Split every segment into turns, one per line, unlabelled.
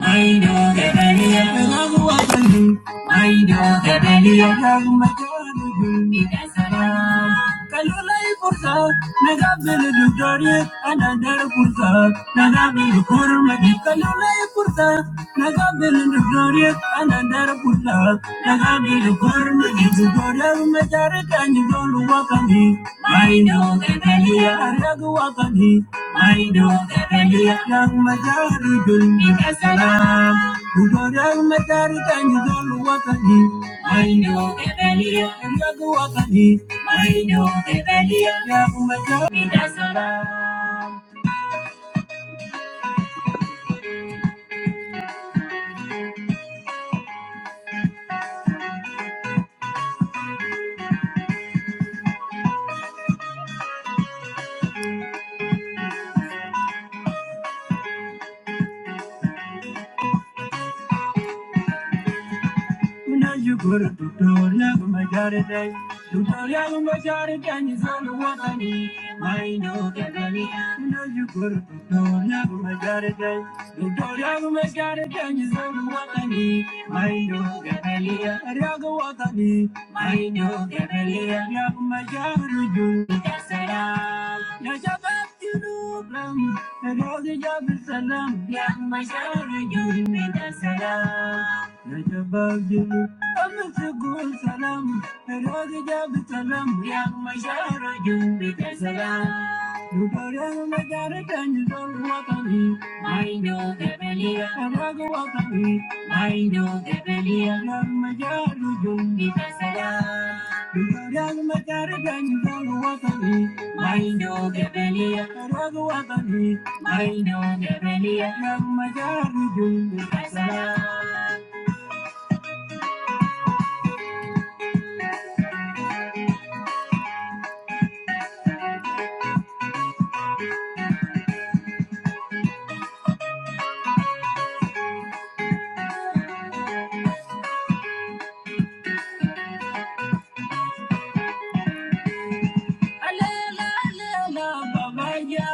I know that I am a woman. I know that I am a woman. Because I am. Kalula Kurza, Nagabil Victoria, and another Kurza, Nagabil Kurma, Kalula Kurza, Nagabil Victoria, and another Kurza, Nagabil Kurma, Thank you. Muna yukur tutur ya guma jare dai. Tutur ya guma jare dai zanu watani. Mai no kadani. Muna yukur tutur ya guma jare dai. Tutur ya guma jare dai zanu watani. Mai no kadani ya watani. Mai no kadani ya guma jare dai. Ya salam. Ya salam. You know, I'm. I'm just giving you my best. I'm just giving you my best. I'm just giving you my best. I'm just giving you my best. I'm just giving you my best. Mind your Alela, alela, babaya.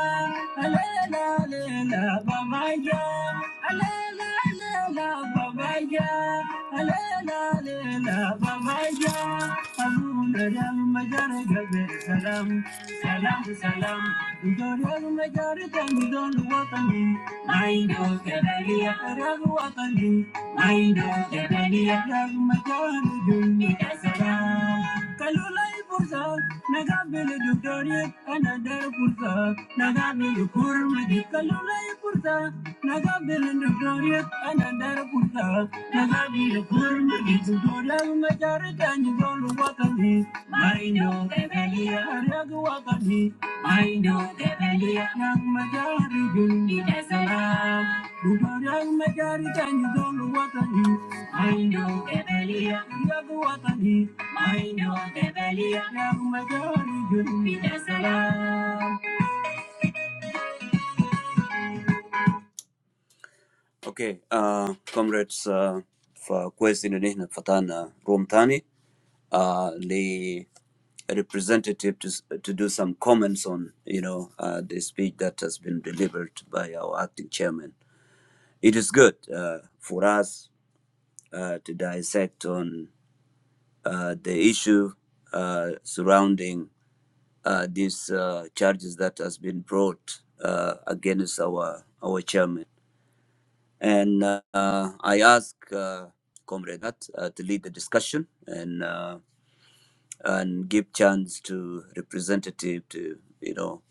Alela, alela, babaya. Alela, alela, babaya. Alela, alela, babaya. Alundariyal majar gabe salam, salam, salam. Idoriyal majar tanidol watani. Maindo kebaliya rag watani. Maindo kebaliya rag majar dunia salam. Kalulai pursa, nagabili dudoni, another pursa, nagabili kurmadi. Kalulai pursa, nagabili dudoni, another pursa, nagabili kurmadi. Dudolal majarita ni dolu wakali, marinyo Ragwa kami, Maindo Tebelia ng Magari Bindi Salam. Ruparang Magari Tanyagol Watani, Maindo Tebelia Ragwa kami, Maindo Tebelia ng Magari Bindi Okay, uh, comrades, uh, فكويس اننا هنا فتحنا روم تاني uh, the representative to, to do some comments on you know uh, the speech that has been delivered by our acting chairman. It is good uh, for us uh, to dissect on uh, the issue uh, surrounding uh, these uh, charges that has been brought uh, against our our chairman. And uh, I ask uh, Comrade Hart, uh, to lead the discussion, and. uh, and give chance to representative to you know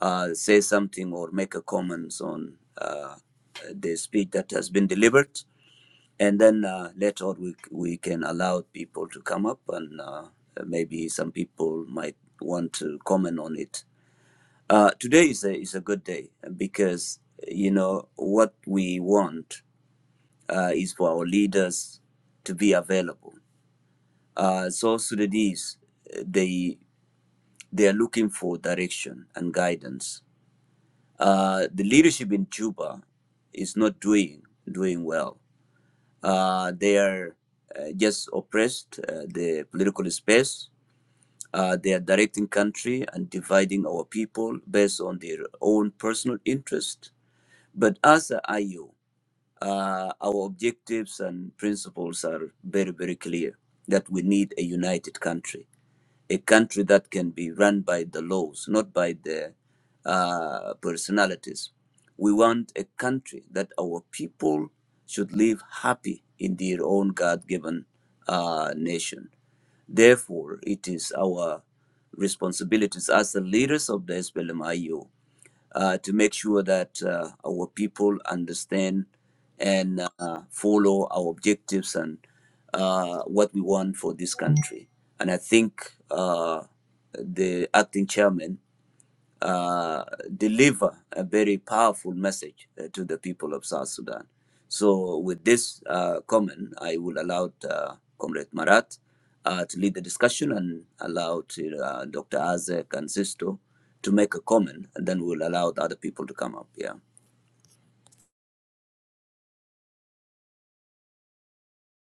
uh, say something or make a comments on uh, the speech that has been delivered, and then uh, later on we we can allow people to come up and uh, maybe some people might want to comment on it. Uh, today is a is a good day because you know what we want uh, is for our leaders to be available. Uh, so Sudanese, uh, they they are looking for direction and guidance. Uh, the leadership in Juba is not doing doing well. Uh, they are uh, just oppressed uh, the political space. Uh, they are directing country and dividing our people based on their own personal interest. But as a IO, uh, our objectives and principles are very, very clear that we need a united country a country that can be run by the laws, not by the uh, personalities. We want a country that our people should live happy in their own God given uh, nation. Therefore, it is our responsibilities as the leaders of the SPLMIU uh, to make sure that uh, our people understand and uh, follow our objectives and uh, what we want for this country. And I think uh, the acting chairman uh, deliver a very powerful message uh, to the people of South Sudan. So, with this uh, comment, I will allow uh, Comrade Marat uh, to lead the discussion and allow to, uh, Dr. Azek and Sisto to make a comment, and then we'll allow the other people to come up. Yeah.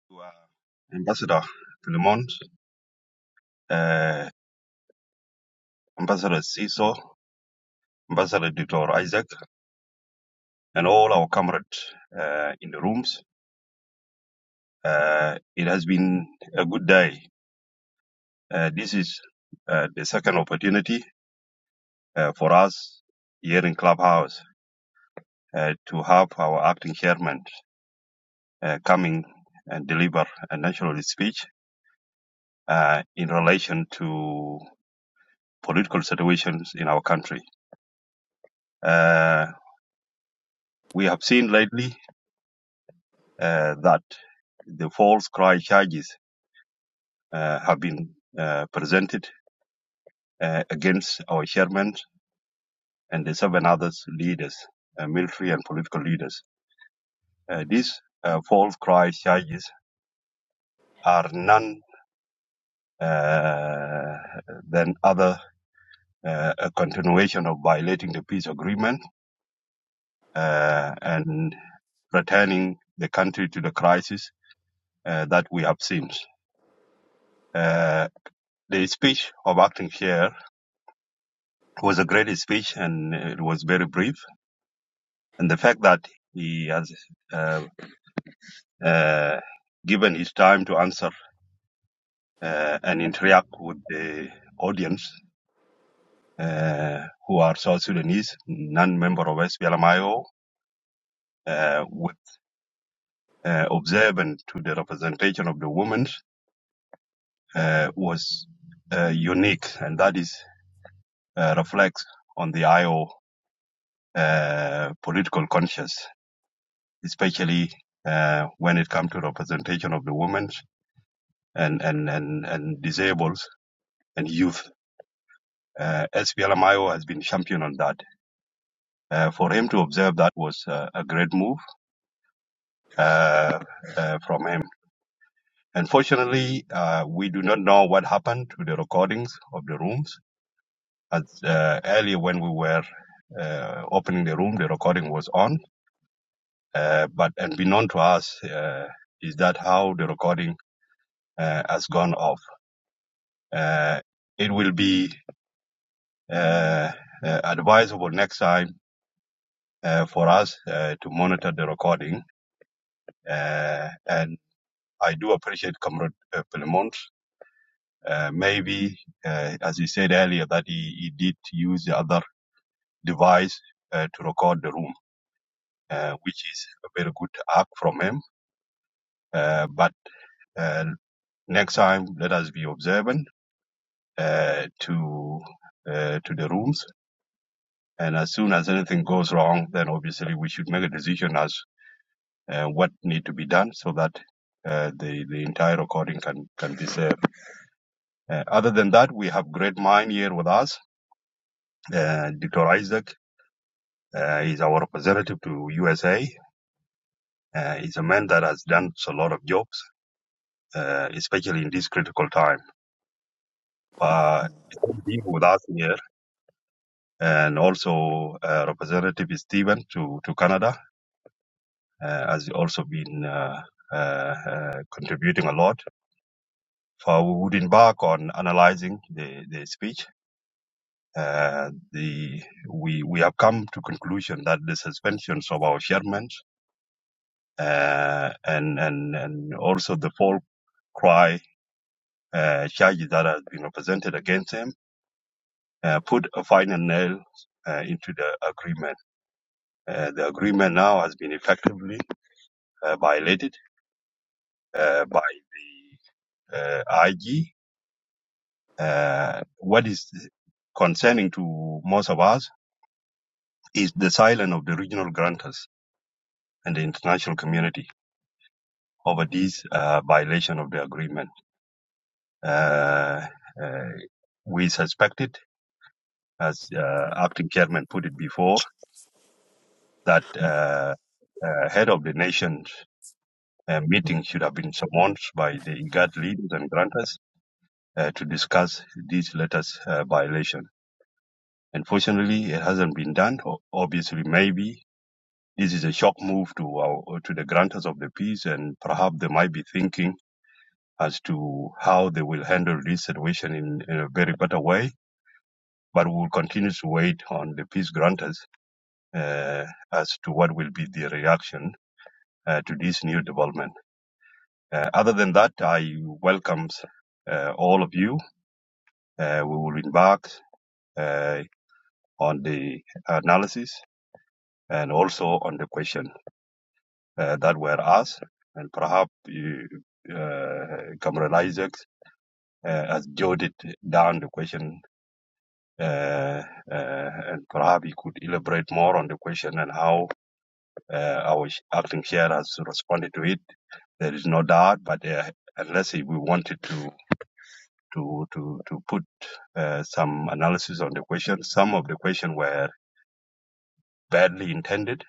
to uh, Ambassador Philemon, uh, Ambassador Ciso, Ambassador Dr. Isaac, and all our comrades uh, in the rooms. Uh, it has been a good day. Uh, this is uh, the second opportunity uh, for us here in Clubhouse uh, to have our acting chairman uh, coming and deliver a national speech uh, in relation to political situations in our country. Uh, we have seen lately uh, that the false cry charges uh, have been uh, presented uh, against our chairman and the seven others leaders, uh, military and political leaders. Uh, these uh, false cry charges are none uh, than other uh, a continuation of violating the peace agreement uh, and returning the country to the crisis uh, that we have seen. Uh, the speech of acting chair It was a great speech and it was very brief. And the fact that he has uh, uh, given his time to answer uh, and interact with the audience uh, who are South Sudanese, non-member of SPLMIO, uh, with, uh, observant to the representation of the women uh, was uh, unique. And that is uh, reflects on the IO uh, political conscience. especially uh, when it comes to representation of the women and and and, and disabled and youth. Uh, SPLMIO has been champion on that. Uh, for him to observe that was uh, a great move uh, uh, from him. Unfortunately, uh, we do not know what happened to the recordings of the rooms. As uh, earlier when we were uh, opening the room, the recording was on. Uh, but and unknown to us uh, is that how the recording uh, has gone off uh, it will be uh, uh, advisable next time uh, for us uh, to monitor the recording. Uh, and I do appreciate Comrade uh, Pelemont. Uh, maybe, uh, as he said earlier, that he, he did use the other device uh, to record the room, uh, which is a very good act from him. Uh, but uh, next time, let us be observant uh, to uh, to the rooms And as soon as anything goes wrong, then obviously we should make a decision as uh, what need to be done so that uh, the the entire recording can can be saved. Uh, other than that, we have great mind here with us. Uh, Dr. Isaac uh, is our representative to USA. Uh, he's a man that has done a lot of jobs, uh, especially in this critical time. Uh, he's with us here, and also uh, Representative Stephen to to Canada uh, has also been uh, uh, uh, contributing a lot. For we would embark on analyzing the, the speech. Uh, the we we have come to conclusion that the suspensions of our chairmen uh, and and and also the full cry uh, charges that have been presented against him uh, put a final nail uh, into the agreement. Uh, the agreement now has been effectively uh, violated uh, by the uh, IG Uh, what is concerning to most of us is the silence of the regional grantors and the international community over this uh, violation of the agreement. Uh, uh, we suspected, as uh, acting chairman put it before, that uh, uh, head of the nation's uh, meeting should have been summoned by the IGAD leaders and grantors uh, to discuss this latest uh, violation. Unfortunately, it hasn't been done. Obviously, maybe This is a shock move to our, uh, to the grantors of the peace, and perhaps they might be thinking as to how they will handle this situation in, in a very better way. But we will continue to wait on the peace grantors uh, as to what will be their reaction uh, to this new development. Uh, other than that, I welcome uh, all of you. Uh, we will embark uh, on the analysis and also on the question. uh, that were asked, and perhaps you, uh, Cameron Isaacs uh, has jotted down the question, uh, uh, and perhaps you could elaborate more on the question and how uh, our acting chair has responded to it. There is no doubt, but uh, unless we wanted to to to to put uh, some analysis on the question, some of the question were badly intended,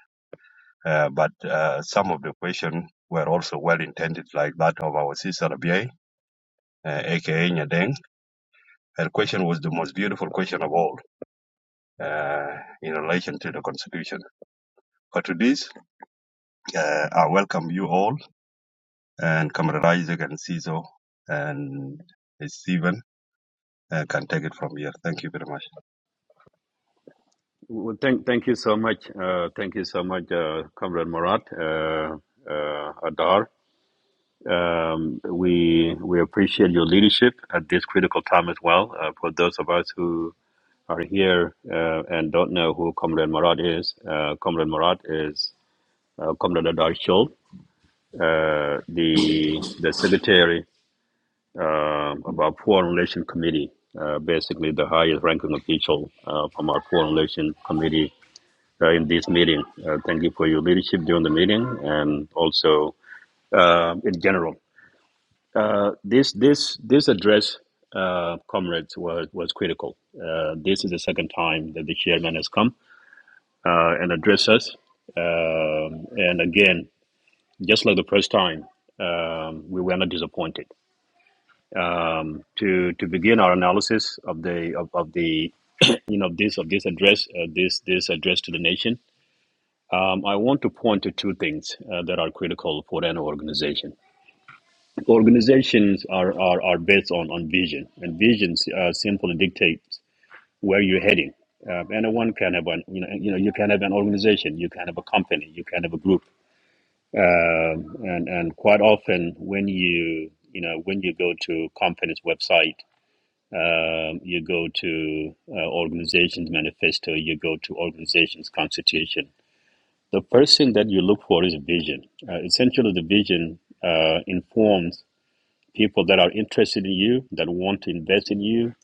uh, but uh, some of the question were also well intended, like that of our sister Abia uh, aka Nyadeng. Her question was the most beautiful question of all uh, in relation to the constitution. But to this, uh, I welcome you all, and Comrade Isaac and CISO and Stephen uh, can take it from here. Thank you very much.
Well, thank, thank you so much. Uh, thank you so much, uh, Comrade Murat, uh, uh, Adar. Um, we we appreciate your leadership at this critical time as well. Uh, for those of us who are here uh, and don't know who Comrade Murat is, uh, Comrade Murat is uh, Comrade Adar Shul, uh, the the secretary uh, of our Foreign Relations Committee, uh, basically the highest ranking official uh, from our Foreign Relations Committee uh, in this meeting. Uh, thank you for your leadership during the meeting and also uh, in general. Uh, this this this address, uh, comrades, was was critical. Uh, this is the second time that the chairman has come uh, and addressed us, um, and again, just like the first time. Um, we were not disappointed. Um, to to begin our analysis of the of, of the you know this of this address uh, this this address to the nation, Um, I want to point to two things uh, that are critical for an organization. Organizations are, are, are based on, on vision, and vision uh, simply dictates where you're heading. Um, anyone can have an you know you know you can have an organization, you can have a company, you can have a group, um, and and quite often when you you know when you go to company's website, um, you go to uh, organizations manifesto, you go to organizations constitution, The person that you look for is vision. Uh, essentially, the vision uh, informs people that are interested in you, that want to invest in you,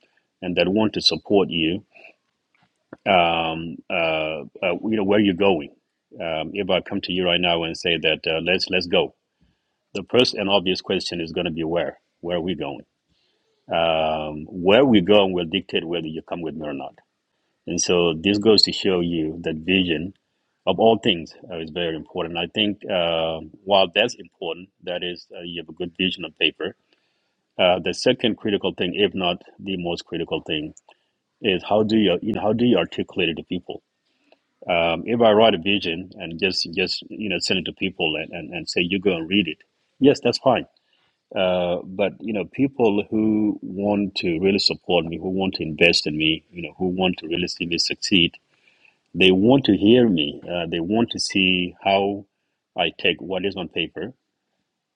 and that want to support you. Um, uh, uh, you know where you're going. Um, if I come to you right now and say that uh, let's let's go, the first and obvious question is going to be where. Where are we going? Um, where we go will dictate whether you come with me or not. And so this goes to show you that vision of all things uh, is very important. I think uh, while that's important, that is, uh, you have a good vision on paper. Uh, the second critical thing, if not the most critical thing, is how do you, you know, how do you articulate it to people? Um, if I write a vision and just just you know send it to people and, and, and say you go and read it, yes, that's fine. Uh, but you know, people who want to really support me, who want to invest in me, you know, who want to really see me succeed, they want to hear me. Uh, they want to see how I take what is on paper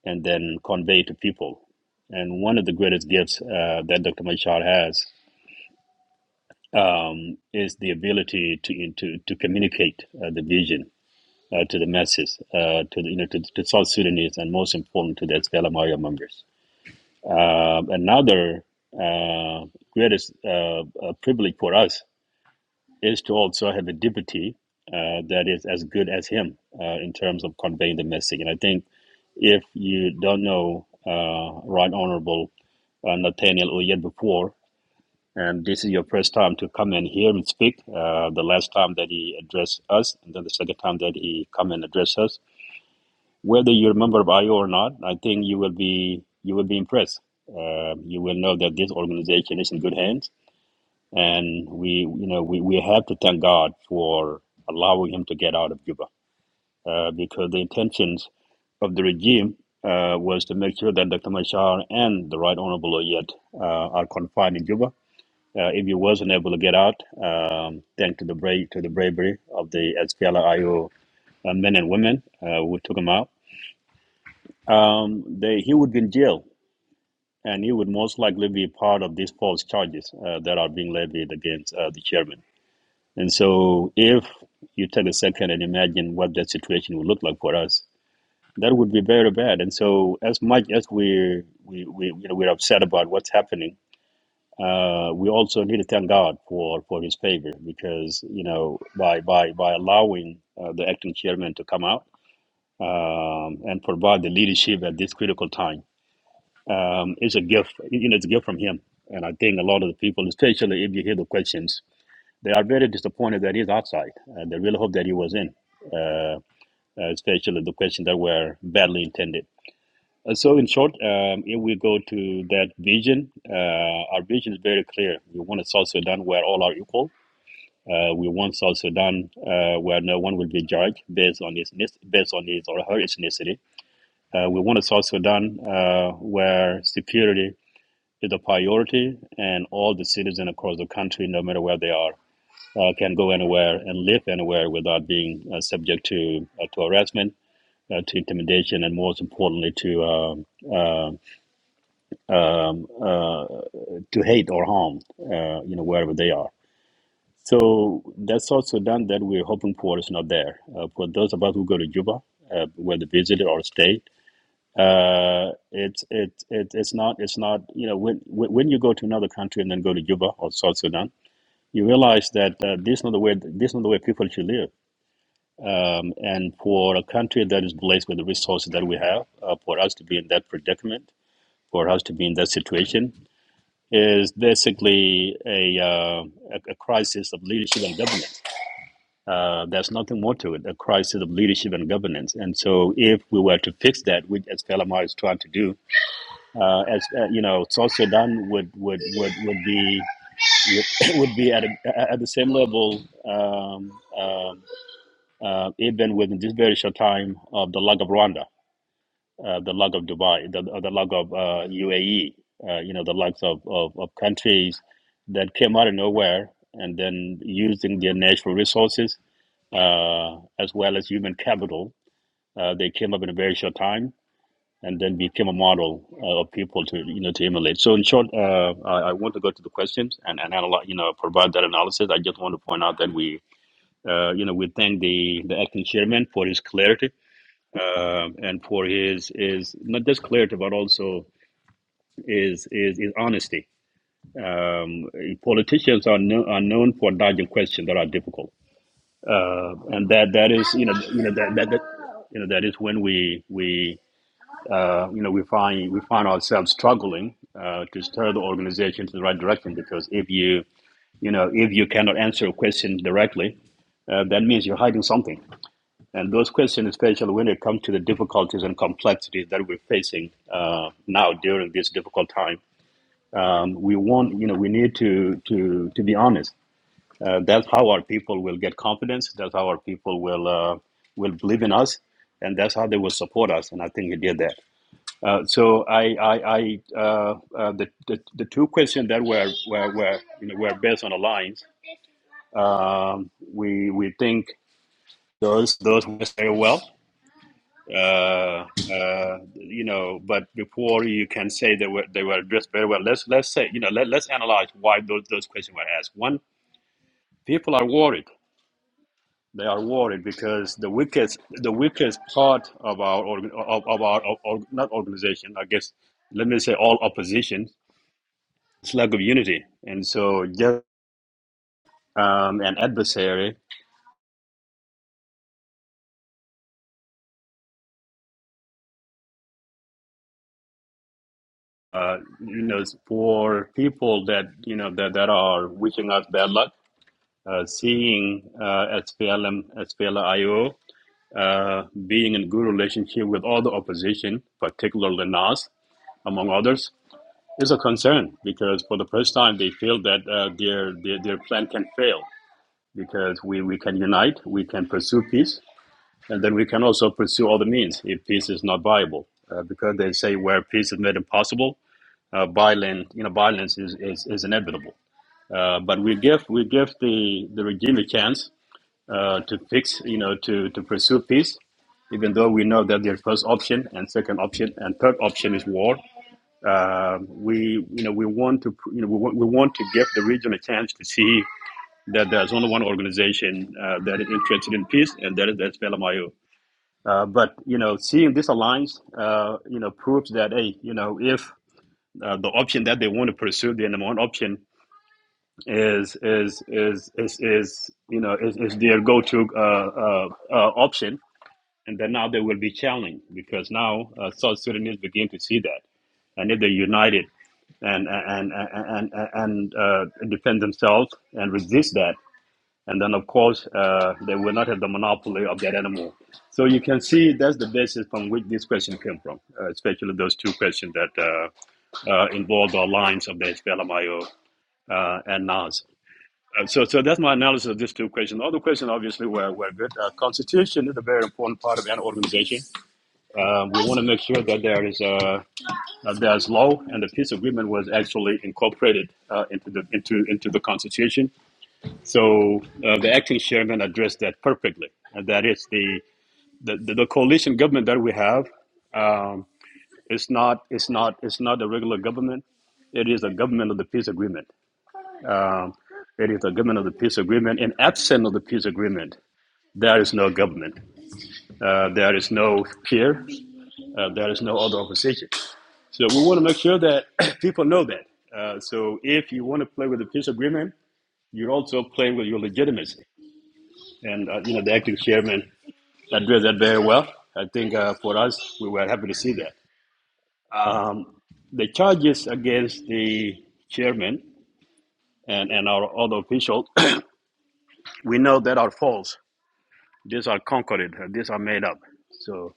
and then convey to people. And one of the greatest gifts uh, that Dr. Machar has um, is the ability to to, to communicate uh, the vision uh, to the masses, uh, to the, you know to, to South Sudanese, and most important to the Estela Maria members. Um another uh, greatest uh, uh, privilege for us is to also have a deputy uh, that is as good as him uh, in terms of conveying the message. And I think if you don't know uh, Right Honorable uh, Nathaniel Oyed before, and this is your first time to come and hear him speak, uh, the last time that he addressed us, and then the second time that he come and address us, whether you're a member of IO or not, I think you will be you will be impressed. Uh, you will know that this organization is in good hands and we you know we, we have to thank God for allowing him to get out of Cuba uh, because the intentions of the regime uh, was to make sure that Dr. Machar and the Right Honorable Oyet uh, are confined in Cuba. Uh, if he wasn't able to get out, um, thanks to the brave to the bravery of the SPLIO uh, men and women uh, who took him out, um, they, he would be in jail. And he would most likely be part of these false charges uh, that are being levied against uh, the chairman. And so, if you take a second and imagine what that situation would look like for us, that would be very bad. And so, as much as we are we, we you know we're upset about what's happening, uh, we also need to thank God for for His favor because you know by by by allowing uh, the acting chairman to come out um, and provide the leadership at this critical time um, is a gift. You know, it's a gift from Him. And I think a lot of the people, especially if you hear the questions they are very disappointed that he's outside. Uh, they really hope that he was in, uh, uh, especially the questions that were badly intended. Uh, So, in short, um, if we go to that vision, uh, our vision is very clear. We want a South Sudan where all are equal. Uh, we want South Sudan uh, where no one will be judged based on his ethnic- based on his or her ethnicity. Uh, we want a South Sudan uh, where security is a priority, and all the citizens across the country, no matter where they are, uh, can go anywhere and live anywhere without being uh, subject to uh, to harassment, uh, to intimidation, and most importantly to um, uh, um, uh, to hate or harm, uh, you know, wherever they are. So that's also done that we're hoping for is not there. Uh, for those of us who go to Juba, uh, whether visit or stay, uh, it's it, it it's not it's not you know when when when you go to another country and then go to Juba or South Sudan, you realize that uh, this is not the way this is not the way people should live Um, and for a country that is blessed with the resources that we have, uh, for us to be in that predicament, for us to be in that situation, is basically a, uh, a, crisis of leadership and governance. Uh, there's nothing more to it, a crisis of leadership and governance. And so, if we were to fix that, which as Kalamar is trying to do, uh, as uh, you know, South Sudan would would would, would be would, would be at, a, at the same level, um, um uh, even within this very short time of the lack of Rwanda. uh, the lug of Dubai, the, the lug of uh, UAE, uh, you know, the lugs of, of, of countries that came out of nowhere and then using their natural resources uh, as well as human capital, uh, they came up in a very short time and then became a model uh, of people to, you know, to emulate. So in short, uh, I, I want to go to the questions and, and analyze, you know, provide that analysis. I just want to point out that we, uh, you know, we thank the, the acting chairman for his clarity um, and for his is not just clarity but also is is, is honesty. Um, politicians are, no, are known for dodging questions that are difficult, uh, and that that is you know you know that, that, that you know that is when we we uh, you know we find we find ourselves struggling uh, to steer the organization to the right direction because if you you know if you cannot answer a question directly, uh, that means you're hiding something and those questions, especially when it comes to the difficulties and complexities that we're facing uh, now during this difficult time, um, we want, you know, we need to to to be honest. Uh, that's how our people will get confidence. That's how our people will uh, will believe in us, and that's how they will support us. And I think he did that. Uh, so I, I, I uh, uh, the, the the two questions that were were, were you know were based on alliance. Um, we we think those those went very well. uh, uh, you know, but before you can say they were they were addressed very well, let's let's say you know let let's analyze why those those questions were asked. One, people are worried. They are worried because the weakest the weakest part of our org- of, of our of, of, not organization, I guess. Let me say all opposition is lack of unity, and so just um, an adversary. Uh, you know, for people that you know that, that are wishing us bad luck, uh, seeing uh, SPLM, SPLIO uh, being in good relationship with all the opposition, particularly NAS, among others, is a concern because for the first time they feel that uh, their, their their plan can fail because we, we can unite, we can pursue peace, and then we can also pursue other means if peace is not viable. Uh, because they say where peace is made impossible, uh, violence you know violence is, is, is inevitable. Uh, but we give we give the, the regime a chance uh, to fix, you know, to, to pursue peace, even though we know that their first option and second option and third option is war. Uh, we, you know, we want to, you know, we want, we want to give the region a chance to see that there's only one organization uh, that is interested in peace, and that is that's PLMIO. Uh, but you know, seeing this alliance, uh, you know, proves that hey, you know, if uh, the option that they want to pursue, the number one option is is is is, is you know is, is their go-to uh, uh, uh, option and then now they will be challenged because now uh, South Sudanese begin to see that, and if they united and and and and, and uh, defend themselves and resist that, and then of course uh, they will not have the monopoly of that anymore. So you can see that's the basis from which this question came from, uh, especially those two questions that uh, uh, involve the alliance of the SPLMIO uh, and NAS. Uh, so, so that's my analysis of these two questions. The other question, obviously, were, were good. Uh, constitution is a very important part of an organization uh, we want to make sure that there is a uh, there's law and the peace agreement was actually incorporated uh, into the into into the constitution. So uh, the acting chairman addressed that perfectly, and that is the the, the, the coalition government that we have. Um, it's not it's not it's not a regular government. It is a government of the peace agreement. Um, it is a government of the peace agreement. And absent of the peace agreement, there is no government. Uh, there is no peer. Uh, there is no other opposition. So we want to make sure that people know that. Uh, so if you want to play with the peace agreement, you're also playing with your legitimacy. And uh, you know the acting chairman addressed that very well. I think uh, for us, we were happy to see that. Um, the charges against the chairman and, and our other officials, we know that are false. These are concocted. uh, These are made up. So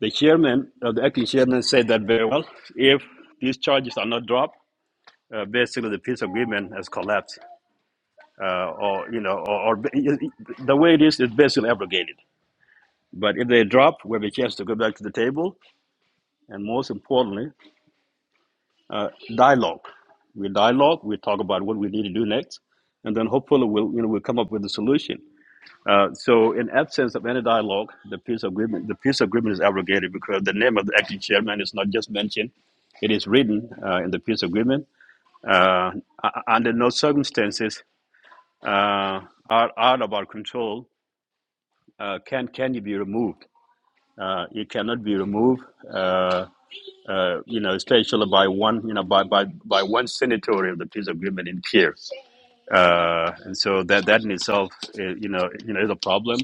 the chairman, uh, the acting chairman, said that very well. If these charges are not dropped, uh, basically the peace agreement has collapsed. uh, or you know, or, or the way it is, it's basically abrogated. But if they drop, we have a chance to go back to the table, and most importantly, uh, dialogue. We dialogue. We talk about what we need to do next, and then hopefully we'll you know we'll come up with a solution. Uh, so, in absence of any dialogue, the peace agreement the peace agreement is abrogated because the name of the acting chairman is not just mentioned; it is written uh, in the peace agreement. Uh, u- under no circumstances uh, are out of our control uh, can can you be removed? Uh, you cannot be removed. Uh, uh, you know, especially by one, you know, by by by one signatory of the peace agreement in Kiev. Uh, and so that that in itself, is, you know, you know, is a problem.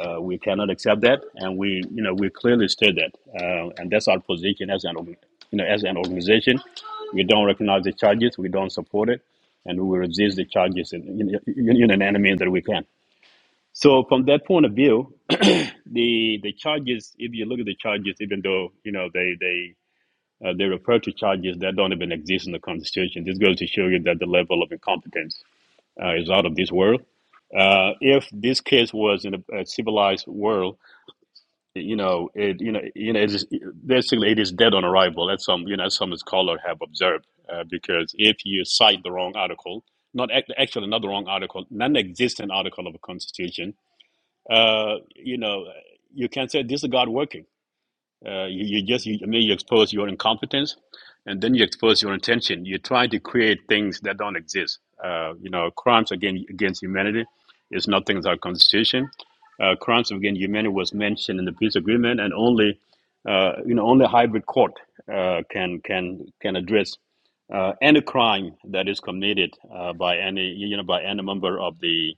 Uh, we cannot accept that, and we, you know, we clearly state that, uh, and that's our position as an, org- you know, as an organization. We don't recognize the charges. We don't support it, and we will resist the charges in, in, in, in an enemy that we can. So from that point of view, the the charges, if you look at the charges, even though you know they they uh, they refer to charges that don't even exist in the constitution, this goes to show you that the level of incompetence uh, is out of this world. Uh, if this case was in a, a civilized world, you know, it you know you know it is basically it is dead on arrival, as some you know as some scholars have observed, uh, because if you cite the wrong article, not actually not the wrong article, non-existent article of a constitution, uh, you know, you can say this is God working uh, you, you just, you, I mean, you expose your incompetence and then you expose your intention. You're trying to create things that don't exist. Uh, you know, crimes against, against humanity is not things our constitution. Uh, crimes against humanity was mentioned in the peace agreement and only, uh, you know, only hybrid court uh, can, can, can address uh, any crime that is committed uh, by any, you know, by any member of the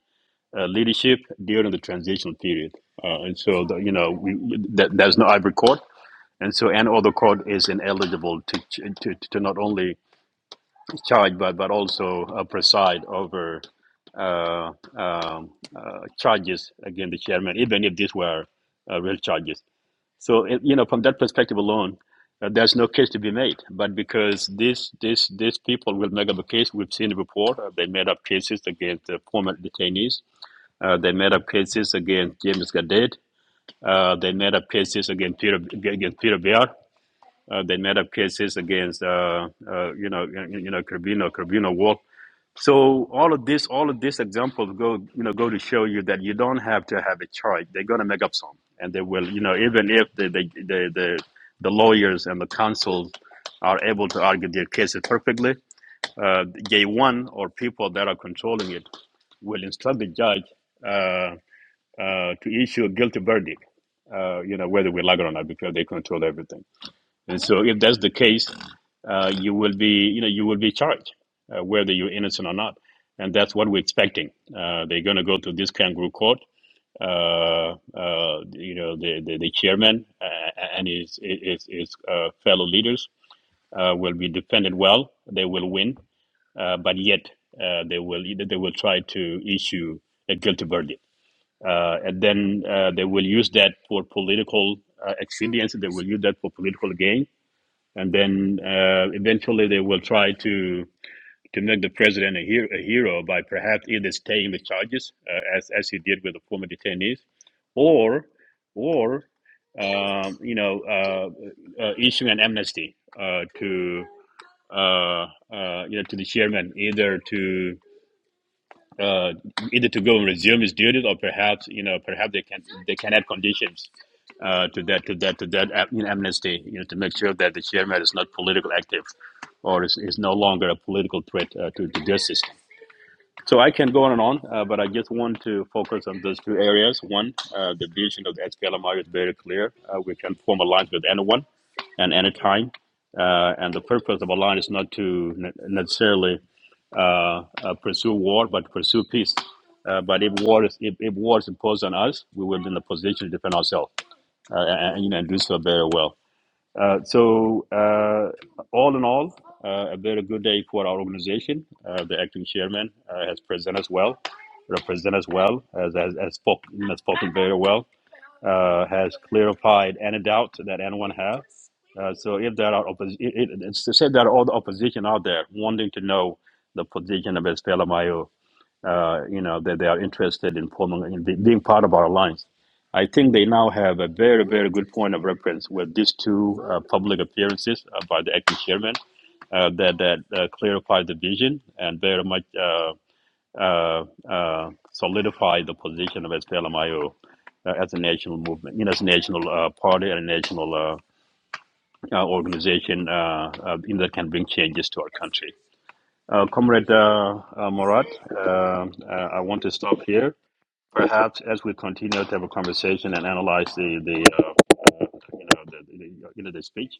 uh, leadership during the transitional period. Uh, and so, the, you know, we, that, there's no hybrid court and so, and other court is ineligible to to, to not only charge but but also uh, preside over uh, um, uh, charges against the chairman, even if these were uh, real charges. So, it- you know, from that perspective alone, uh, there's no case to be made. But because these these these people will make up a case, we've seen it before. Uh, they made up cases against the former detainees. Uh, they made up cases against James Gadet. Uh, they made up cases against Peter against Peter Bear. Uh, they made up cases against, uh, uh, you know, you know, Carbino, Carbino Wolf. So all of this, all of these examples go, you know, go to show you that you don't have to have a charge. They're going to make up some, and they will, you know, even if the the the, the, the lawyers and the counsels are able to argue their cases perfectly, uh, J1 or people that are controlling it will instruct the judge uh, uh, to issue a guilty verdict. Uh, you know, whether we like it or not, because they control everything. And so, if that's the case, uh, you will be, you know, you will be charged, uh, whether you're innocent or not. And that's what we're expecting. Uh, they're going to go to this kangaroo court. Uh, uh, you know, the the, the chairman uh, and his his, his uh, fellow leaders uh, will be defended well. They will win, uh, but yet uh, they will they will try to issue a guilty verdict. Uh, and then uh, they will use that for political uh, expediency. They will use that for political gain and then uh, eventually they will try to to make the president a, hero, a hero by perhaps either staying the charges uh, as as he did with the former detainees, or or um, you know uh, uh, issuing an amnesty uh, to uh, uh, you know to the chairman either to uh, either to go and resume his duties or perhaps you know perhaps they can they can add conditions uh, to that to that to that uh, you know, amnesty you know to make sure that the chairman is not politically active or is, is no longer a political threat uh, to the justice. system. So I can go on and on, uh, but I just want to focus on those two areas. One, uh, the vision of the SPLMI is very clear. Uh, we can form alliance with anyone and any time. Uh, and the purpose of a line is not to necessarily uh, uh, pursue war, but pursue peace. Uh, but if war is if, if war is imposed on us, we will be in a position to defend ourselves uh, and, and, you know, and do so very well. Uh, so, uh, all in all, uh, a very good day for our organization. Uh, the acting chairman uh, has presented us well, represented us well, has, has, has, spoken, has spoken very well, uh, has clarified any doubt that anyone has. Uh, so, if there are oppos- it, it, it's to say that all the opposition out there wanting to know the position of Estela uh, you know, that they are interested in forming in be- being part of our alliance. I think they now have a very, very good point of reference with these two uh, public appearances uh, by the acting chairman uh, that that uh, clarified the vision and very much uh, uh, uh, solidified the position of SPLMIO uh, as a national movement, you know, as a national uh, party and a national uh, uh, organization uh, uh, in that can bring changes to our country. Uh, Comrade uh, uh, Morat, uh, uh, I want to stop here perhaps as we continue to have a conversation and analyze the the uh, uh, you know the, the you know the speech,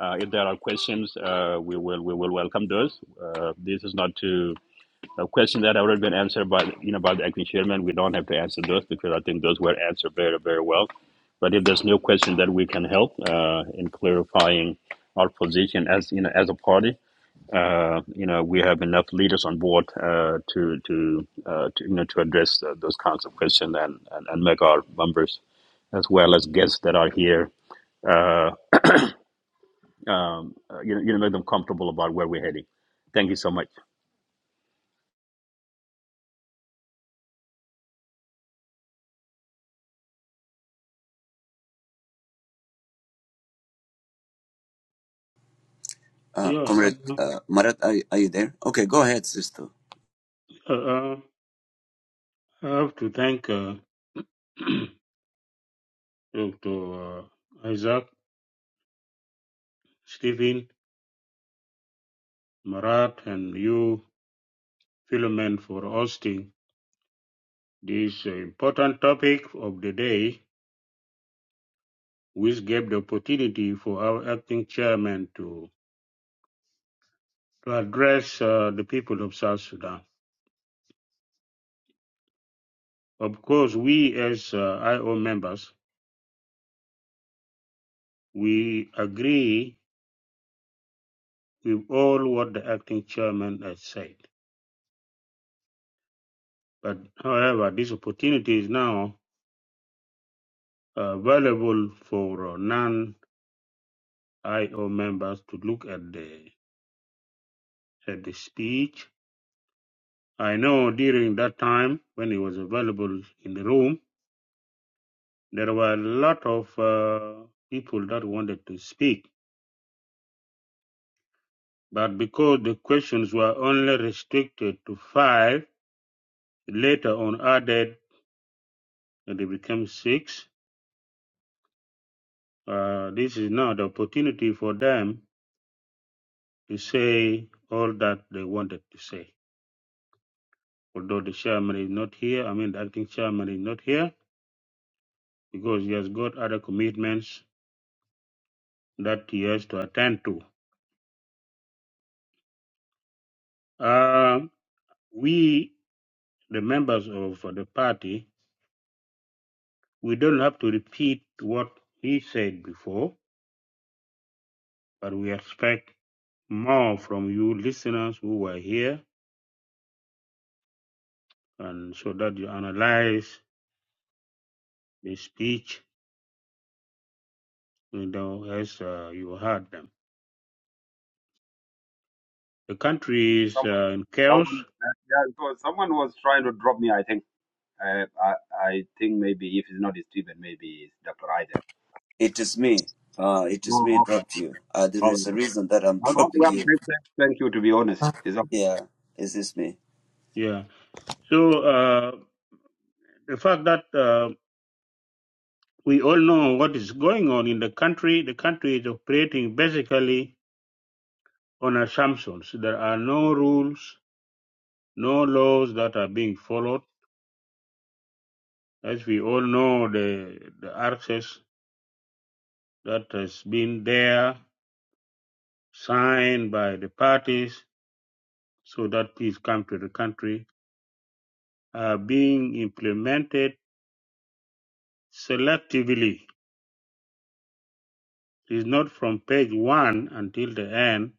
uh, if there are questions, uh, we will we will welcome those. Uh, this is not to a question that have already been answered by you know by the acting chairman. We don't have to answer those because I think those were answered very very well. But if there's no question that we can help uh, in clarifying our position as you know as a party, uh, you know, we have enough leaders on board uh, to to, uh, to you know to address uh, those kinds of questions and, and and make our members as well as guests that are here. Uh, um, uh, you know, you know, make them comfortable about where we're heading. Thank you so much.
Uh,
Yeah,
Comrade
uh,
uh, Marat, are, you- are you there? Okay, go ahead, Sisto.
uh, uh, I have to thank uh, Dr. uh, Isaac, Stephen, Marat, and you, Philomen, for hosting this uh, important topic of the day, which gave the opportunity for our acting chairman to, to address uh, the people of South Sudan. Of course, we as uh, IO members, we agree with all what the acting chairman has said. But however, this opportunity is now available for non-IO members to look at the at the speech. I know during that time when it was available in the room, there were a lot of uh, people that wanted to speak, but because the questions were only restricted to five, later on added and they became six. Uh, this is now the opportunity for them to say all that they wanted to say. although the chairman is not here, I mean the acting chairman is not here because he has got other commitments that he has to attend to. Um we, the members of the party, we don't have to repeat what he said before, but we expect more from you listeners who were here, and so that you analyze the speech, you know, as uh, you heard them. The country is
Someone,
uh, in chaos.
someone, yeah, it was someone was trying to drop me. I think. Uh, I, I think maybe if it's not Stephen, maybe it's Dr. Isaac.
It is me. Uh, it is
Oh,
me
okay.
dropped you. Uh, there
All right.
is a reason that I'm
Well, okay,
dropping
well,
you.
thank, thank thank you. To be honest, it's okay.
Yeah, it is me.
Yeah. So uh, the fact that uh, We all know what is going on in the country. The country is operating basically on assumptions. There are no rules, no laws that are being followed. As we all know, the, the access that has been there, signed by the parties so that peace come to the country, are being implemented selectively. It's not from page one until the end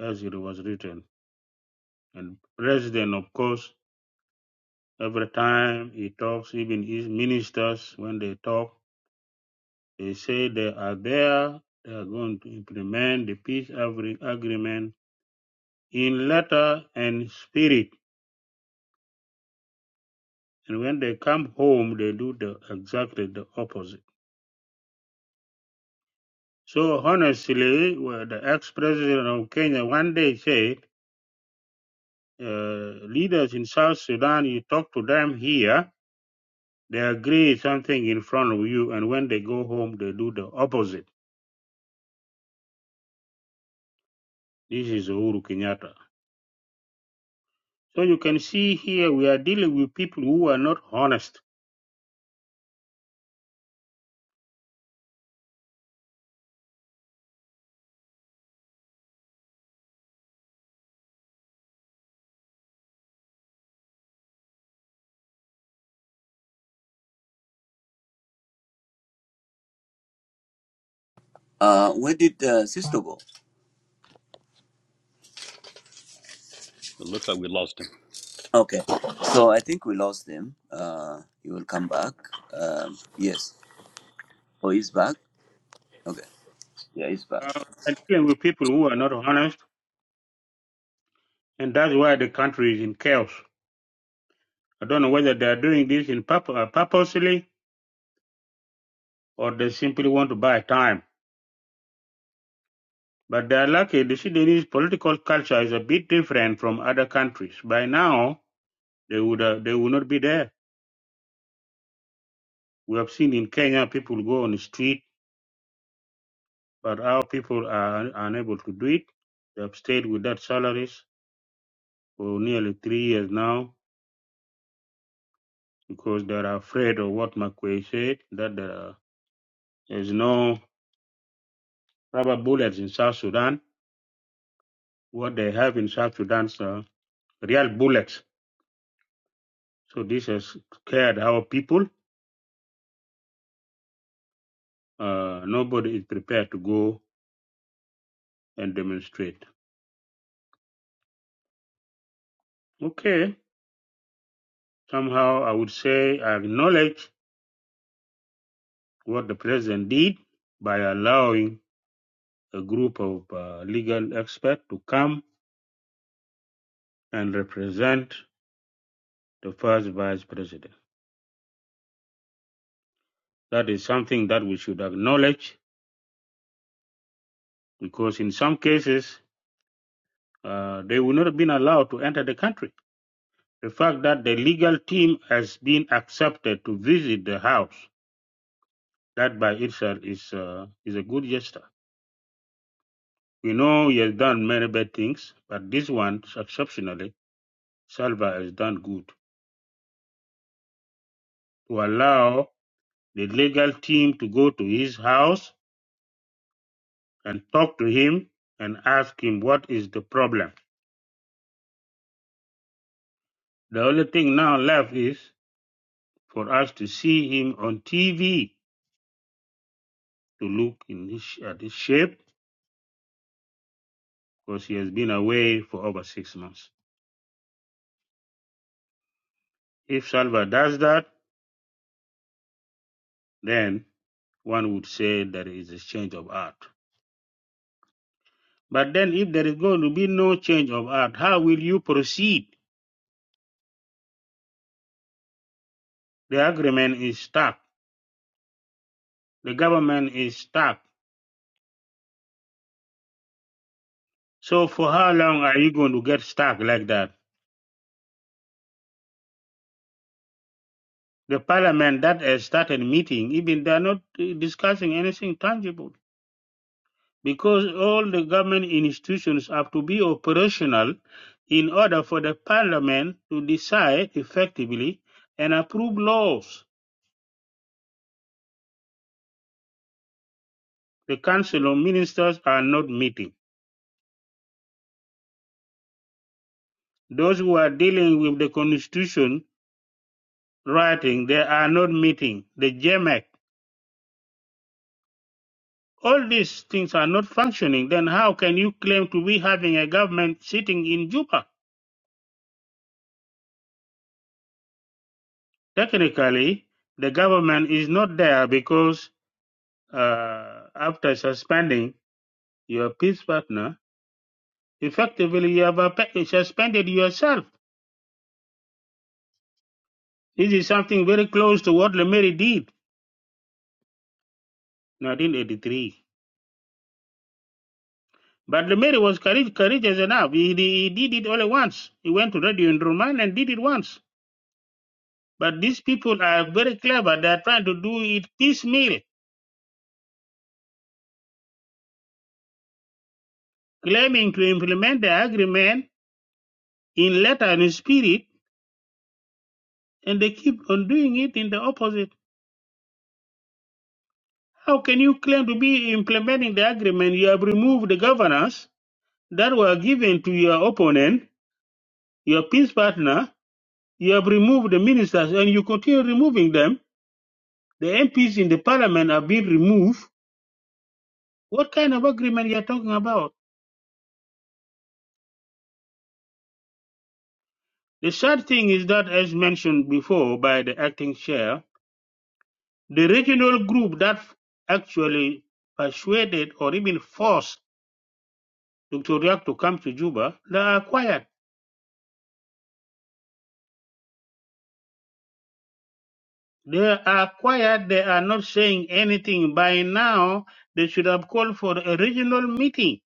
as it was written. And president, of course, Every time he talks, even his ministers, when they talk, they say they are there, they are going to implement the peace agreement in letter and spirit. And when they come home, they do the exactly the opposite. So honestly, well, the ex-president of Kenya one day said, uh, leaders in South Sudan, you talk to them here, they agree something in front of you, and when they go home, they do the opposite. This is Uhuru Kenyatta. So you can see here we are dealing with people who are not honest.
Uh, where did uh, Sisto go?
It looks like we lost him.
Okay, so I think we lost him. Uh, he will come back. Um, yes. Oh, he's back. Okay. Yeah, he's back.
Uh, and dealing with people who are not honest, and that's why the country is in chaos. I don't know whether they are doing this in purpo- uh, purposely or they simply want to buy time. But they are lucky. The Sudanese political culture is a bit different from other countries. By now, they would uh, they would not be there. We have seen in Kenya people go on the street, but our people are un- unable to do it. They have stayed without salaries for nearly three years now because they're afraid of what Makwe said that there is no rubber bullets in South Sudan. What they have in South Sudan is uh, real bullets. So this has scared our people. Uh, nobody is prepared to go and demonstrate. Okay, somehow I would say I acknowledge what the president did by allowing a group of uh, legal experts to come and represent the first vice president. That is something that we should acknowledge because in some cases uh, they would not have been allowed to enter the country. The fact that the legal team has been accepted to visit the house, that by itself is uh, is a good gesture. We know he has done many bad things, but this one, exceptionally, Salva has done good to allow the legal team to go to his house and talk to him and ask him what is the problem. The only thing now left is for us to see him on TV to look in this at his shape because he has been away for over six months. If Salva does that, then one would say there is a change of art. But then, if there is going to be no change of art, how will you proceed? The agreement is stuck. The government is stuck. So, for how long are you going to get stuck like that? The parliament that has started meeting, even they are not uh, discussing anything tangible. because all the government institutions have to be operational in order for the parliament to decide effectively and approve laws. The council of ministers are not meeting. Those who are dealing with the constitution writing, they are not meeting. The JMAC, all these things are not functioning. Then how can you claim to be having a government sitting in Juba? Technically, the government is not there because uh, after suspending your peace partner, effectively you have appe- suspended yourself. This is something very close to what Lemeri did, 1983. But Lemeri was courage- courageous enough. He, he did it only once. He went to Radio in Roman and did it once. But these people are very clever. They are trying to do it piecemeal, claiming to implement the agreement in letter and in spirit, and they keep on doing it in the opposite. How can you claim to be implementing the agreement? You have removed the governors that were given to your opponent, your peace partner, you have removed the ministers and you continue removing them. The MPs in the parliament are being removed. What kind of agreement you are talking about? The sad thing is that, as mentioned before by the acting chair, the regional group that actually persuaded or even forced Dr. Riak to come to Juba, they are quiet. They are quiet. They are not saying anything. By now, they should have called for a regional meeting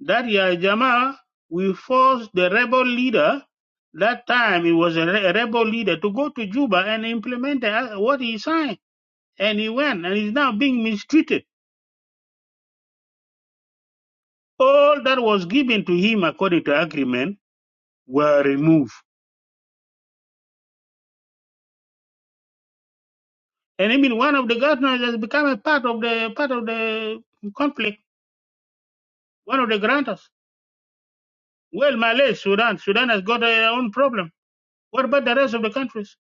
That Yahya Jamal will force the rebel leader, that time he was a, re- a rebel leader, to go to Juba and implement uh, what he signed. And he went, and he's now being mistreated. All that was given to him according to agreement were removed. And I mean, one of the governors has become a part of the part of the conflict. One of the grantors. Well, Malay, Sudan, Sudan has got their own problem. What about the rest of the countries?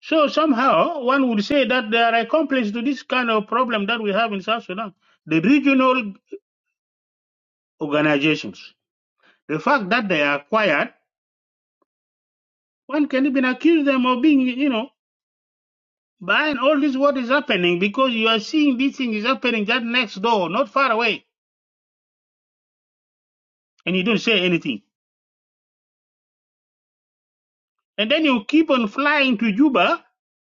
So somehow one would say that they are accomplices to this kind of problem that we have in South Sudan. The regional organizations, the fact that they are quiet, one can even accuse them of being, you know, behind all this what is happening because you are seeing this thing is happening just next door, not far away, and you don't say anything. And then you keep on flying to Juba,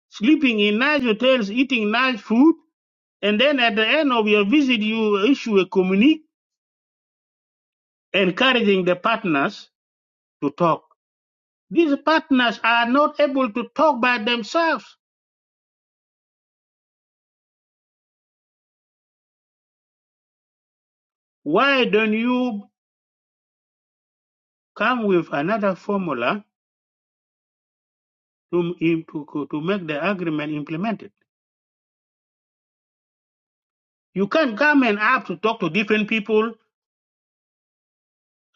sleeping in nice hotels, eating nice food, and then at the end of your visit you issue a communique encouraging the partners to talk These partners are not able to talk by themselves. Why don't you come with another formula to, to, to make the agreement implemented? You can't come and have to talk to different people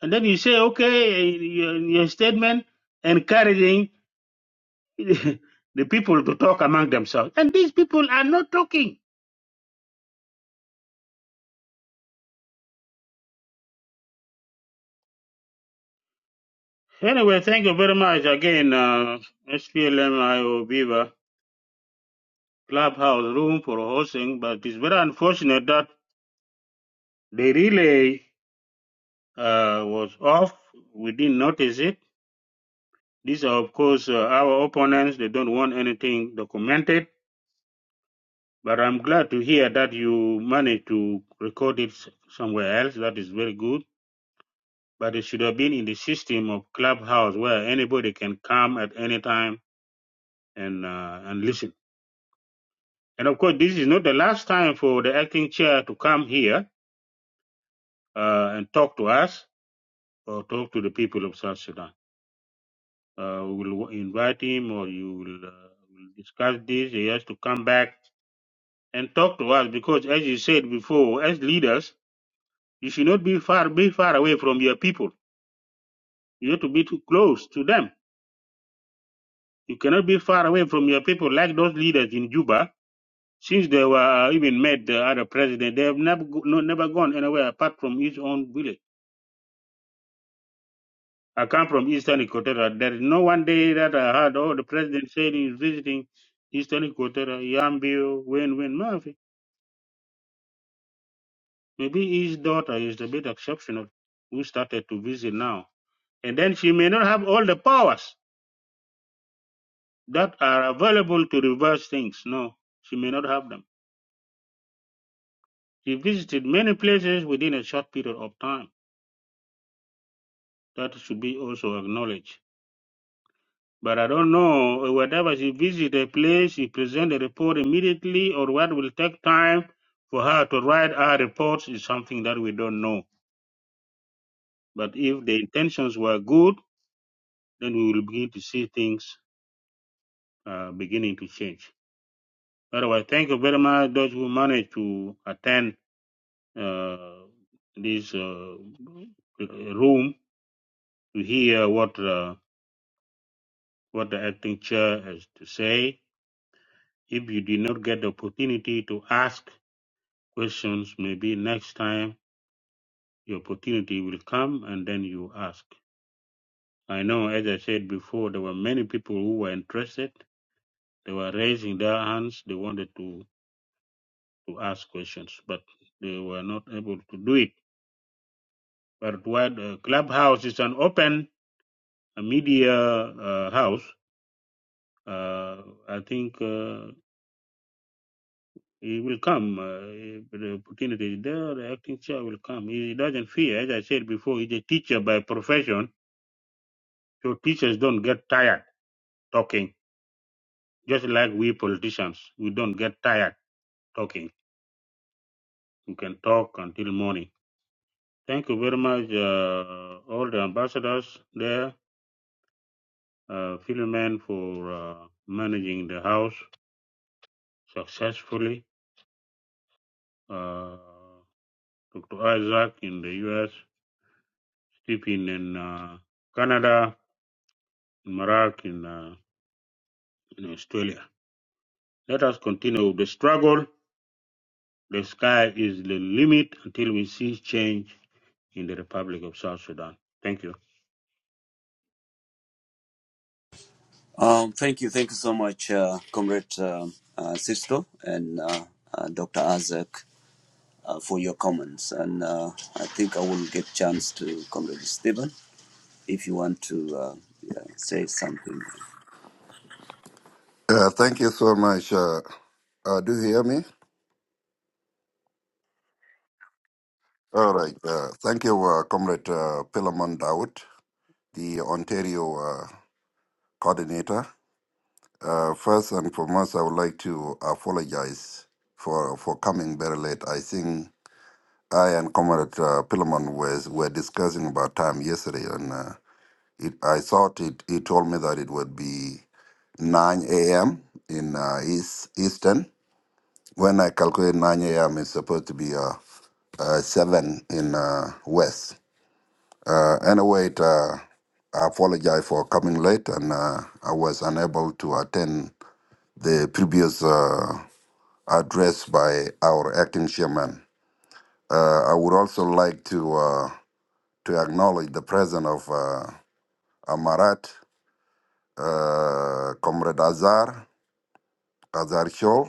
and then you say, okay, your, your statement encouraging the people to talk among themselves. And these people are not talking. Anyway, thank you very much again, uh, SPLMIO Viva Clubhouse Room for hosting, but it's very unfortunate that The relay uh, was off. We didn't notice it. These are, of course, uh, our opponents. They don't want anything documented. But I'm glad to hear that you managed to record it somewhere else. That is very good. But it should have been in the system of Clubhouse where anybody can come at any time and uh, and listen. And of course, this is not the last time for the acting chair to come here uh, and talk to us or talk to the people of South Sudan. Uh, we will invite him or you will, uh, will discuss this. He has to come back and talk to us because, as you said before, as leaders, you should not be far, be far away from your people. You have to be too close to them. You cannot be far away from your people like those leaders in Juba. Since they were uh, even met the other president, they have never go, no, never gone anywhere apart from his own village. I come from Eastern Equatorial. There is no one day that I heard, oh, the president said he's visiting Eastern Equatorial, Yambio, Wayne, Wayne. Maybe his daughter is a bit exceptional who started to visit now. And then she may not have all the powers that are available to reverse things. No, she may not have them. She visited many places within a short period of time. That should be also acknowledged. But I don't know, whatever she visits a place, she presents a report immediately or what will take time for her to write her reports is something that we don't know. But if the intentions were good, then we will begin to see things uh, beginning to change. Otherwise, thank you very much those who managed to attend uh, this uh, room to hear what uh, what the acting chair has to say. If you did not get the opportunity to ask questions, maybe next time the opportunity will come and then you ask. I know, as I said before, there were many people who were interested. They were raising their hands. They wanted to, to ask questions, but they were not able to do it But what uh, Clubhouse is an open uh, media uh, house. Uh, I think uh, he will come. Uh, if the opportunity is there. The acting chair will come. He doesn't fear. As I said before, he's a teacher by profession, so teachers don't get tired talking. Just like we politicians, we don't get tired talking. We can talk until morning. Thank you very much, uh, all the ambassadors there, uh, Philomen for uh, managing the house successfully uh, Dr. Isaac in the US, Stephen in uh, Canada, Marak in, uh, in Australia. Let us continue with the struggle. The sky is the limit until we see change in the Republic of South Sudan. Thank you.
Um, thank you, thank you so much, uh, Comrade um uh, Sisto and uh, uh, Dr. Azak, uh, for your comments. And uh, I think I will get chance to Comrade Stephen if you want to uh, yeah, say something.
Uh, thank you so much. Uh, uh, do you hear me? All right. Uh, thank you, uh, Comrade uh, Philemon Dowd, the Ontario uh, coordinator. Uh, first and foremost, I would like to apologize for for coming very late. I think I and Comrade uh, Philemon was were discussing about time yesterday, and uh, it, I thought it, he told me that it would be 9 a.m. in uh, East Eastern. When I calculate 9 a.m., it's supposed to be uh, uh, 7 in uh, West. Uh, anyway, it, uh, I apologize for coming late and uh, I was unable to attend the previous uh, address by our acting chairman. Uh, I would also like to uh, to acknowledge the presence of uh, Amarat, uh, Comrade Azar, Azar Shaw,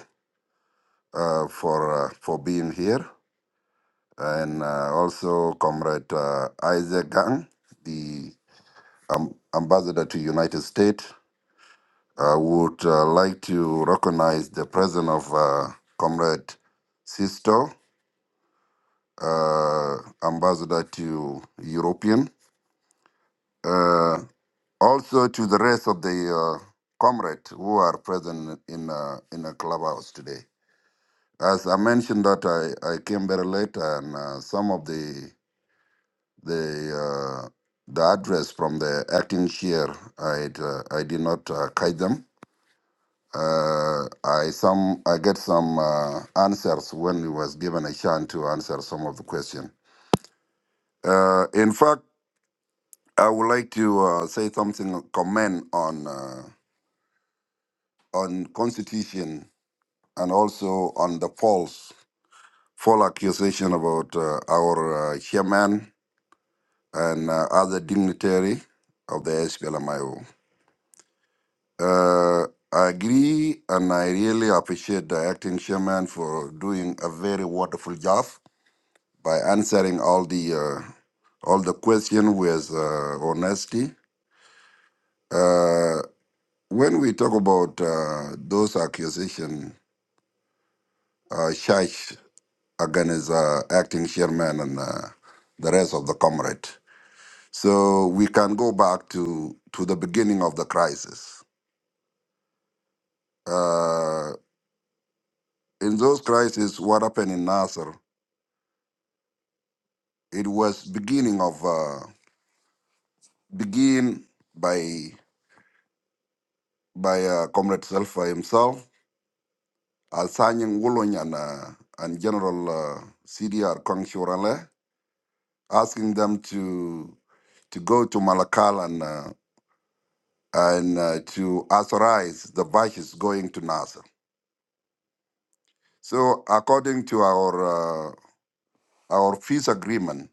uh, for, uh, for being here. and uh, also Comrade uh, Isaac Gang, the um, ambassador to United States. I would uh, like to recognize the presence of uh, Comrade Sisto, uh, ambassador to European. Uh, also to the rest of the uh, comrades who are present in uh, in a clubhouse today. As I mentioned that I, I came very late and uh, some of the the uh, the address from the acting chair. I uh, I did not uh, kite them. Uh, I some I get some uh, answers when we was given a chance to answer some of the question. Uh, in fact, I would like to uh, say something comment on uh, on constitution and also on the false false accusation about uh, our uh, chairman and uh, other dignitary of the SPLMIO. Uh, I agree, and I really appreciate the acting chairman for doing a very wonderful job by answering all the uh, all the question with uh, honesty. Uh, when we talk about uh, those accusations, uh, charge against uh, acting chairman and uh, the rest of the comrade, so we can go back to to the beginning of the crisis. Uh, in those crises, what happened in Nasser? It was beginning of uh, begin by by uh, Comrade Salfa himself, assigning Wulong and uh, and General uh, CDR Kong Shurale, asking them to to go to Malakal and uh, and uh, to authorize the vices going to Nasser. So according to our uh, our peace agreement,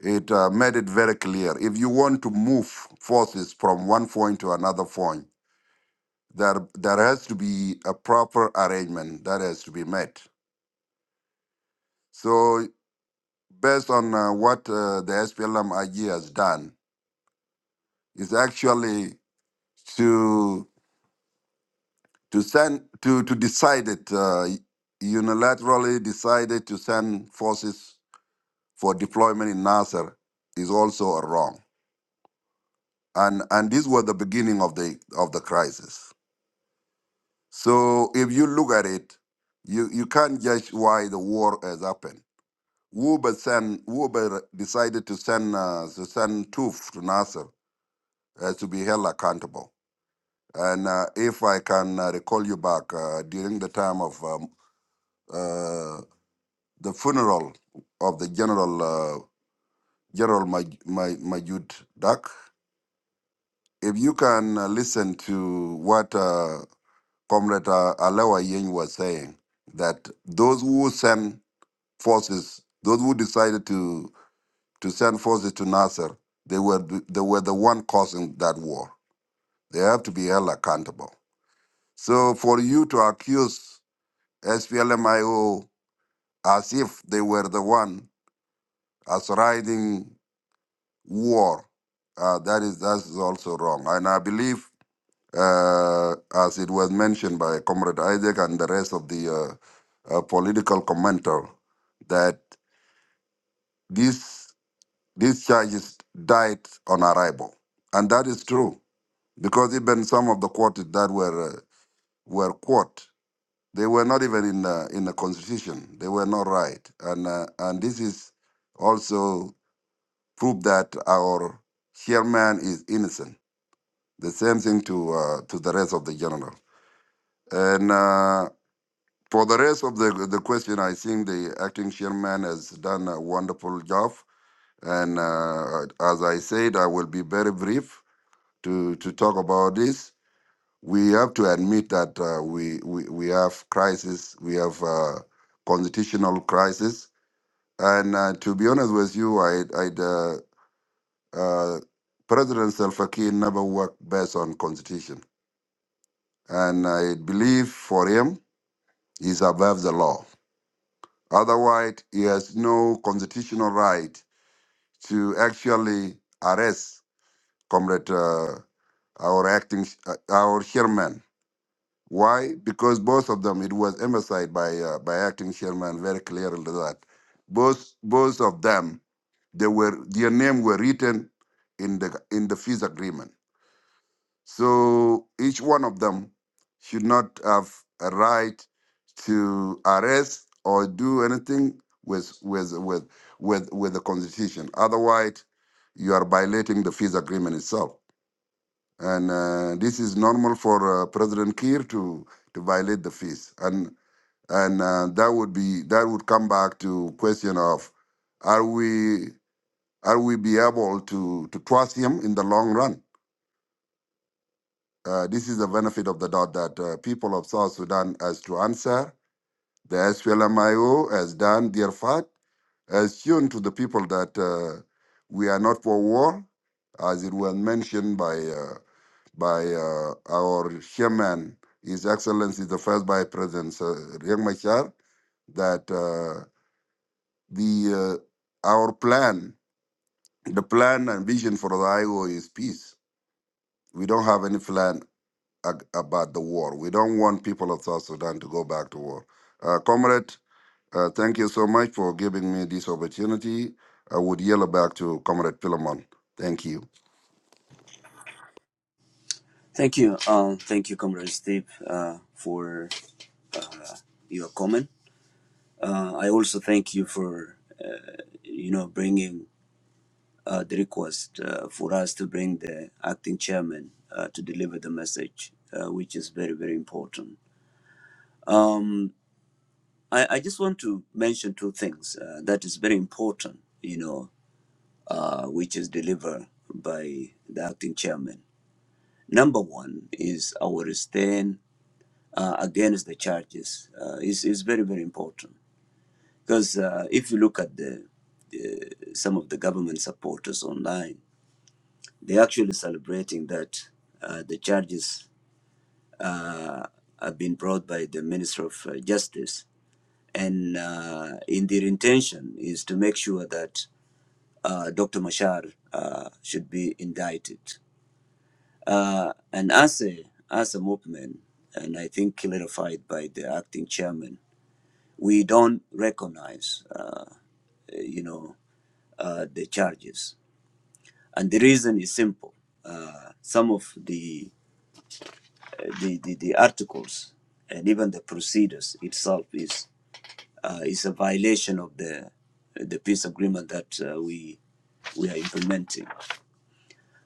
it uh, made it very clear if you want to move forces from one point to another point, there there has to be a proper arrangement that has to be met. So based on uh, what uh, the SPLM IG has done is actually to to send to to decide it uh, unilaterally decided to send forces for deployment in Nasser is also a wrong. And and this was the beginning of the of the crisis. So if you look at it, you you can't judge why the war has happened who but send who but decided to send uh, to send Toof to Nasser uh, to be held accountable. And uh, if I can uh, recall you back uh, during the time of um, uh, the funeral of the general uh, General Maj- Maj- Majud Dak, if you can uh, listen to what uh, Comrade uh, Alewa Yeng was saying, that those who send forces, those who decided to to send forces to Nasser. They were th- they were the one causing that war. They have to be held accountable. So for you to accuse SPLMIO as if they were the one as riding war, uh, that is that is also wrong. And I believe, uh, as it was mentioned by Comrade Isaac and the rest of the uh, uh, political commenter, that these these charges died on arrival, and that is true because even some of the quotes that were uh, were quote they were not even in the in the constitution they were not right and uh, and this is also proof that our chairman is innocent the same thing to uh, to the rest of the general and uh, for the rest of the the question i think the acting chairman has done a wonderful job and uh, as i said i will be very brief to to talk about this we have to admit that uh, we, we we have crisis, we have uh, constitutional crisis, and uh, to be honest with you, I I uh, uh, President Salva Kiir never worked based on constitution, and I believe for him he's above the law. Otherwise, he has no constitutional right to actually arrest comrade uh, our acting uh, our chairman Why? Because both of them, it was emphasized by uh, by acting chairman very clearly that both both of them, they were their name were written in the in the peace agreement. So each one of them should not have a right to arrest or do anything with with with with with the constitution. Otherwise, you are violating the peace agreement itself and uh, this is normal for uh, President Kiir to to violate the peace, and and uh, that would be that would come back to question of are we are we be able to to trust him in the long run? Uh, this is the benefit of the doubt that uh, people of South Sudan has to answer. The SPLMIO has done their part, has shown to the people that uh, we are not for war, as it was mentioned by. uh, by uh, our chairman, His Excellency the First Vice President uh, Riek Machar, that uh, the uh, our plan, the plan and vision for the IO is peace. We don't have any plan ag- about the war. We don't want people of South Sudan to go back to war. Uh, comrade, uh, thank you so much for giving me this opportunity. I would yell back to Comrade Philemon. Thank you.
Thank you, um, thank you, Comrade Steve, uh, for your comment. Uh, I also thank you for you know bringing uh, the request uh, for us to bring the acting chairman uh, to deliver the message, uh, which is very, very important. Mm, I, I just want to mention two things uh, that is very important, you know, uh, which is delivered by the acting chairman. Number one is our stand uh, against the charges uh, is, is very, very important. Because uh, if you look at the, the some of the government supporters online, They're actually celebrating that uh, the charges uh, have been brought by the Minister of uh, Justice, and uh, in their intention is to make sure that uh, Dr. Mashar uh, should be indicted. Uh, and as a as a movement, and I think clarified by the acting chairman, we don't recognize, uh, you know, uh, the charges. And the reason is simple. Uh, some of the the, the, the articles and even the procedures itself is uh, is a violation of the the peace agreement that uh, we we are implementing.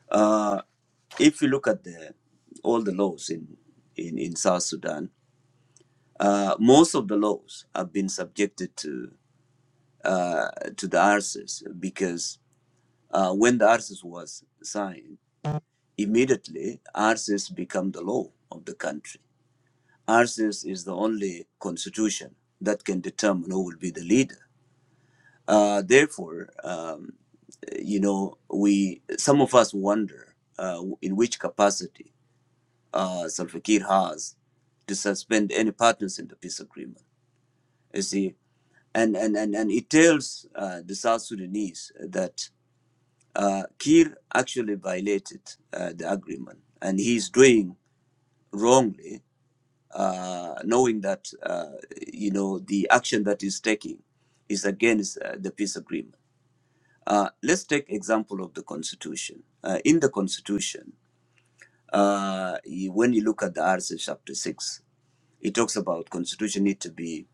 Uh, if you look at the all the laws in in, in South Sudan, uh, most of the laws have been subjected to uh, to the ARCES because uh, when the ARCES was signed, immediately ARCES become the law of the country Ours is the only constitution that can determine who will be the leader. Uh, therefore, um, you know, we some of us wonder uh, in which capacity uh, Salva Kiir has to suspend any partners in the peace agreement. You see, and and and, and it tells uh, the South Sudanese that uh, Kiir actually violated uh, the agreement, and he's doing wrongly uh, knowing that uh, you know the action that is taking is against uh, the peace agreement. Uh, let's take example of the constitution. Uh, in the constitution, uh, you- when you look at the article chapter six, it talks about constitution need to be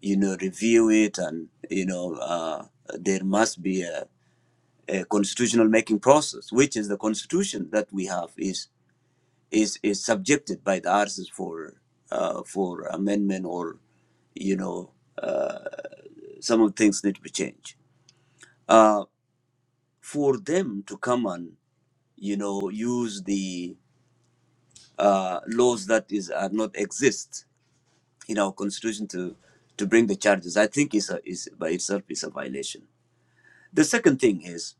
you know review it and you know uh, there must be a, a constitutional making process, which is the constitution that we have is is is subjected by the artists for uh, for amendment or you know some of things need to be changed uh, for them to come and you know use the uh, laws that is are not exist in our constitution to to bring the charges i think is a, is by itself is a violation the second thing is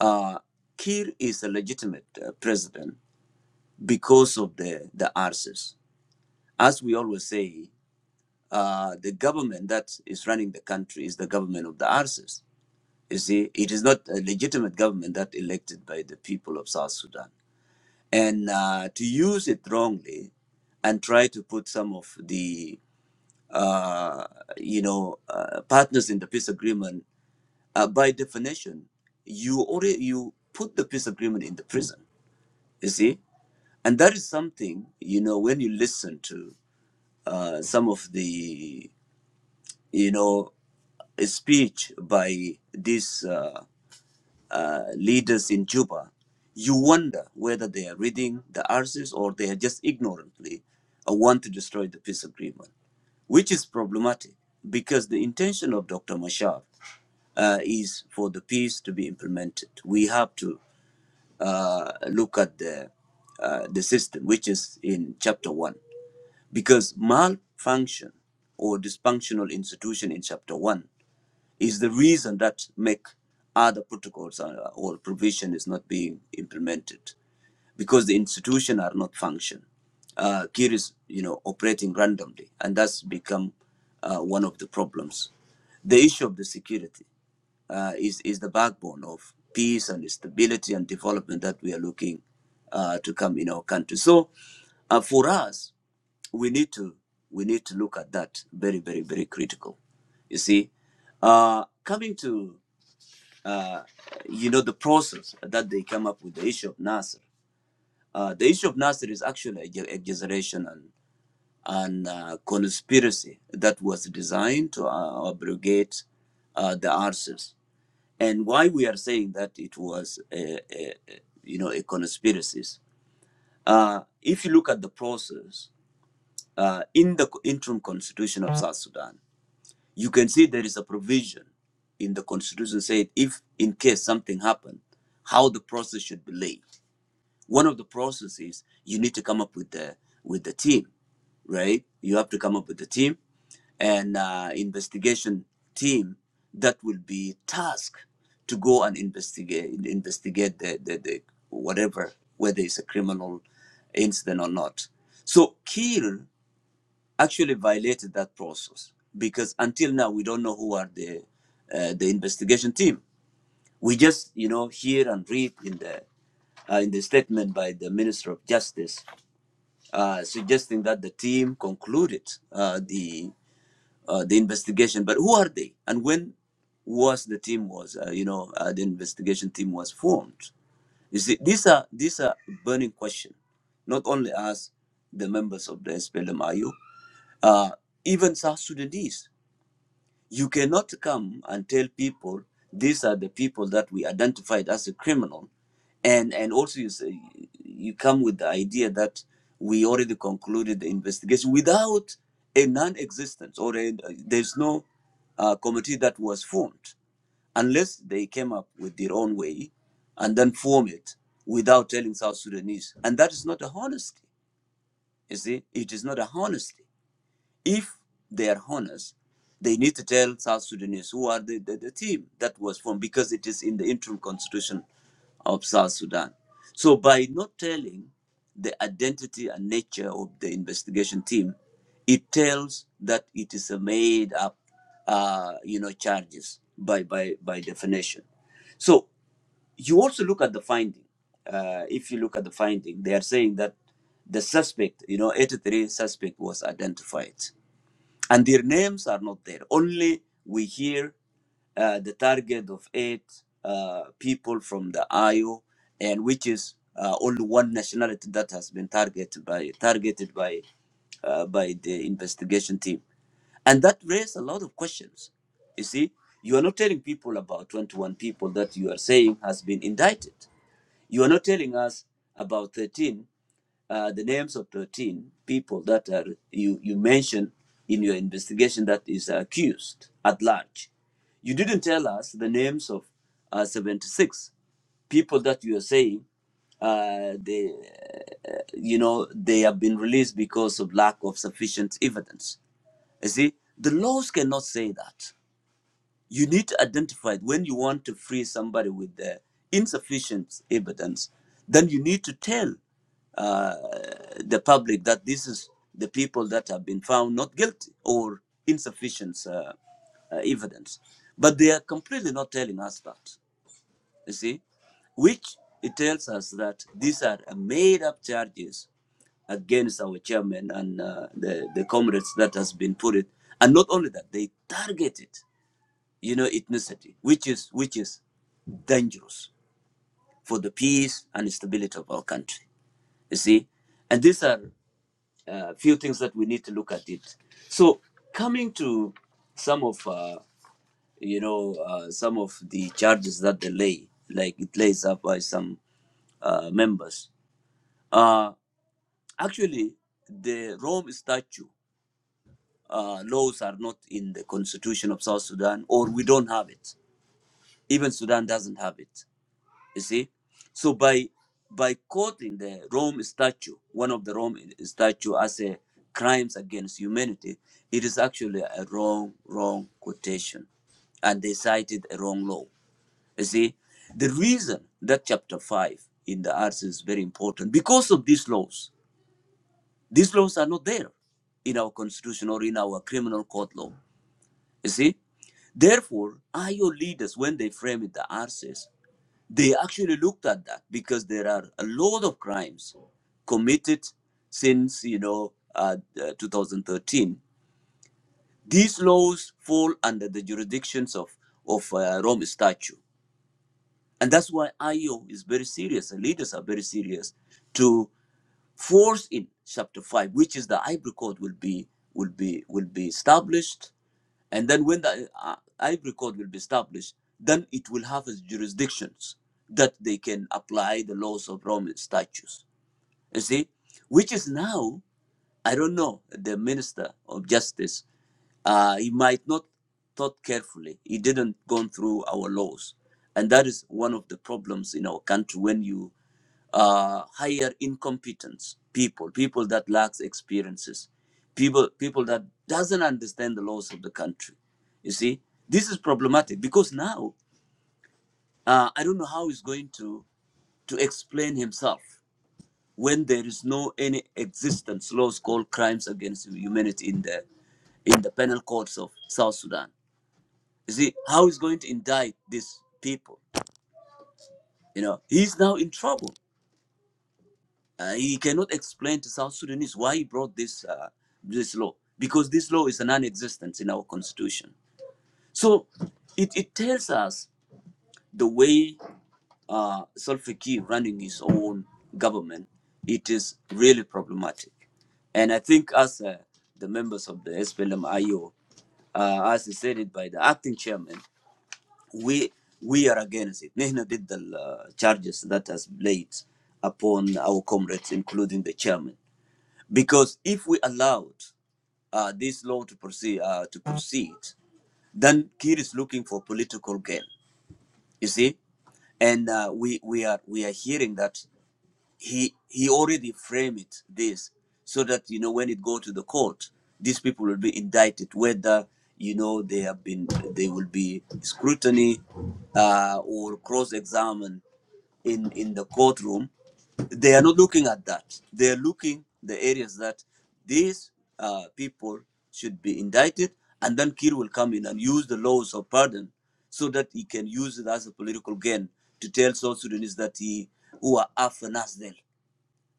uh, Kir is a legitimate uh, president because of the the arses as we always say uh, the government that is running the country is the government of the arses. You see, it is not a legitimate government that elected by the people of South Sudan. And uh, to use it wrongly and try to put some of the, uh, you know, uh, partners in the peace agreement, uh, by definition, you already, you put the peace agreement in the prison, you see? And that is something, you know, when you listen to uh, some of the you know, a speech by these uh, uh, leaders in Juba, you wonder whether they are reading the articles or they are just ignorantly uh, want to destroy the peace agreement, which is problematic because the intention of Dr. Machar uh, is for the peace to be implemented. We have to uh, look at the uh, the system, which is in chapter one, because malfunction or dysfunctional institution in chapter one is the reason that make other protocols uh, or provision is not being implemented because the institution are not function. Uh, Kir is, you know, operating randomly, and that's become uh, one of the problems. The issue of the security uh, is is the backbone of peace and stability and development that we are looking uh, to come in our country. So, uh, for us we need to we need to look at that very very very critical you see uh coming to uh you know the process that they come up with the issue of nasser uh the issue of nasser is actually an exaggeration and and uh, conspiracy that was designed to uh, abrogate uh, the arses and why we are saying that it was a, a, a you know a conspiracy uh if you look at the process uh, in the interim constitution of South Sudan, you can see there is a provision in the constitution said if in case something happened, how the process should be laid. One of the processes is you need to come up with the with the team, right? You have to come up with the team and uh, investigation team that will be tasked to go and investigate investigate the, the, the whatever whether it's a criminal incident or not. So Kiel actually violated that process because until now we don't know who are the uh, the investigation team. We just you know hear and read in the uh, in the statement by the Minister of Justice uh, suggesting that the team concluded uh, the uh, the investigation. But who are they and when was the team was uh, you know uh, the investigation team was formed? You see, these are these are burning question, not only us, the members of the SPLMIU, uh, even South Sudanese, you cannot come and tell people these are the people that we identified as a criminal, and and also you say, you come with the idea that we already concluded the investigation without a non-existence or a, there's no uh, committee that was formed unless they came up with their own way and then form it without telling South Sudanese. And that is not a honesty, you see, it is not a honesty if they are honest, they need to tell South Sudanese who are the, the, the team that was formed because it is in the interim constitution of South Sudan. So by not telling the identity and nature of the investigation team, it tells that it is a made up, uh, you know, charges by, by, by definition. So you also look at the finding. Uh, if you look at the finding, they are saying that the suspect, you know, 83 suspect was identified and their names are not there. Only we hear uh, the target of eight uh, people from the IO, and which is uh, only one nationality that has been targeted by targeted by uh, by the investigation team, and that raised a lot of questions. You see, you are not telling people about 21 people that you are saying has been indicted. You are not telling us about 13 uh, the names of 13 people that are, you, you mentioned in your investigation that is accused at large. You didn't tell us the names of uh, 76 people that you are saying uh, they, uh, you know, they have been released because of lack of sufficient evidence. You see, the laws cannot say that. You need to identify when you want to free somebody with the insufficient evidence, then you need to tell uh, the public that this is the people that have been found not guilty or insufficient uh, uh, evidence. But they are completely not telling us that, you see, which it tells us that these are uh, made up charges against our chairman and uh, the, the comrades that has been put it. And not only that, they targeted you know, ethnicity, which is which is dangerous for the peace and stability of our country. You see, and these are a uh, few things that we need to look at it. So, coming to some of uh, you know uh, some of the charges that they lay, like it lays up by some uh, members. Uh, actually, the Rome Statute uh, laws are not in the Constitution of South Sudan, or we don't have it. Even Sudan doesn't have it. You see, so by by quoting the Rome statute, one of the Rome statute as a crimes against humanity, it is actually a wrong wrong quotation, and they cited a wrong law. You see, the reason that chapter five in the arts is very important because of these laws. These laws are not there in our constitution or in our criminal court law. You see, therefore, are your leaders when they frame it the arses? They actually looked at that because there are a lot of crimes committed since you know uh, uh, 2013. These laws fall under the jurisdictions of of uh, Rome Statute, and that's why IO is very serious. The leaders are very serious to force in chapter 5 which is the ivory court will be will be will be established and then when the uh, ivory court will be established then it will have its jurisdictions that they can apply the laws of roman statutes you see which is now I don't know the minister of justice. Uh, he might not thought carefully. He didn't go through our laws, and that is one of the problems in our country when you uh, hire incompetent people, people that lacks experiences, people people that doesn't understand the laws of the country. You see, this is problematic because now uh, I don't know how he's going to to explain himself when there is no any existence laws called crimes against humanity in the in the penal courts of South Sudan. You see how is going to indict these people. You know he's now in trouble. Uh, he cannot explain to South Sudanese why he brought this uh, this law because this law is a non-existence in our constitution. So it, it tells us the way. uh, Salva Kiir running his own government, it is really problematic. And I think as uh, the members of the SPLM-IO, uh, as stated by the acting chairman, we we are against it. Nihna did the uh, charges that has laid upon our comrades, including the chairman, because if we allowed uh, this law to proceed, uh, to proceed, then Kiir is looking for political gain. You see, and uh, we we are we are hearing that he he already framed it this so that you know when it go to the court these people will be indicted whether you know they have been they will be scrutiny uh, or cross-examined in in the courtroom they are not looking at that they are looking the areas that these uh, people should be indicted and then kir will come in and use the laws of pardon so that he can use it as a political gain to tell south sudanese that he who are after nasdel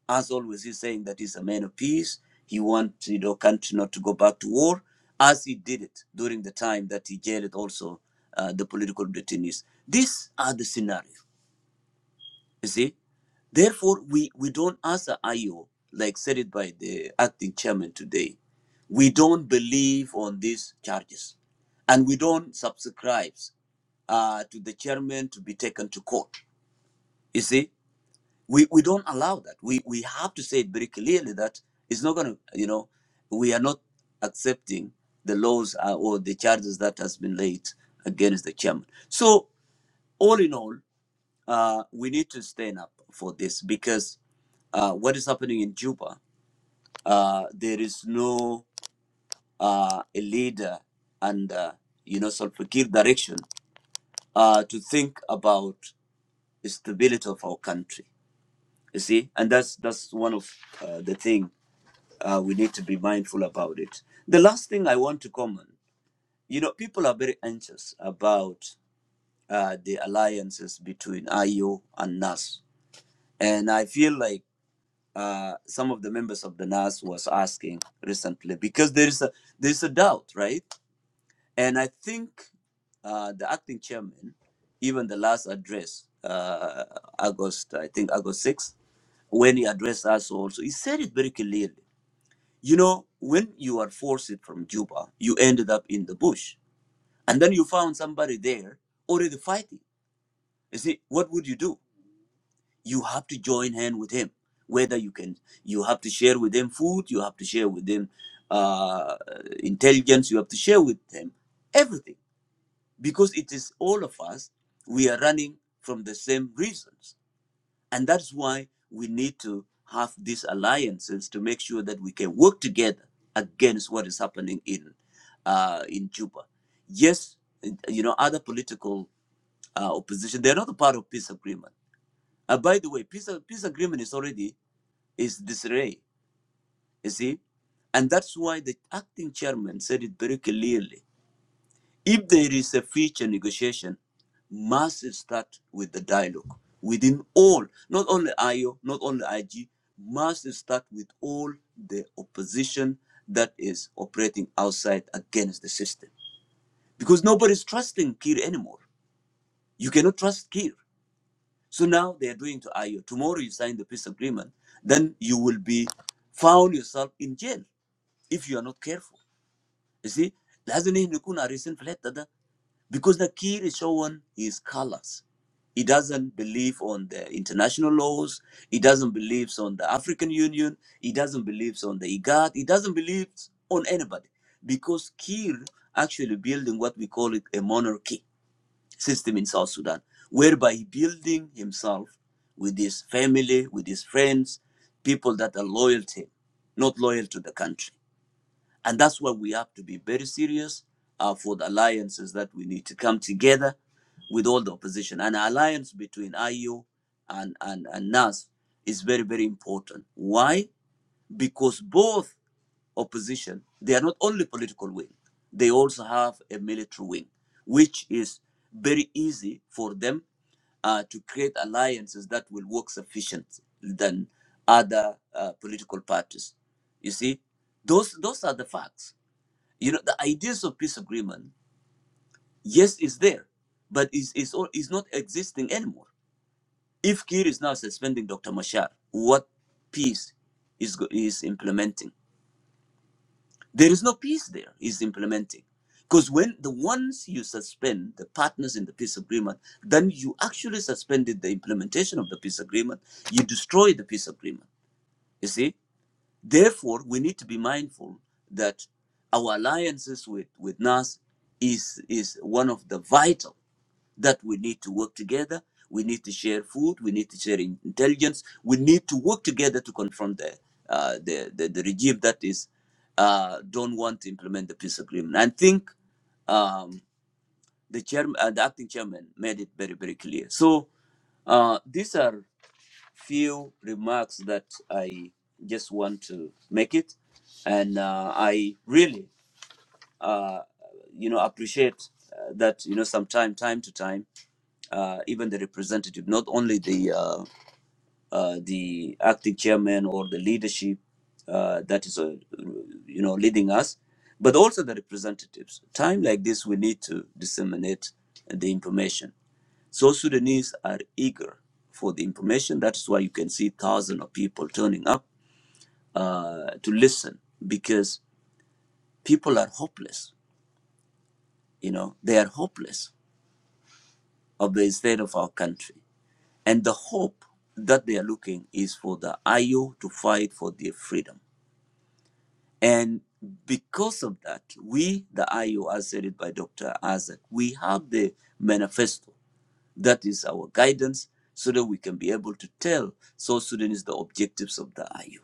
as always, he's saying that he's a man of peace. He wants you know country not to go back to war, as he did it during the time that he jailed also uh, the political detainees. These are the scenarios. You see, therefore we we don't answer IO like said it by the acting chairman today. We don't believe on these charges, and we don't subscribe uh, to the chairman to be taken to court. You see, we we don't allow that we we have to say it very clearly that it's not going to you know we are not accepting the laws uh, or the charges that has been laid against the chairman so all in all uh, we need to stand up for this because uh, what is happening in juba uh, there is no uh, a leader under you know Salfakir direction uh, to think about the stability of our country you see and that's that's one of uh, the thing uh, we need to be mindful about it. The last thing I want to comment, you know, people are very anxious about uh, the alliances between IO and NAS, and I feel like uh, some of the members of the NAS was asking recently because there is a there is a doubt, right? And I think uh, the acting chairman, even the last address, uh, August, I think August 6th, when he addressed us also, he said it very clearly You know, when you are forced from Juba, you ended up in the bush. And then you found somebody there already fighting. You see, what would you do? You have to join hand with him. Whether you can, you have to share with them food, you have to share with them uh, intelligence, you have to share with them everything. Because it is all of us, we are running from the same reasons. And that's why we need to have these alliances to make sure that we can work together against what is happening in uh, in Juba. Yes, you know, other political uh, opposition, they're not a part of peace agreement. Uh, by the way, peace, peace agreement is already is disarray, you see? And that's why the acting chairman said it very clearly if there is a future negotiation, must start with the dialogue within all, not only IO, not only IG, must start with all the opposition that is operating outside against the system. Because nobody's trusting Kir anymore. You cannot trust Kir. So now they are doing to IO. Tomorrow you sign the peace agreement, then you will be found yourself in jail if you are not careful. You see, لازم نحن نكون عارفين في الحتة ده. Because the kid is showing his colors. He doesn't believe on the international laws. He doesn't believe on the African Union. He doesn't believe on the IGAD. He doesn't believe on anybody. Because Kir actually building what we call it a monarchy system in South Sudan, whereby he building himself with his family, with his friends, people that are loyal to him, not loyal to the country. And that's why we have to be very serious uh, for the alliances that we need to come together with all the opposition. An alliance between IU and, and, and NAS is very, very important. Why? Because both opposition, they are not only political wing, they also have a military wing, which is very easy for them uh, to create alliances that will work sufficient than other uh, political parties. You see, those those are the facts you know the ideas of peace agreement yes is there but is is all is not existing anymore if kir is now suspending dr mashar what peace is go- is implementing there is no peace there is implementing because when the ones you suspend the partners in the peace agreement then you actually suspended the implementation of the peace agreement you destroy the peace agreement you see Therefore, we need to be mindful that our alliances with, with NAS is, is one of the vital that we need to work together. We need to share food. We need to share in- intelligence. We need to work together to confront the, uh, the, the, the regime that is uh, don't want to implement the peace agreement. I think um, the chairman, uh, the acting chairman, made it very very clear. So uh, these are few remarks that I just want to make it, and uh, I really, uh, you know, appreciate uh, that you know, sometime time to time, uh, even the representative, not only the uh, uh, the acting chairman or the leadership uh, that is, uh, you know, leading us, but also the representatives. Time like this, we need to disseminate the information. So Sudanese are eager for the information. That is why you can see thousands of people turning up uh, to listen because people are hopeless. You know, they are hopeless of the state of our country. And the hope that they are looking is for the IO to fight for their freedom And because of that, we, the IU, as said it by Dr. Azad, we have the manifesto. That is our guidance so that we can be able to tell South Sudanese the objectives of the IU.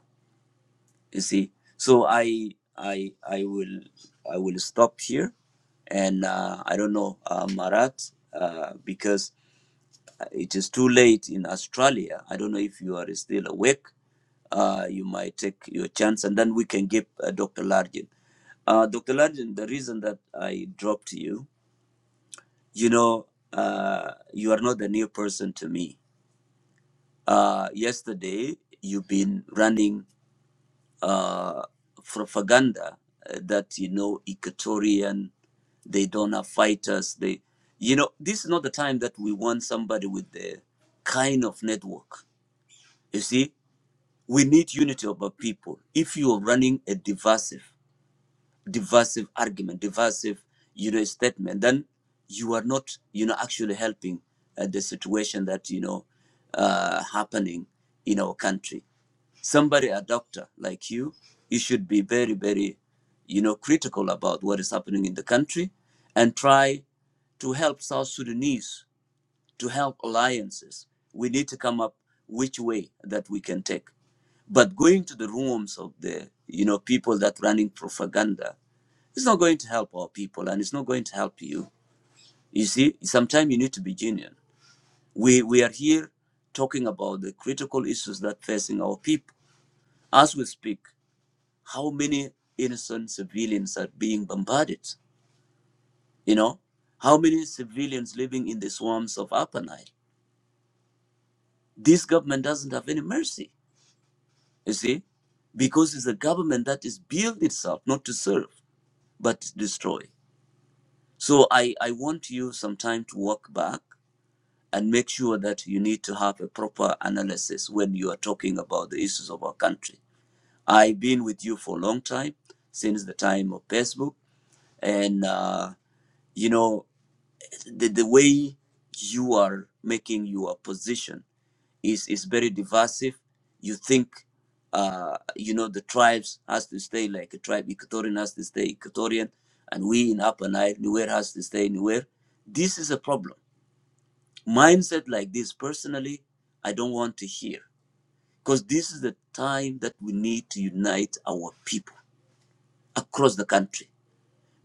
You see, so I, I, I will, I will stop here, and uh, I don't know, uh, Marat, uh, because it is too late in Australia. I don't know if you are still awake. Uh, you might take your chance, and then we can give uh, Dr. Largent. Uh, Dr. Largent, the reason that I dropped you, you know, uh, you are not a new person to me. Uh, yesterday, you've been running uh, propaganda uh, that, you know, Equatorian, they don't have fighters. They, you know, this is not the time that we want somebody with the kind of network. You see, we need unity of our people. If you are running a divisive, divisive argument, divisive, you know, statement, then you are not, you know, actually helping uh, the situation that you know uh, happening in our country. Somebody, a doctor like you, you should be very, very, you know, critical about what is happening in the country, and try to help South Sudanese, to help alliances. We need to come up which way that we can take. But going to the rooms of the you know people that running propaganda, it's not going to help our people, and it's not going to help you. You see, sometimes you need to be genuine. We we are here talking about the critical issues that facing our people. As we speak, how many innocent civilians are being bombarded? You know, how many civilians living in the swamps of Upper Nile? This government doesn't have any mercy. You see, because it's a government that is built itself not to serve. but destroy. So I, I want you sometime to walk back and make sure that you need to have a proper analysis when you are talking about the issues of our country. I've been with you for a long time, since the time of Facebook, and uh, you know the, the way you are making your position is is very divisive. You think, uh, you know, the tribes has to stay like a tribe. Equatorian has to stay Equatorian, and we in Upper Nile, nowhere has to stay anywhere. This is a problem. Mindset like this, personally, I don't want to hear because this is the time that we need to unite our people across the country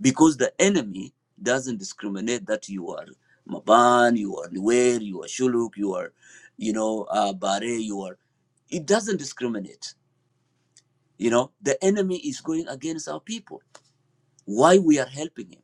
because the enemy doesn't discriminate that you are Maban, you are Nuer, you are Shuluk, you are, you know, uh, Bare, you are. It doesn't discriminate. You know, the enemy is going against our people. Why we are helping him?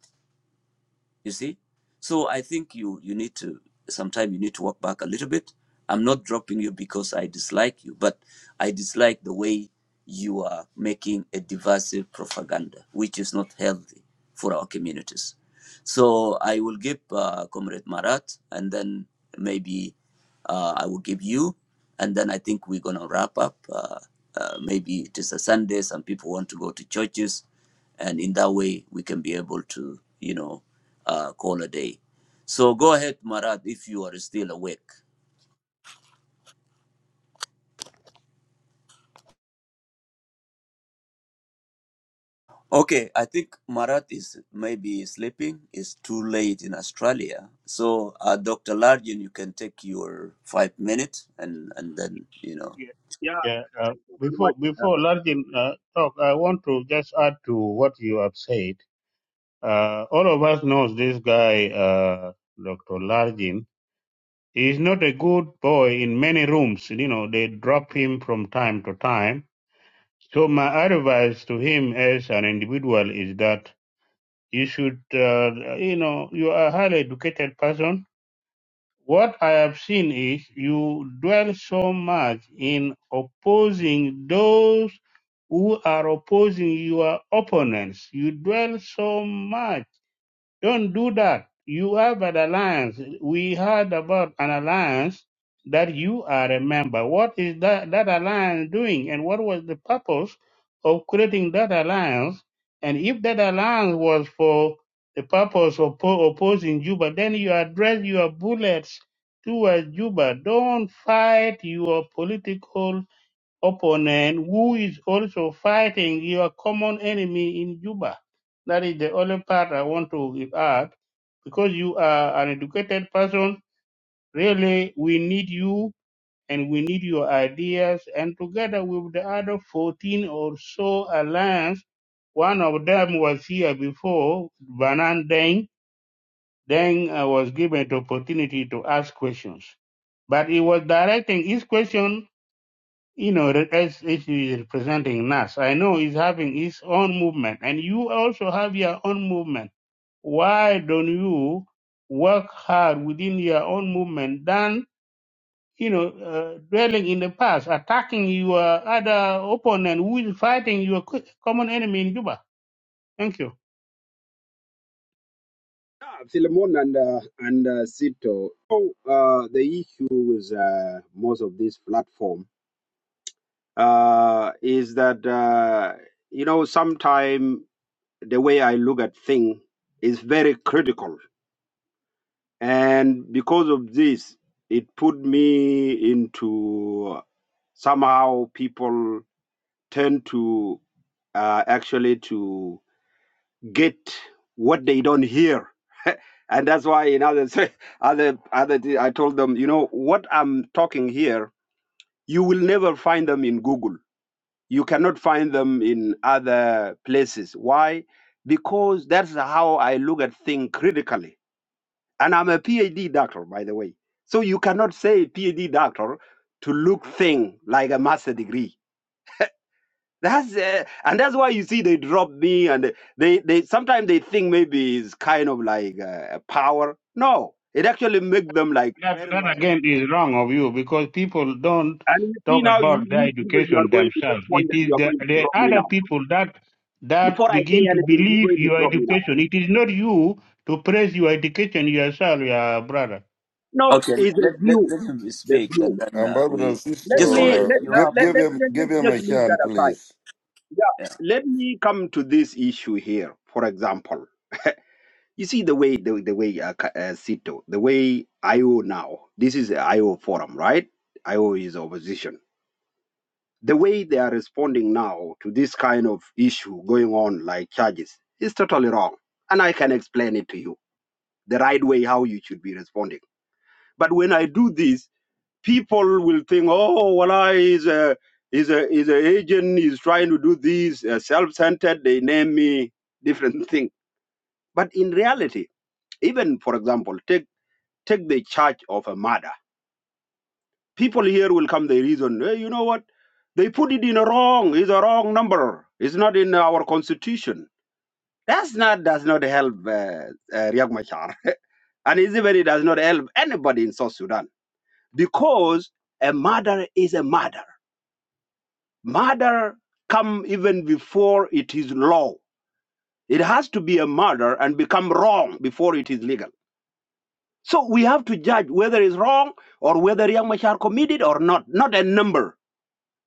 You see. So I think you you need to sometimes you need to walk back a little bit. I'm not dropping you because I dislike you, but I dislike the way you are making a divisive propaganda, which is not healthy for our communities. So I will give uh, Comrade Marat, and then maybe uh, I will give you, and then I think we're gonna wrap up. Uh, uh, maybe it is a Sunday. Some people want to go to churches, and in that way we can be able to, you know, uh, call a day. So go ahead, Marat, if you are still awake. Okay, I think Marat is maybe sleeping. It's too late in Australia. So, uh, Dr. Largin, you can take your five minutes and, and then, you know.
Yeah,
Yeah,
yeah. Uh,
thank you very much.
before before Larkin uh, talk, I want to just add to what you have said. Uh, all of us knows this guy, uh, Dr. Largin. he's not a good boy in many rooms. You know, they drop him from time to time. So my advice to him as an individual is that you should, uh, you know, you are a highly educated person. What I have seen is you dwell so much in opposing those who are opposing your opponents. You dwell so much don't do that. You have an alliance. We heard about an alliance that you are a member. What is that, that alliance doing? And what was the purpose of creating that alliance? And if that alliance was for the purpose of po- opposing Juba, then you address your bullets towards Juba. Don't fight your political opponent who is also fighting your common enemy in Juba. That is the only part I want to add. Because you are an educated person, really, we need you and we need your ideas. And together with the other 14 or so alliance, one of them was here before, Banan Deng. Deng uh, was given the opportunity to ask questions. But he was directing his question you know, that as if he is representing NAS. I know he's having his own movement, and you also have your own movement. Why don't you work hard within your own movement than, you know, uh, dwelling in the past, attacking your other opponent who is fighting your co- common enemy in Juba? Thank you.
Yeah, Philemon and uh, and uh, Sito. So uh, the issue with uh, most of this platform uh, is that uh, you know sometime the way I look at thing is very critical and because of this it put me into somehow people tend to uh, actually to get what they don't hear and that's why in other other other thi- i told them you know what i'm talking here you will never find them in google you cannot find them in other places why because that's how i look at things critically and I'm a PhD doctor, by the way. So you cannot say PhD doctor to look thing like a master degree. That's uh, and that's why you see they drop me and they they sometimes they think maybe it's kind of like uh, power. No, it actually make them like
That,
very
that
low.
again is wrong of you because people don't
And you see
talk
now you
about their
you, people, you are
education
going to the
themselves. It
point that you
is
are
the,
going to
the
drop me
other
now.
people that that
Before I say
begin to
anything, you're
believe
going to
your
drop me now.
education. It is not you to praise your education yourself, your brother.
No,
Okay,
it's a
let let
view,
let him
the
speak,
view.
and then uh,
Ambassador
we
Sisto,
Let
just
me let
only
uh,
you
uh,
have
give
let,
on.
give
let,
him
let
give
let's
him
just
a
leave
chance,
that aside
please.
Yeah,
Yeah,
let me come to this issue here. For example, you see the way the, the way uh, Ka- uh, Sito, the way IO now. This is the IO forum, right? IO is opposition. The way they are responding now to this kind of issue going on, like charges, is totally wrong. And I can explain it to you the right way how you should be responding. But when I do this, people will think, oh, well, I is a is a is an agent. He's trying to do this uh, self-centered. They name me different thing. But in reality, even for example, take take the charge of a murder. People here will come. The reason, hey, you know what? They put it in a wrong. It's a wrong number. It's not in our constitution. That's not does not help uh, uh, Riek Machar, and it's even it does not help anybody in South Sudan because a murder is a murder Murder come even before it is law. It has to be a murder and become wrong before it is legal. So we have to judge whether it's wrong or whether Yang Machar committed or not, not a number.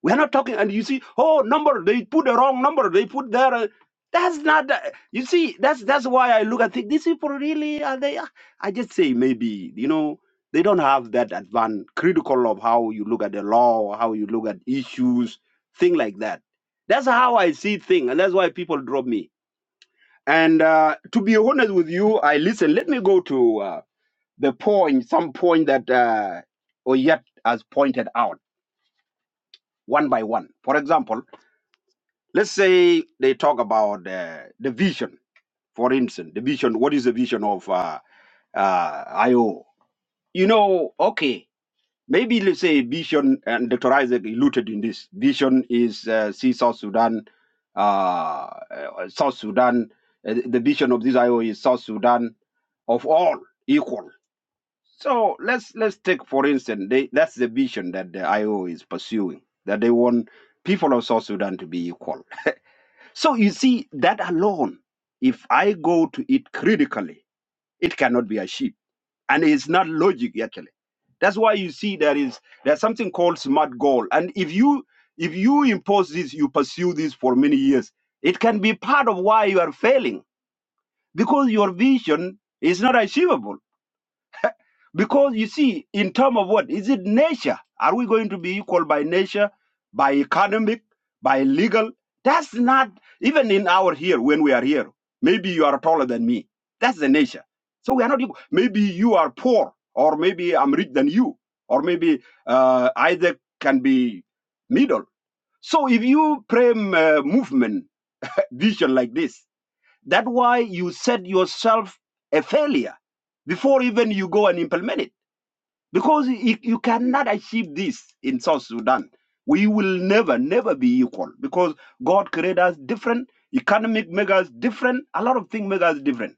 We're not talking, and you see, oh, number, they put the wrong number, they put there. uh, that's not, the- you see, that's that's why I look at think these people really are they. ah. I just say maybe, you know, they don't have that advan critical of how you look at the law, how you look at issues, thing like that. That's how I see thing, and that's why people drop me. And uh, to be honest with you, I listen. Let me go to uh, the point, some point that uh, Oyet has pointed out one by one. For example Let's say they talk about uh, the vision, for instance, the vision. What is the vision of uh, uh, IO? You know, okay, maybe let's say vision, and Dr. Isaac alluded in this. Vision is uh, see South Sudan, uh, uh, South Sudan. Uh, the vision of this IO is South Sudan of all equal. So let's let's take for instance, they, that's the vision that the IO is pursuing. That they want people of South Sudan to be equal so you see, that alone, if I go to it critically, it cannot be achieved. And it's not logic actually. That's why you see there is there's something called smart goal. And if you if you impose this, you pursue this for many years, it can be part of why you are failing because your vision is not achievable. Because you see, in terms of what? Is it nature? Are we going to be equal by nature, by economic, by legal? That's not even in our here when we are here. Maybe you are taller than me. That's the nature. So we are not equal. Maybe you are poor, or maybe I'm rich than you, or maybe uh, either can be middle. So if you frame uh, movement uh, vision like this, that's why you set yourself a failure before even you go and implement it because you, you cannot achieve this in South Sudan. We will never, never be equal because God created us different, economic make us different, a lot of things make us different.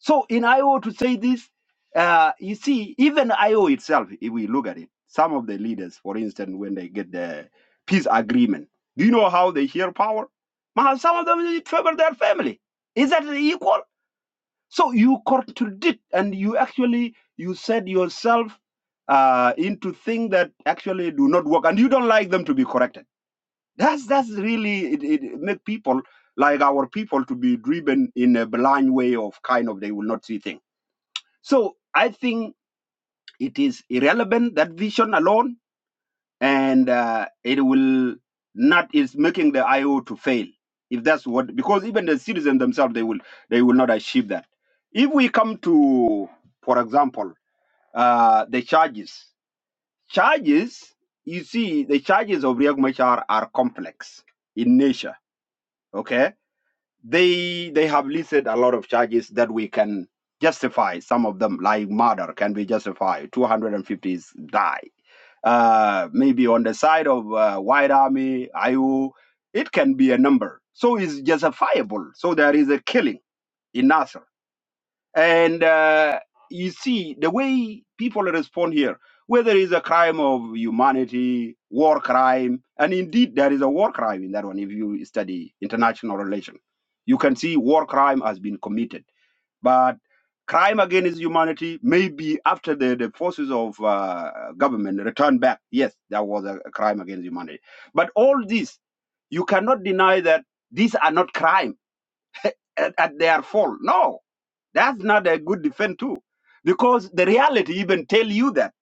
So in IO to say this, uh, you see, even IO itself, if we look at it, some of the leaders, for instance, when they get the peace agreement, do you know how they share power? Ma, Some of them they favor their family. Is that equal? So you contradict, and you actually you said yourself uh, into things that actually do not work, and you don't like them to be corrected. That's that's really it, it make people like our people to be driven in a blind way of kind of they will not see things. So I think it is irrelevant that vision alone and uh, it will not is making the IO to fail if that's what because even the citizens themselves they will they will not achieve that. If we come to, for example, uh, the charges, charges you see the charges of Riek Machar are complex in nature. Okay, they they have listed a lot of charges that we can justify some of them like murder can be justified 250 is die uh maybe on the side of uh, white army iu it can be a number so it's justifiable so there is a killing in nasser and uh, you see the way people respond here, whether it's a crime of humanity, war crime, and indeed there is a war crime in that one if you study international relations. You can see war crime has been committed. But crime against humanity, maybe after the, the forces of uh, government return back, yes, there was a a crime against humanity. But all this, you cannot deny that these are not crime at, at their fault. No, that's not a good defense too, because the reality even tell you that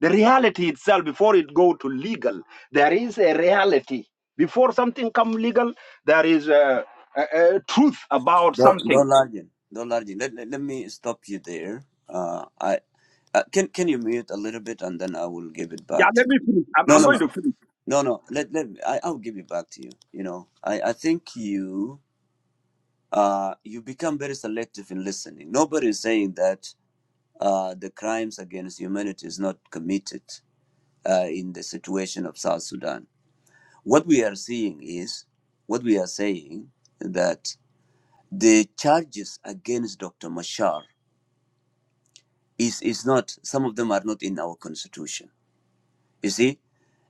the reality itself before it go to legal, there is a reality. Before something come legal, there is a, a, a truth about
don't don't
something.
large it, don't large it. Let, let let me stop you there. Uh, I uh, can can you mute a little bit, and then I will give it
Yeah,
back to
let
you.
me finish. I'm,
No,
I'm
no,
going
no,
to finish,
no, no. Let let I I'll give it back to you. You know, I I think you uh you become very selective in listening. Nobody is saying that uh the crimes against humanity is not committed uh in the situation of South Sudan What we are seeing is, what we are saying that the charges against Dr. Mashar is, is not, some of them are not in our constitution. You see?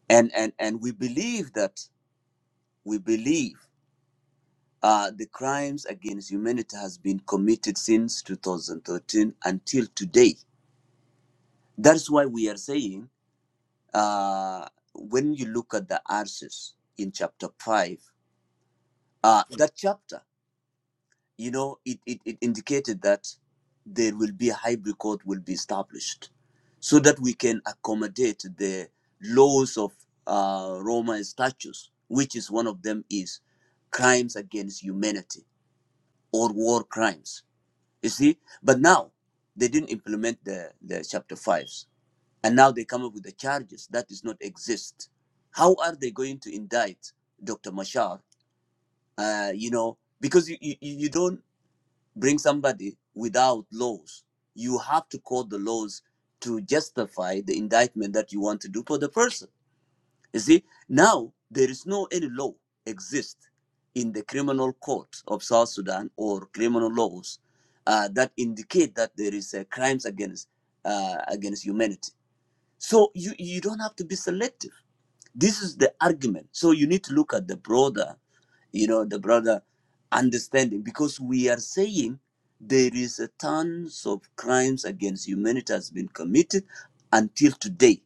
And, and, and we believe that, we believe uh, the crimes against humanity has been committed since 2013 until today. That's why we are saying, uh, when you look at the answers in chapter 5, uh, that chapter you know, it, it, it indicated that there will be a hybrid court will be established so that we can accommodate the laws of uh, Roma statutes, which is one of them is crimes against humanity or war crimes. You see, but now they didn't implement the, the chapter fives and now they come up with the charges that does not exist. How are they going to indict Dr. Mashar? Uh, you know, because you, you you don't bring somebody without laws. You have to quote the laws to justify the indictment that you want to do for the person. You see, now there is no any law exist in the criminal court of South Sudan or criminal laws uh, that indicate that there is uh, crimes against uh, against humanity. So you you don't have to be selective this is the argument. So you need to look at the broader, you know, the broader understanding because we are saying there is a tons of crimes against humanity has been committed until today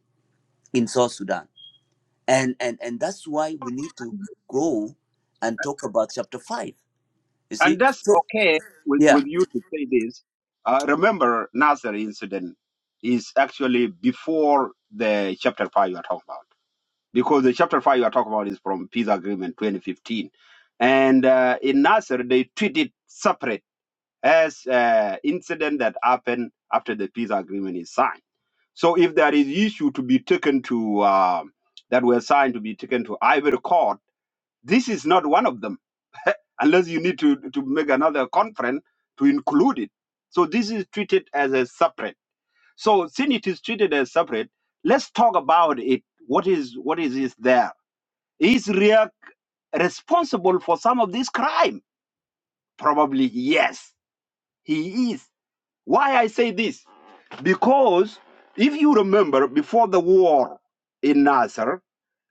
in South Sudan. And and and that's why we need to go and talk about chapter five. You
and
see?
that's
So
okay with,
yeah.
with you to say this. Uh, remember, Nasser incident is actually before the chapter five you are talking about. because the chapter 5 you are talking about is from peace agreement 2015 and uh, in nasser they treat it separate as uh, incident that happened after the peace agreement is signed so if there is issue to be taken to uh, that were signed to be taken to ivory court this is not one of them unless you need to, to make another conference to include it so this is treated as a separate so since it is treated as separate let's talk about it what is what is is there is Riak responsible for some of this crime? Probably yes, he is. Why I say this? Because if you remember, before the war in Nasser,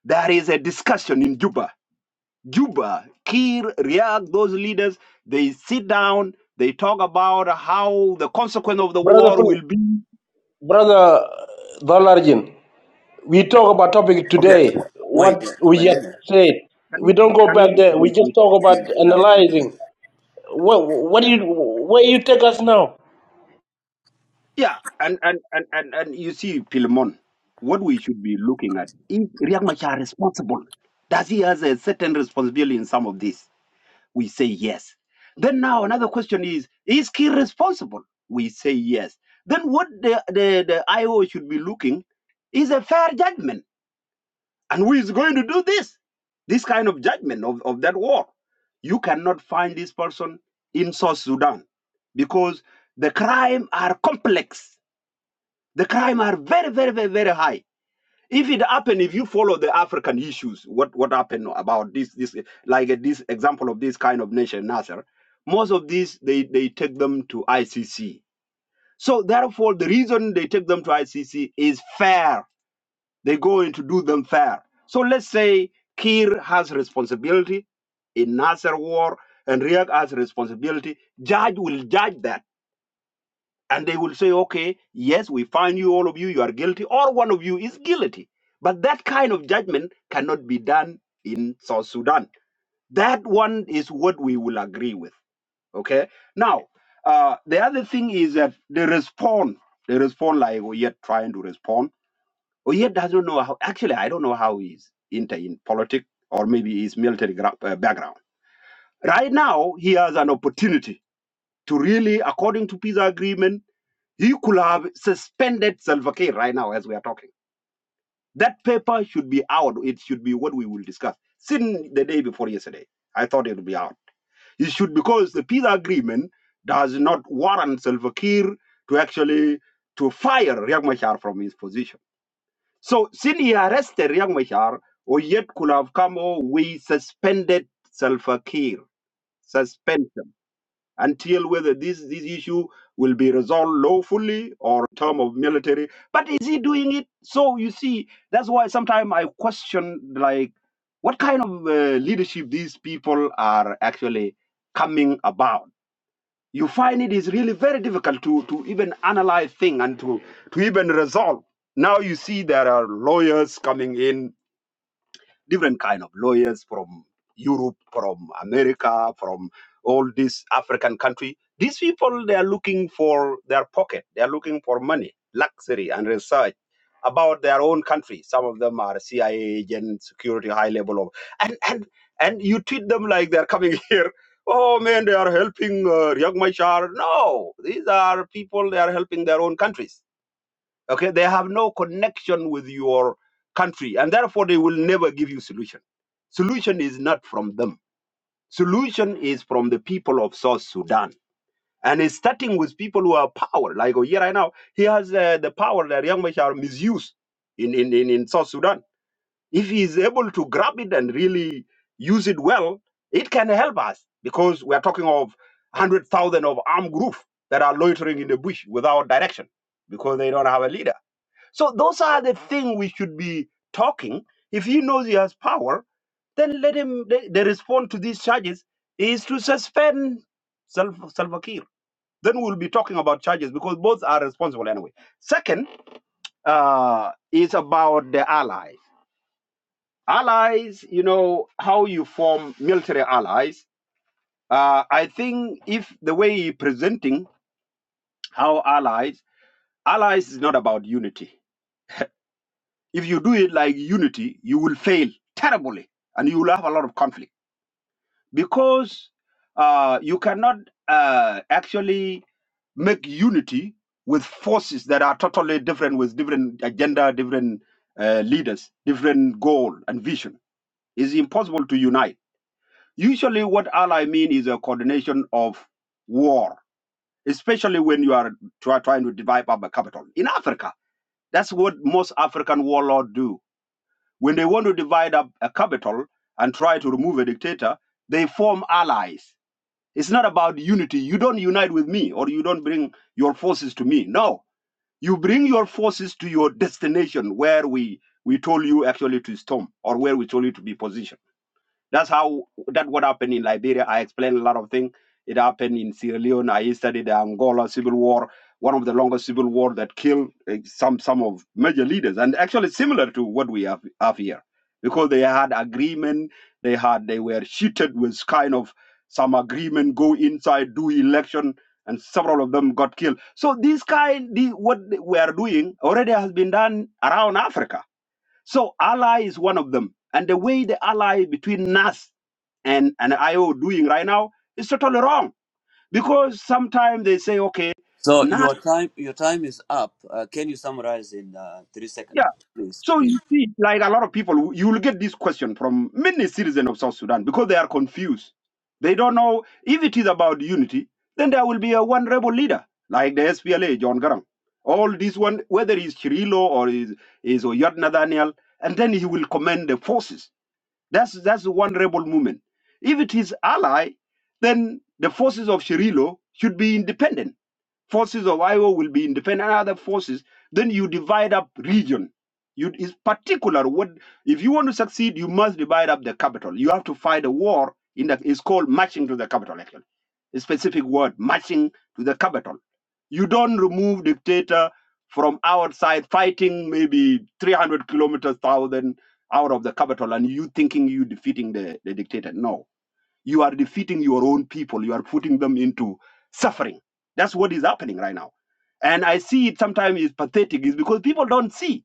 there is a discussion in Juba. Juba, Kir, Riak, those leaders, they sit down, they talk about how the consequence of the
Brother,
war will
Phil-
be. Can
brother Dolarjin, we talk about topic
Okay.
today.
wa- Wait,
What
wait,
we
wait,
just
Lena.
said,
you,
we don't go
can you
back there. We just talk about analyzing. What what do you where you take us now?
Yeah, and and and and, and you see, Pilemon, what we should be looking at is Riek Machar responsible? Does he has a certain responsibility in some of this? We say yes. Then now another question is: Is he responsible? We say yes. Then what the the, the IO should be looking is a fair judgment, and who is going to do this? This kind of judgment of, of that war. You cannot find this person in South Sudan because the crime are complex the crime are very, very, very, very high. If it happen, if you follow the African issues, what what happened about this this like uh, this example of this kind of nation, Nasser, most of these they they take them to ICC. So therefore, the reason they take them to ICC is fair. They going to do them fair. So let's say Kir has responsibility in Nasser war and Riek has responsibility. Judge will judge that and they will say, okay, yes, we find you, all of you, you are guilty, or one of you is guilty. But that kind of judgment cannot be done in South Sudan. That one is what we will agree with. Okay. Now, uh, the other thing is that they respond. They respond like Oyet trying to respond. Oyet doesn't know how, actually, I don't know how he's into in politics or maybe his military gra- uh, background. Right now, he has an opportunity to really, according to peace agreement, you could have suspended Salva Kiir right now as we are talking. That paper should be out. It should be what we will discuss. Since the day before yesterday, I thought it would be out. It should because the peace agreement does not warrant Salva Kiir to actually to fire Riek Machar from his position. So since he arrested Riek Machar, or could have come, oh, we suspended Salva Kiir. Suspension until whether this, this issue will be resolved lawfully or in term of military. But is he doing it? So you see, that's why sometimes I question like what kind of uh, leadership these people are actually coming about. You find it is really very difficult to, to even analyze things and to, to even resolve. Now you see there are lawyers coming in different kind of lawyers from Europe, from America, from all these African country. These people they are looking for their pocket. They are looking for money, luxury, and research about their own country. Some of them are CIA agents, security high level of, and and and you treat them like they are coming here. Oh man, they are helping uh, Riek Machar. No, these are people. They are helping their own countries okay they have no connection with your country and therefore they will never give you solution solution is not from them solution is from the people of south sudan and it's starting with people who have power like here right now he has uh, the power that young Machar misused in, in, in, in south sudan if he is able to grab it and really use it well it can help us because we are talking of 100000 of armed group that are loitering in the bush without direction because they don't have a leader so those are the things we should be talking. If he knows he has power, then let him. The, the response to these charges is to suspend Sal- Salva Kiir. Then we'll be talking about charges because both are responsible anyway. Second uh, is about the allies. Allies, you know how you form military allies. Uh, I think if the way he presenting how allies, allies is not about unity If you do it like unity, you will fail terribly and you will have a lot of conflict because uh, you cannot uh, actually make unity with forces that are totally different with different agenda, different uh, leaders, different goal and vision. It's impossible to unite. Usually what ally mean is a coordination of war, especially when you are try, trying to divide up a capital. In Africa, that's what most African warlords do When they want to divide up a capital and try to remove a dictator, they form allies. It's not about unity. You don't unite with me or you don't bring your forces to me. No, you bring your forces to your destination where we, we told you actually to storm or where we told you to be positioned. That's how that what happened in Liberia. I explained a lot of things. It happened in Sierra Leone. I studied the Angola civil war, one of the longest civil war that killed eh, some some of major leaders, and actually similar to what we have, have here, because they had agreement. They had they were cheated with kind of some agreement. Go inside, do election, and several of them got killed. So this kind, the, what we are doing already has been done around Africa so ally is one of them. And the way the ally between NAS and, and IO doing right now is totally wrong. Because sometimes they say, okay,
So
NAS,
your time your time is up. Uh, can you summarize in uh, three seconds,
yeah.
please,
So
please?
you see, like a lot of people, you will get this question from many citizens of South Sudan because they are confused. They don't know if it is about unity, then there will be a one rebel leader, like the SPLA, John Garang. All this one, whether he's Chirilo or is is Oyod Nathaniel, and then he will command the forces That's that's one rebel movement. If it is ally, then the forces of Shirilo should be independent forces of IO will be independent and other forces, then you divide up region. You is particular what if you want to succeed, you must divide up the capital. You have to fight a war in the it's called marching to the capital actually. A specific word, marching to the capital. You don't remove dictator from outside fighting maybe 300 kilometers thousand out of the capital and you thinking you defeating the, the dictator. No you are defeating your own people. You are putting them into suffering. That's what is happening right now. And I see it sometimes is pathetic, is because people don't see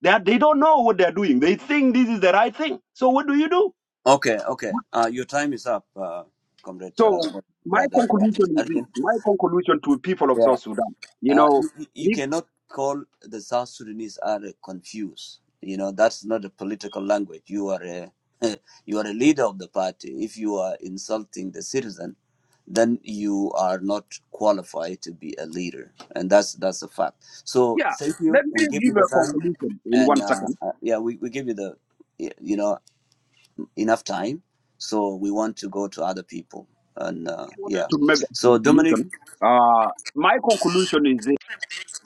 that they don't know what they're doing. They think this is the right thing. So what do you do?
Okay, okay. Uh, your time is up, uh, comrade, uh,
So my
brother
conclusion
Dr.
is this.
Narian.
My conclusion to people of South Sudan, you
Uh,
know,
you, you you
if
cannot call the South Sudanese are uh, confused. You know that's not a political language. You are a you are a leader of the party. If you are insulting the citizen, then you are not qualified to be a leader, and that's that's a fact. So
yeah,
thank
let
you.
me
We give
give
you the
a
time,
conclusion in
and
one
uh,
second.
uh, yeah, we, we give you the you know enough time so we want to go to other people and uh,
I wanted
yeah
to make a
so dominic
conclusion. Uh, my conclusion is this: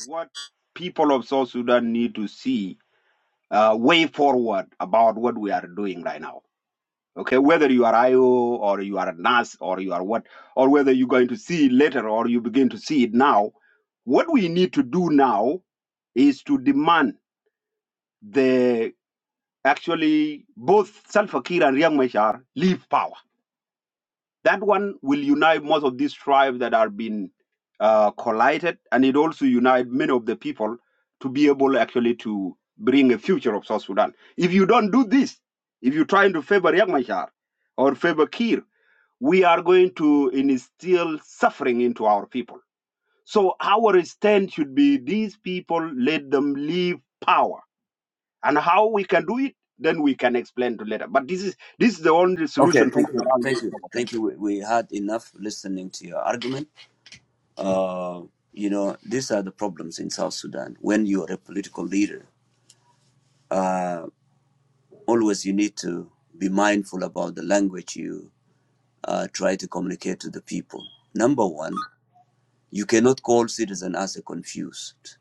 what people of South Sudan need to see uh, way forward about what we are doing right now. Okay, whether you are IO or you are a nurse or you are what, or whether you're going to see it later or you begin to see it now, what we need to do now is to demand the actually both Salva Kiir and Riek Machar leave power. That one will unite most of these tribes that are being uh, collided, and it also unite many of the people to be able actually to bring a future of South Sudan. If you don't do this, if you're trying to favor Riek Machar or favor Kir, we are going to instill suffering into our people. So our stand should be these people, let them leave power. And how we can do it, then we can explain to later. But this is this is the only
okay
solution
thank you thank you
to
thank you we, we had enough listening to your argument uh, you know these are the problems in south sudan when you're a political leader uh, always you need to be mindful about the language you uh, try to communicate to the people number one you cannot call citizens as a confused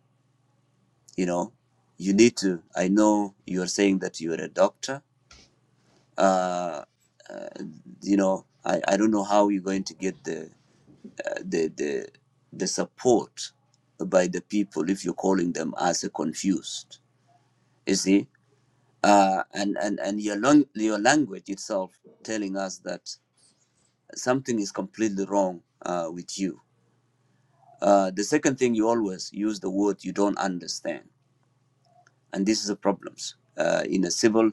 you know you need to i know you're saying that you're a doctor uh, uh, you know, I, I don't know how you're going to get the, uh, the the the support by the people if you're calling them as a confused. You see, uh, and and and your long, your language itself telling us that something is completely wrong uh, with you. Uh, the second thing you always use the word you don't understand. and this is the problems uh, in a civil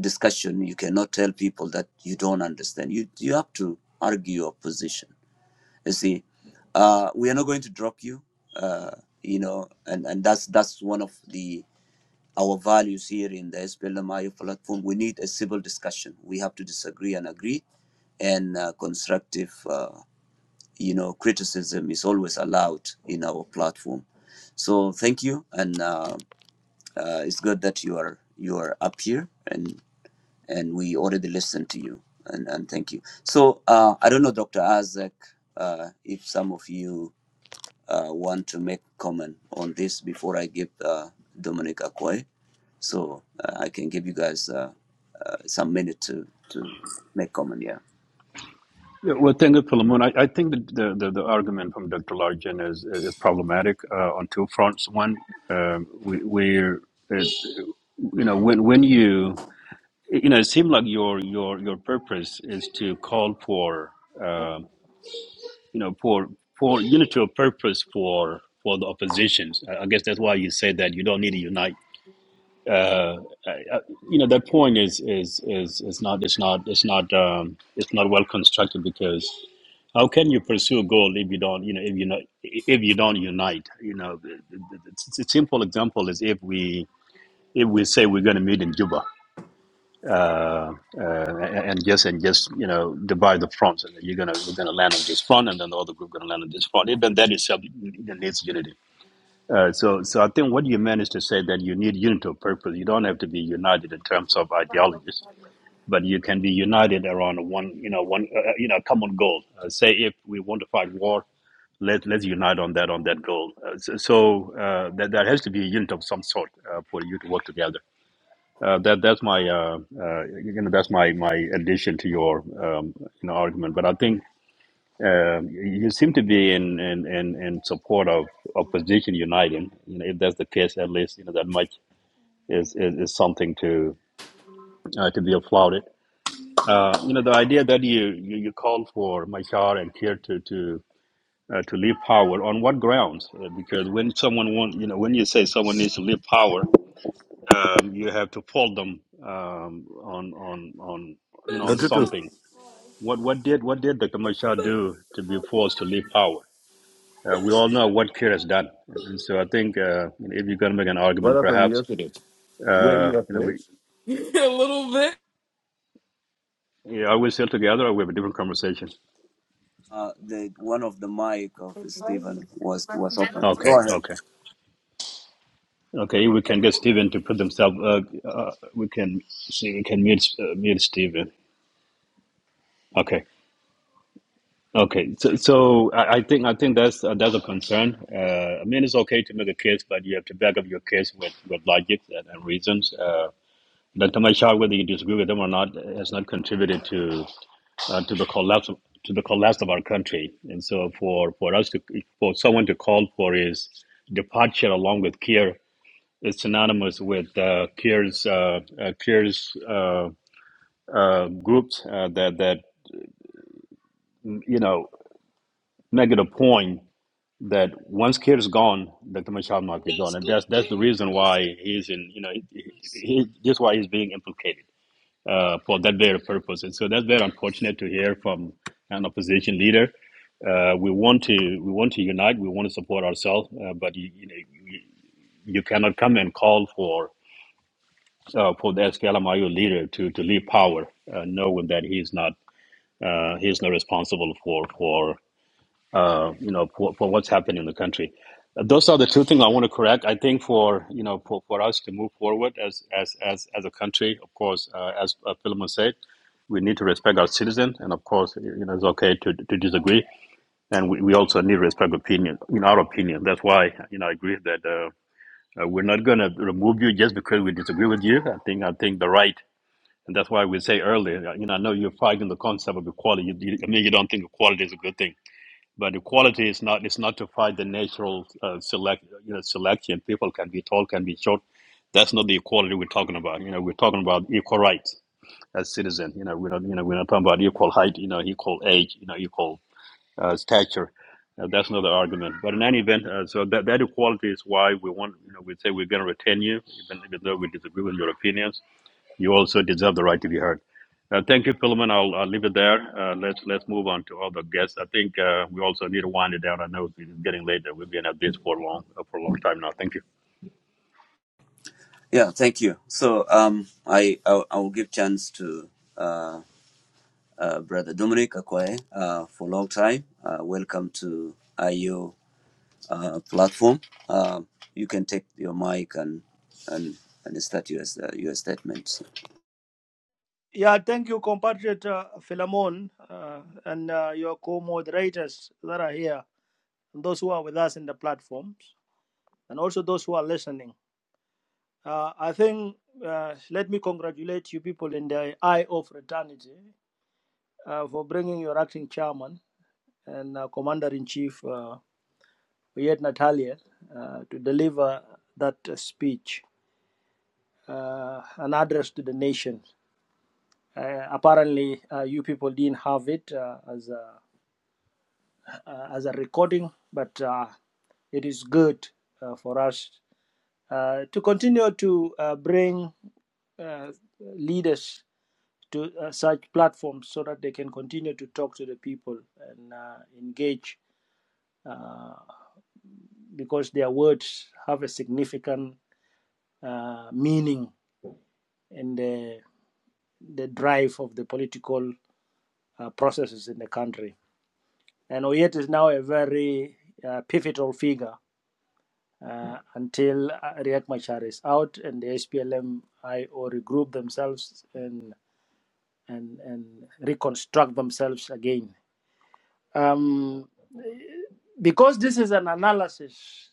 discussion you cannot tell people that you don't understand you you have to argue your position you see uh, we are not going to drop you uh, you know and and that's that's one of the our values here in the SPLMIO platform we need a civil discussion we have to disagree and agree and uh, constructive uh, you know criticism is always allowed in our platform so thank you and uh, uh, it's good that you are you are up here and and we already listened to you and and thank you so uh, i don't know dr isaac uh, if some of you uh, want to make comment on this before i give uh, dominic Akwe, so uh, i can give you guys uh, uh, some minute to to make comment yeah
Yeah, well, thank you, Philemon. I, I think that the, the, the argument from Dr. Largent is, is problematic uh, on two fronts. One, um we, we're, it, you know, when, when you you know, it seems like your your your purpose is to call for uh, you know for for unity of purpose for for the oppositions. I I guess that's why you say that you don't need to unite. Uh, I- I- you know, that point is is is is not it's not it's not um, it's not well constructed because how can you pursue a goal if you don't you know if you not if you don't unite? You know, the, the, the, the simple example is if we if we say we're going to meet in Juba uh, uh, and just and just you know divide the fronts, and you're gonna you are gonna land on this front, and then the other group gonna land on this front. Even that itself needs unity. Uh, so so I think what you managed to say that you need unity of purpose. You don't have to be united in terms of ideologies, but you can be united around one you know one uh, you know common goal. Uh, say if we want to fight war. Let, let's unite on that on that goal. Uh, so so uh, that, there has to be a unit of some sort uh, for you to work together uh, that that's my uh, uh, you know that's my my addition to your um, you know, argument. But I think uh, you seem to be in in, in, in support of opposition uniting. You know, if that's the case, at least you know that much is is, is something to uh, to be applauded. Uh, you know, the idea that you you, you call for Machar and Kiir to to uh, to leave power on what grounds? Uh, because when someone want you know when you say someone needs to leave power, um, you have to fold them um, on on on you know
No,
on
Tutu,
something. What what did what did Dr. Machar do to be forced to leave power? Uh, we all know what Kiir has done, and so I think uh, you know, if you're going to make an
what
argument,
happened
perhaps
yesterday? Were
uh,
you
you know
afraid?
we
a little
yeah, are we still together, or we have a different conversation?
uh, the one of the mic of Stephen was was open.
Okay,
Go ahead.
okay, okay. We can get Stephen to put themselves. Uh, uh, we can see. We can mute uh, mute Stephen. Okay. Okay, so, so I I think I think that's uh, that's a concern. Uh, I mean, it's okay to make a case, but you have to back up your case with, with logic and, and reasons. Uh, Dr. Machar, whether you disagree with them or not, has not contributed to uh, to the collapse of, to the collapse of our country. And so, for, for us to for someone to call for his departure along with Kier is synonymous with uh, Kier's uh, uh, Kier's uh, uh, groups uh, that that you know make it a point that once care is gone, Dr. Machar must is gone, and that's that's the reason why he's in. You know, he, he, just why he's being implicated uh, for that very purpose. And so that's very unfortunate to hear from an opposition leader. Uh, we want to we want to unite. We want to support ourselves, uh, but you, you know you, you cannot come and call for uh, for the SPLMIO leader to to leave power, uh, knowing that he's not uh, he's not responsible for for uh, you know, for, for what's happening in the country. Those are the two things I want to correct. I think for you know for, for us to move forward as as as, as a country, of course, uh, as uh, Philemon said, we need to respect our citizens, and of course, you know, it's okay to to disagree, and we, we also need to respect opinion. In our opinion, that's why you know I agree that uh, uh, we're not going to remove you just because we disagree with you. I think I think the right, and that's why we say earlier. You know, I know you're fighting the concept of equality. You, you, I mean, you don't think equality is a good thing but equality is not is not to fight the natural uh, select you know selection. People can be tall, can be short. That's not the equality we're talking about. You know, we're talking about equal rights as citizens. You know, we're not you know we're not talking about equal height. You know, equal age. You know, equal uh, stature. Uh, that's not the argument. But in any event, uh, so that that equality is why we want. You know, we say we're going to retain you, even even though we disagree with your opinions you also deserve the right to be heard. Uh, thank you, Philemon. I'll, I'll leave it there. Uh, let's let's move on to other guests. I think uh, we also need to wind it down. I know it's getting late. and We've been at this for long uh, for a long time now. Thank you.
Yeah, thank you. So um, I I, I will give chance to uh, uh, Brother Dominic Akwae, uh, for a long time. Uh, welcome to IO uh, platform. Um you can take your mic and and and start your uh, your statement.
Yeah, thank you, compatriot uh, Philemon, uh, and uh, your co-moderators that are here, and those who are with us in the platforms, and also those who are listening. Uh, I think uh, let me congratulate you people in the eye of fraternity uh, for bringing your acting chairman and uh, commander-in-chief uh, Yet Natalia uh, to deliver that uh, speech, uh, an address to the nation. Uh, apparently, uh, you people didn't have it uh, as. Uh, uh, as a recording, but uh, it is good uh, for us uh, to continue to uh, bring uh, leaders to uh, such platforms so that they can continue to talk to the people and uh, engage uh, because their words have a significant uh, meaning in the, the drive of the political uh, processes in the country. And Oyet is now a very uh, pivotal figure uh, until uh, Riek Machar is out and the SPLM IO regroup themselves and, and, and reconstruct themselves again. Um, because this is an analysis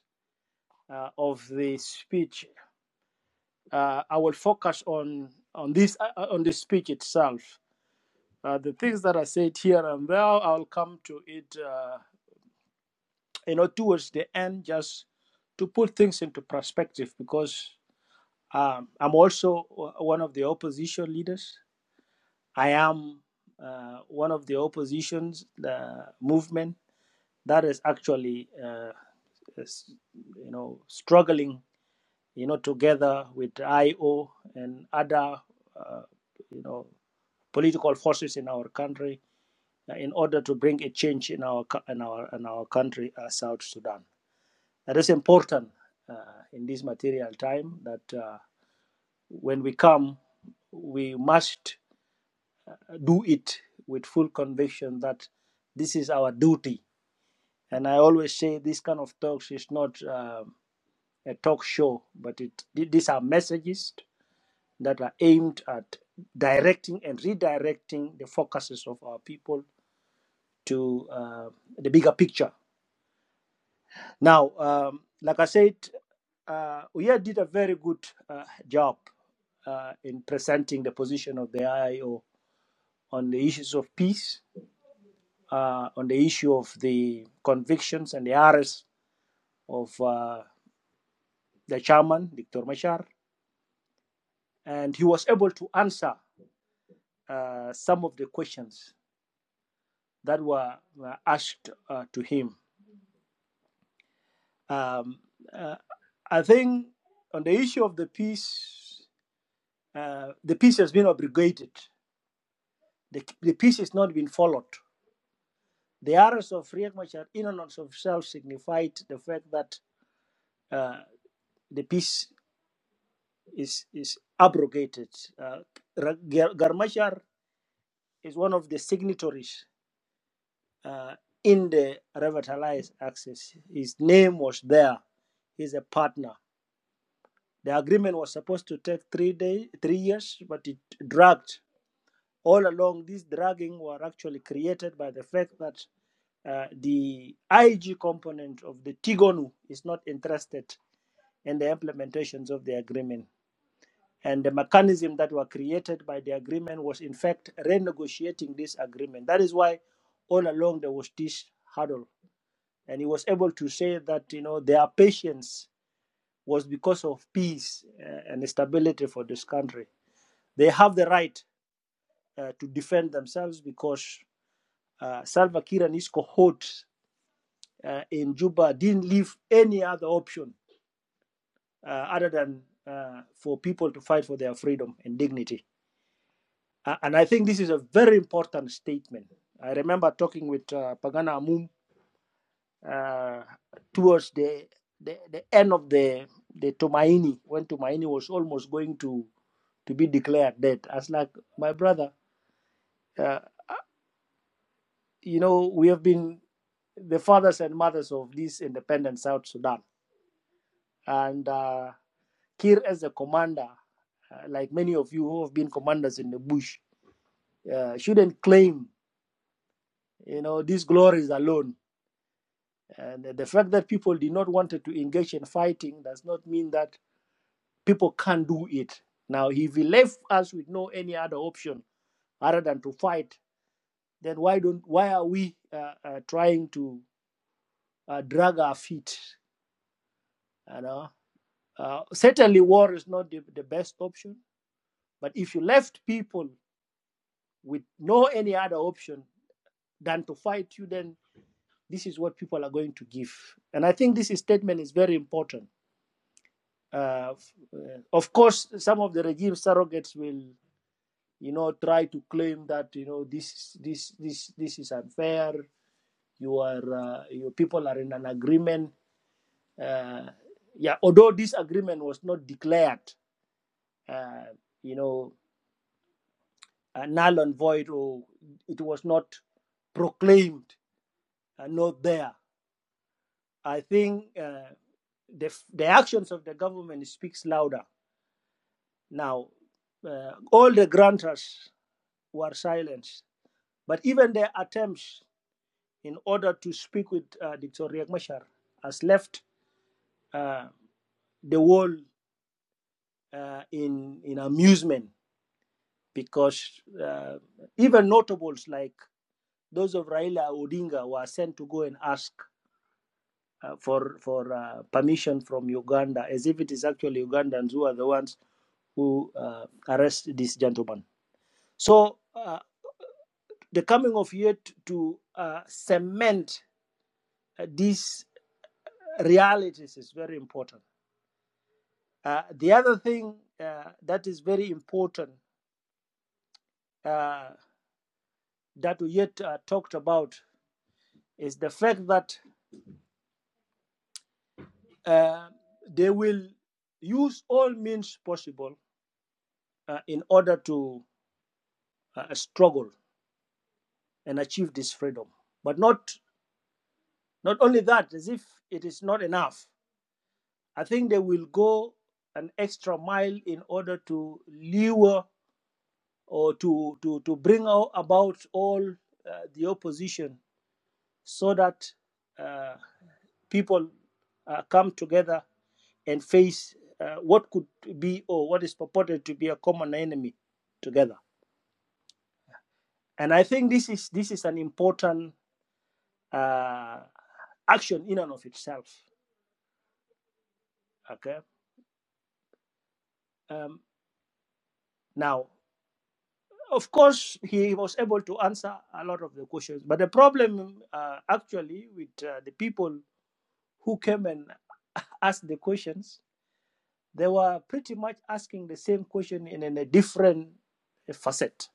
uh, of the speech, uh, I will focus on, on, this, uh, on the speech itself. Uh, the things that are said here and there, I'll come to it. Uh, you know, towards the end, just to put things into perspective, because um, I'm also one of the opposition leaders. I am uh, one of the opposition's uh, movement that is actually, uh, is, you know, struggling, you know, together with IO and other, uh, you know, political forces in our country uh, in order to bring a change in our in our in our country, uh, South Sudan. That is important uh, in this material time that uh, when we come, we must do it with full conviction that this is our duty. And I always say this kind of talks is not um a talk show, but it, these are messages that are aimed at directing and redirecting the focuses of our people to uh, the bigger picture Now, um, like I said, uh, Uyer did a very good uh, job uh, in presenting the position of the IIO on the issues of peace, uh, on the issue of the convictions and the arrests of uh, the chairman, Dr. Machar. And he was able to answer uh, some of the questions that were, were asked uh, to him. Um, uh, I think on the issue of the peace, uh, the peace has been abrogated The, the peace is not being followed. The arrows of Riek Machar in and of itself signified the fact that uh, the peace is, is abrogated. Uh, Garmachar is one of the signatories uh, in the revitalized Axis. His name was there. He's a partner. The agreement was supposed to take three day, three years, but it dragged all along. This dragging were actually created by the fact that uh, the IG component of the Tigonu is not interested in the implementations of the agreement. And the mechanism that were created by the agreement was, in fact, renegotiating this agreement. That is why all along there was this hurdle. And he was able to say that, you know, their patience was because of peace uh, and stability for this country. They have the right uh, to defend themselves because uh, Salva Kiir and his cohorts uh, in Juba didn't leave any other option uh, other than uh, for people to fight for their freedom and dignity. Uh, and I think this is a very important statement. I remember talking with uh, Pagana Amum uh, towards the, the, the end of the, the Tomaini, when Tomaini was almost going to, to be declared dead. I was like, my brother, uh, you know, we have been the fathers and mothers of this independent South Sudan. And uh, Kir as a commander, uh, like many of you who have been commanders in the bush, uh, shouldn't claim you know these glories alone. And the fact that people did not want to engage in fighting does not mean that people can't do it. Now, if he left us with no any other option other than to fight, then why don't why are we uh, uh, trying to uh, drag our feet? You know, uh, certainly war is not the, the best option. But if you left people with no any other option, than to fight you, then this is what people are going to give. And I think this statement is very important. Uh, uh, of course, some of the regime surrogates will, you know, try to claim that you know this this this this is unfair. You are uh, your people are in an agreement. Uh, yeah, although this agreement was not declared, uh, you know, uh, null and void, or it was not proclaimed and not there. I think uh, the the actions of the government speaks louder now. Uh, all the grantors were silenced, but even their attempts in order to speak with uh, Dr. Riek Machar has left uh, the world uh, in in amusement because uh, even notables like those of Raila Odinga were sent to go and ask uh, for for uh, permission from Uganda, as if it is actually Ugandans who are the ones who uh, arrest this gentleman. So uh, the coming of Yet to uh, cement uh, these realities is very important. Uh, the other thing uh, that is very important uh, that Yet uh, talked about is the fact that uh, they will use all means possible uh, in order to uh, struggle and achieve this freedom. But not not only that, as if it is not enough. I think they will go an extra mile in order to lure or to to to bring out about all uh, the opposition, so that uh, people uh, come together and face uh, what could be or what is purported to be a common enemy together. And I think this is this is an important uh, action in and of itself. Okay. Um, now, of course, he was able to answer a lot of the questions, but the problem uh, actually with uh, the people who came and asked the questions, they were pretty much asking the same question in, in a different facet,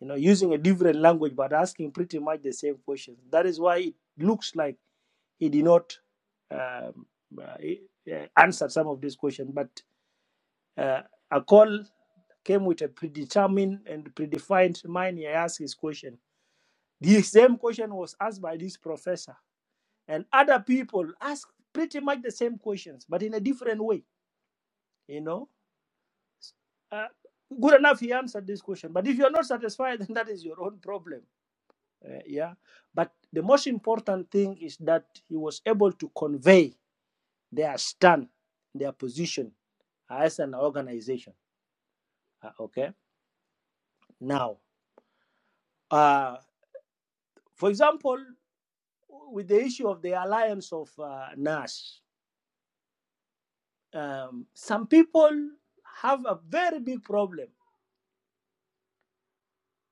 you know, using a different language, but asking pretty much the same questions. That is why it looks like he did not um, uh, uh, answer some of these questions, but Uh, a call came with a predetermined and predefined mind. He asked his question. The same question was asked by this professor, and other people asked pretty much the same questions, but in a different way. You know, uh, good enough he answered this question. But if you're not satisfied, then that is your own problem. Uh, yeah. But the most important thing is that he was able to convey their stand, their position as an organization. Uh, okay. Now, uh, For example, with the issue of the alliance of uh, NAS, um, some people have a very big problem.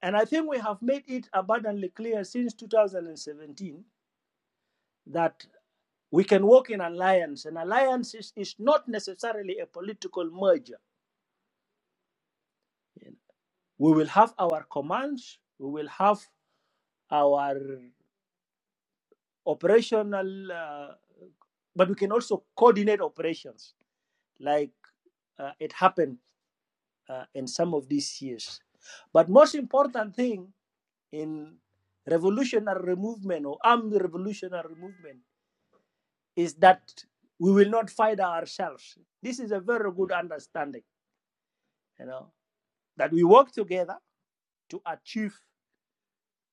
And I think we have made it abundantly clear since 2017 that we can work in alliance. An alliance is, is not necessarily a political merger. We will have our commands, we will have our operational, uh, but we can also coordinate operations like uh, it happened uh, in some of these years. But most important thing in revolutionary movement or armed revolutionary movement is that we will not fight ourselves. This is a very good understanding, you know, that we work together to achieve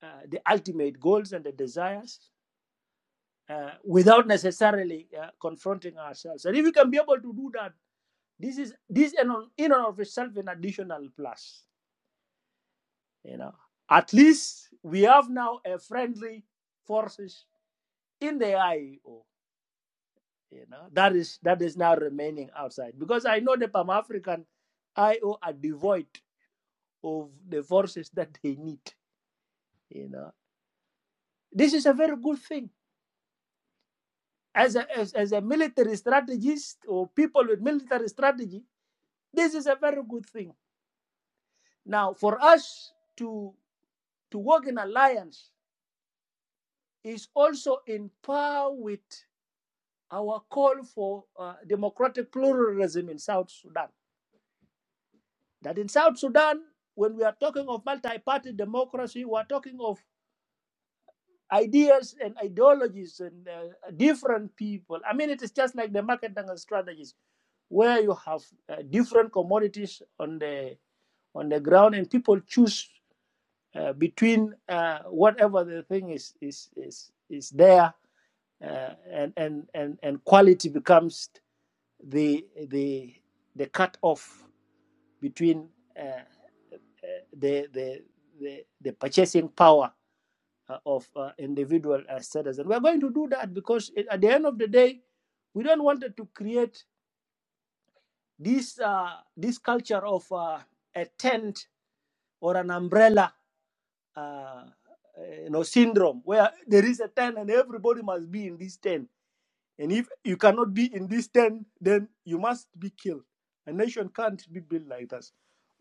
uh, the ultimate goals and the desires uh, without necessarily uh, confronting ourselves. And if we can be able to do that, this is this in, in and of itself an additional plus. You know, at least we have now a friendly forces in the IEO. You know, that is that is now remaining outside because I know the Pan African IO are devoid of the forces that they need. You know, this is a very good thing as a as, as a military strategist or people with military strategy. This is a very good thing. Now, for us to to work in alliance is also in par with our call for uh, democratic pluralism in South Sudan. That in South Sudan, when we are talking of multi party democracy, we are talking of ideas and ideologies and uh, different people. I mean, it is just like the market strategies where you have uh, different commodities on the on the ground and people choose uh, between uh, whatever the thing is is is is there uh, and and and and quality becomes the the the cut off between uh, uh, the, the the the purchasing power uh, of uh, individual uh, citizens. We're going to do that because at the end of the day, we don't want to create this uh, this culture of uh, a tent or an umbrella. Uh, uh, you know, syndrome where there is a tent and everybody must be in this tent And if you cannot be in this tent, then you must be killed. A nation can't be built like that.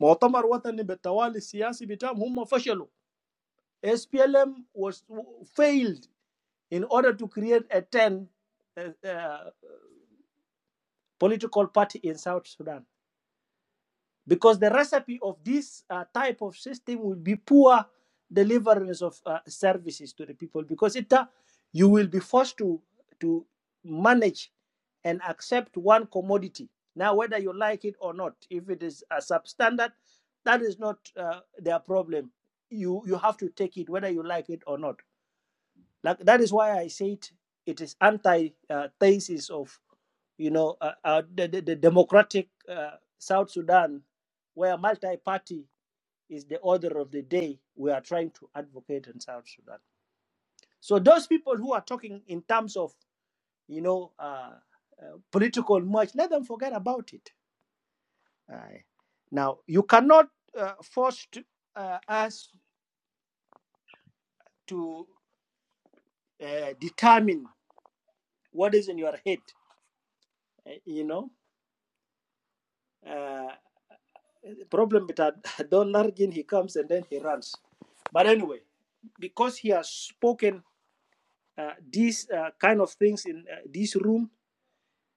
مؤتمر وطني بالتوالي السياسي بتاعهم هم فشلوا. SPLM was failed in order to create a 10 uh, uh, political party in South Sudan. because the recipe of this uh, type of system will be poor deliverance of uh, services to the people because it uh, you will be forced to to manage and accept one commodity now whether you like it or not if it is a substandard that is not uh, their problem you you have to take it whether you like it or not like that is why I said it is anti-thesis uh, of you know uh, uh, the, the, the democratic uh, South Sudan, where multi-party is the order of the day. We are trying to advocate in South Sudan. So those people who are talking in terms of you know uh, uh, political much, let them forget about it. Aye. Now you cannot uh, force uh, us to uh, determine what is in your head. eh, You know. Uh, Problem with that Don Largin, he comes and then he runs. But anyway, because he has spoken uh, these uh, kind of things in uh, this room,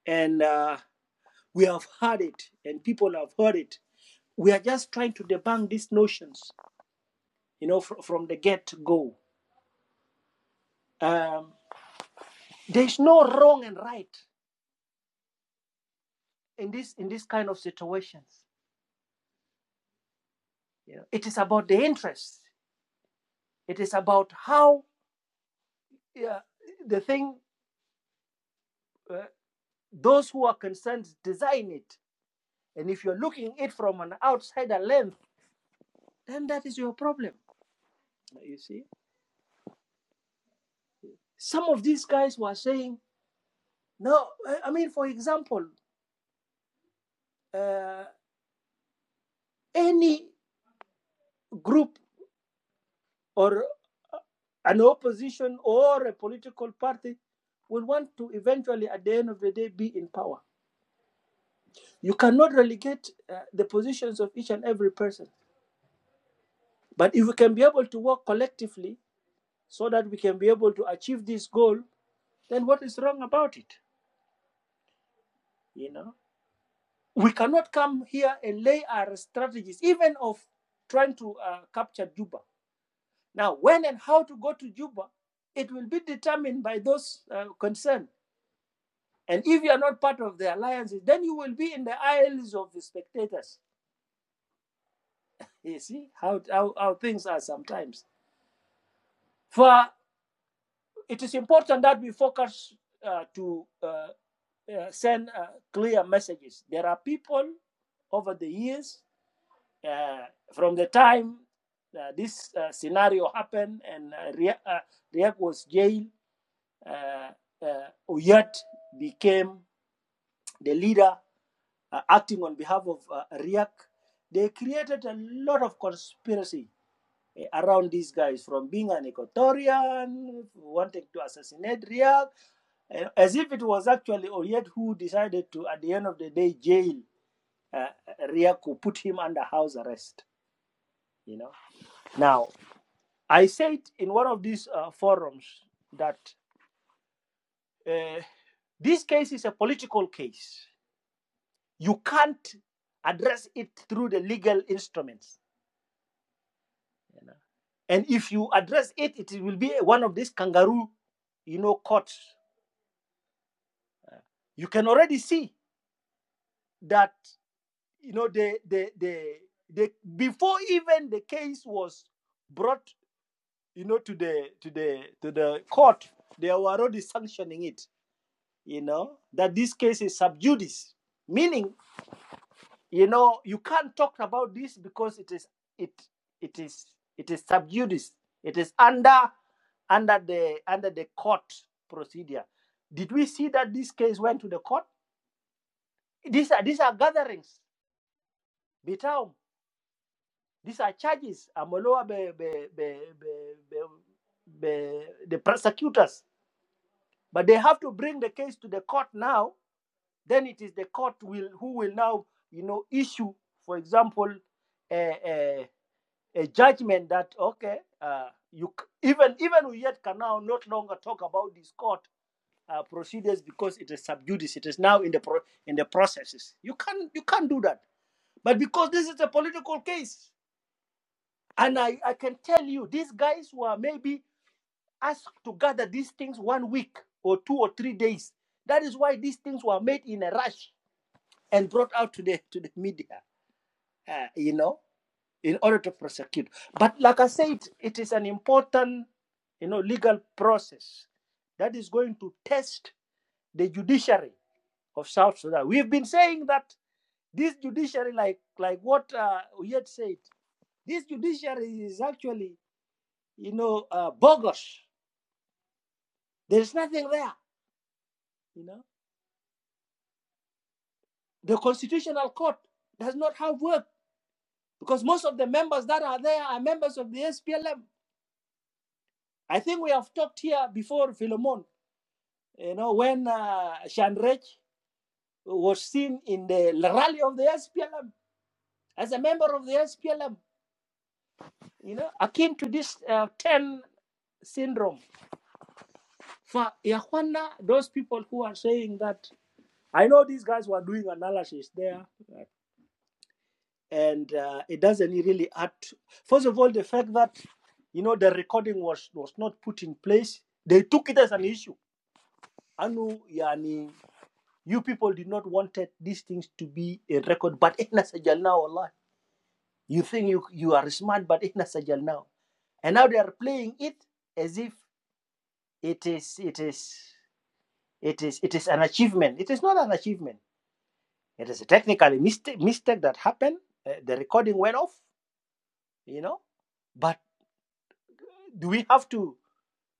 and uh, we have heard it, and people have heard it, we are just trying to debunk these notions, you know, fr- from the get go. Um, there's no wrong and right in this in this kind of situations. You know, it is about the interests. It is about how yeah, the thing uh, those who are concerned design it. And if you're looking at it from an outsider lens, then that is your problem. You see, some of these guys were saying, no, I- I mean, for example, uh, any group or an opposition or a political party will want to eventually, at the end of the day, be in power. You cannot relegate uh, the positions of each and every person. But if we can be able to work collectively so that we can be able to achieve this goal, then what is wrong about it? You know, We cannot come here and lay our strategies, even of trying to uh, capture Juba. Now, when and how to go to Juba, it will be determined by those uh, concerned. And if you are not part of the alliances, then you will be in the aisles of the spectators. You see how, how, how things are sometimes. For it is important that we focus uh, to uh, uh, send uh, clear messages. There are people over the years uh, from the time uh, this uh, scenario happened and uh, Ria- uh, Riek was jailed, uh, uh, Oyet became the leader uh, acting on behalf of uh, Riek. They created a lot of conspiracy eh, around these guys from being an Equatorian, wanting to assassinate Riek, eh, as if it was actually Oyet who decided to, at the end of the day, jail uh, Riek, who put him under house arrest. You know, now I said in one of these uh, forums that uh, this case is a political case. You can't address it through the legal instruments. you know. And if you address it, it will be one of these kangaroo, you know, courts. You can already see that, you know, the the the, the before even the case was brought, you know, to the to the to the court, they were already sanctioning it. you know, that this case is sub judice, meaning, you know, you can't talk about this because it is it it is it is sub judice. It is under under the under the court procedure. Did we see that this case went to the court? These are these are gatherings, bitaum. These are charges. Amoloa be, be, be, be, the prosecutors, but they have to bring the case to the court now then it is the court will who will now you know issue for example a, a, a judgment that okay uh, you even even we yet can now not longer talk about this court uh, procedures because it is sub judice it is now in the pro- in the processes you can you can't do that but because this is a political case and I, I can tell you these guys were maybe asked to gather these things one week or two or three days that is why these things were made in a rush and brought out to the to the media, uh, you know, in order to prosecute. But like I said, it is an important, you know, legal process that is going to test the judiciary of South Sudan. We've been saying that this judiciary, like like what uh, we had said, this judiciary is actually, you know, uh, bogus. There is nothing there, you know. The constitutional court does not have work because most of the members that are there are members of the SPLM I think we have talked here before, Philemon, you know, when uh, Shanrech was seen in the rally of the SPLM as a member of the SPLM, you know, akin to this uh, 10 syndrome. For Yahwana, those people who are saying that, I know these guys were doing analysis there, and uh, it doesn't really add. to- First of all, the fact that, you know, the recording was, was not put in place, they took it as an issue. Anu, yani, You people did not wanted these things to be a record, but ihna sajalna wallah. You think you, you are smart, but ihna sajalna. And now they are playing it as if it is it is it is it is an achievement. It is not an achievement. It is a technical mistake mistake that happened. Uh, the recording went off, you know. But do we have to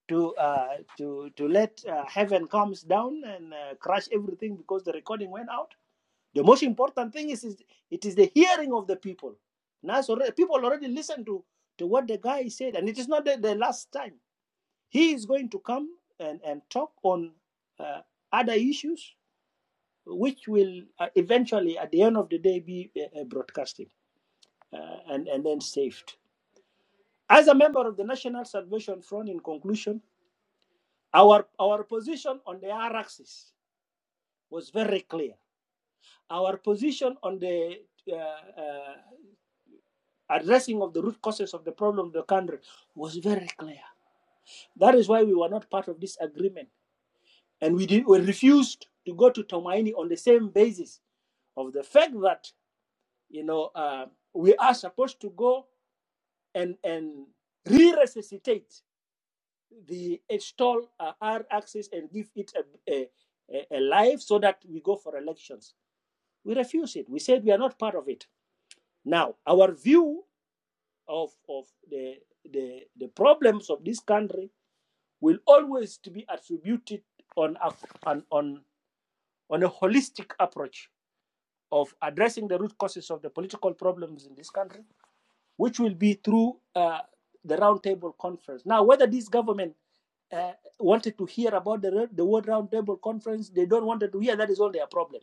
to uh, to to let uh, heaven comes down and uh, crush everything because the recording went out? The most important thing is, is it is the hearing of the people. Now, so people already listen to, to what the guy said, and it is not the, the last time. He is going to come and, and talk on uh, other issues, which will uh, eventually, at the end of the day, be uh, uh, uh, and, and then saved. As a member of the National Salvation Front, in conclusion, our, our position on the R axis was very clear. Our position on the uh, uh, addressing of the root causes of the problem of the country was very clear. That is why we were not part of this agreement. And we, did, we refused to go to Tomaini on the same basis of the fact that, you know, uh, we are supposed to go and, and re-resuscitate the install uh, R-axis and give it a, a a life so that we go for elections. We refuse it. We said we are not part of it. Now, our view of, of the, the, the problems of this country will always to be attributed on a, on, on, on a holistic approach of addressing the root causes of the political problems in this country, which will be through uh, the roundtable conference. Now, whether this government uh, wanted to hear about the, the word roundtable conference, they don't wanted to hear, that is all their problem.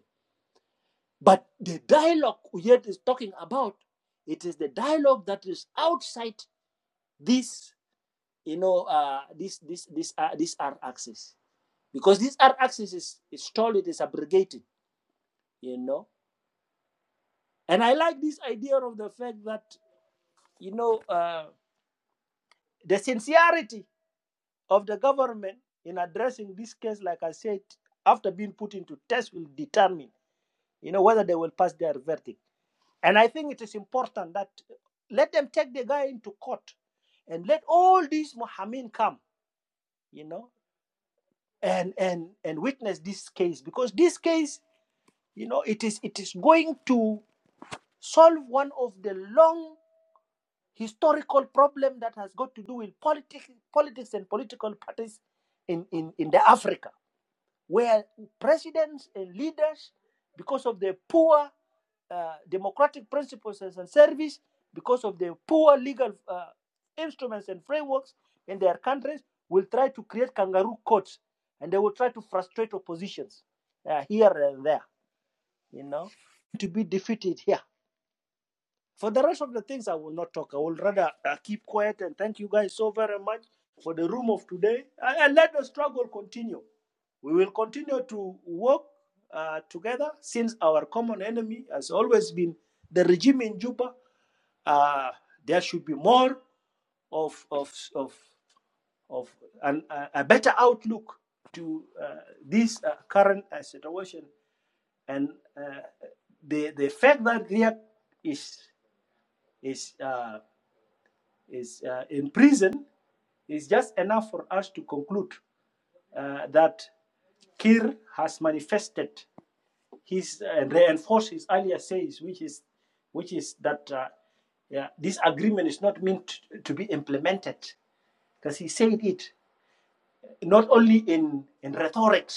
But the dialogue Uyet is talking about, it is the dialogue that is outside this you know, uh, this this this uh, this R axis because this R axis is is told it is abrogated, you know. And I like this idea of the fact that you know uh, the sincerity of the government in addressing this case, like I said, after being put into test, will determine you know whether they will pass their verdict. And I think it is important that let them take the guy into court, and let all these Mohammed come, you know, and and and witness this case because this case you know it is it is going to solve one of the long historical problem that has got to do with politics politics and political parties in in, in the africa where presidents and leaders because of their poor uh, democratic principles and service because of their poor legal uh, instruments and frameworks in their countries will try to create kangaroo courts and they will try to frustrate oppositions uh, here and there you know, to be defeated here. for the rest of the things I will not talk. I will rather uh, keep quiet and thank you guys so very much for the room of today and, and let the struggle continue. We will continue to work uh, together since our common enemy has always been the regime in Juba. Uh, there should be more of of of of an, a a better outlook to uh, this uh, current uh, situation and uh, the the fact that Riek is is uh, is uh, in prison is just enough for us to conclude uh, that Kir has manifested his and uh, reinforced his earlier says, which is which is that uh, yeah, this agreement is not meant to be implemented, because he said it not only in in rhetoric,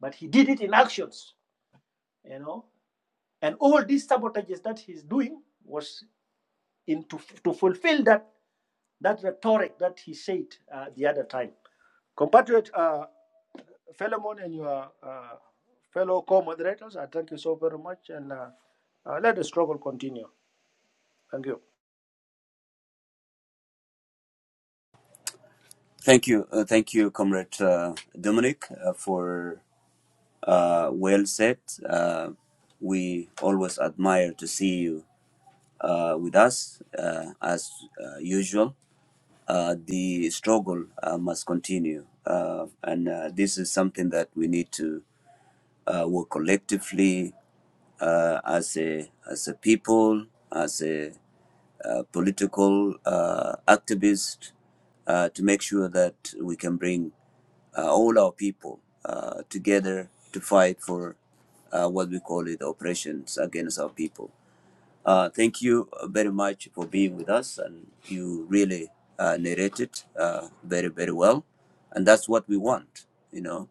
but he did it in actions. You know, and all these sabotages that he's doing was in to, to fulfill that, that rhetoric that he said uh, the other time. Compatriot uh, Philemon and your uh, fellow co moderators, I thank you so very much and uh, uh, let the struggle continue. Thank you.
Thank you, uh, thank you, Comrade uh, Dominic, uh, for uh, well said. Uh, we always admire to see you uh, with us uh, as uh, usual uh, the struggle uh, must continue. Uh, and uh, this is something that we need to uh, work collectively uh, as a as a people, as a uh, political uh, activist, uh, to make sure that we can bring uh, all our people uh, together to fight for uh, what we call it oppressions against our people. Uh, thank you very much for being with us, and you really uh, narrated uh, very very well, and that's what we want. You know,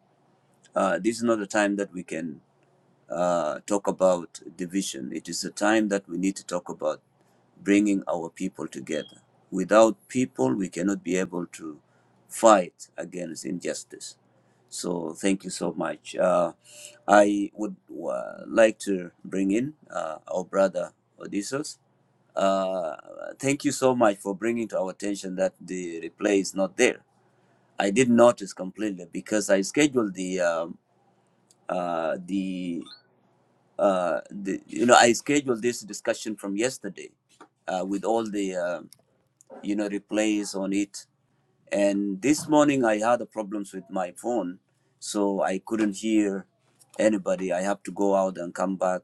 uh, this is not a time that we can uh, talk about division. It is a time that we need to talk about bringing our people together. Without people, we cannot be able to fight against injustice. So thank you so much. Uh, I would uh, like to bring in uh, our brother Odysseus. Uh, thank you so much for bringing to our attention that the replay is not there. I did notice completely because I scheduled the um, uh, the uh, the, you know, I scheduled this discussion from yesterday uh, with all the, uh, you know, replays on it. And this morning I had the problems with my phone, so I couldn't hear anybody. I have to go out and come back,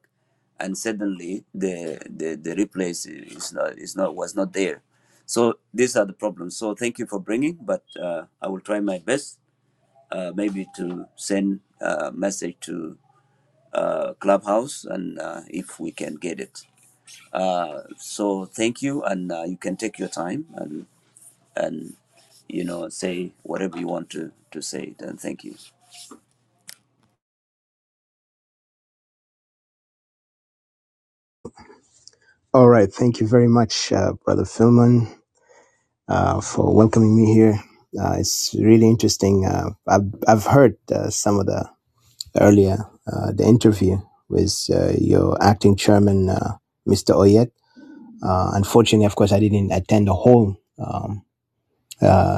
and suddenly the the, the replay is is not is not was not there. So these are the problems. So thank you for bringing, but uh, I will try my best uh, maybe to send a message to uh, Clubhouse and uh, if we can get it. Uh, so thank you, and uh, you can take your time and and you know say whatever you want to to say. and thank you.
All right. Thank you very much, uh, Brother Philman, uh, for welcoming me here. Uh, it's really interesting. Uh, I've, I've heard uh, some of the earlier, uh, the interview with uh, your acting chairman, uh, Mr. Oyet. Uh, unfortunately, of course, I didn't attend the whole um, uh,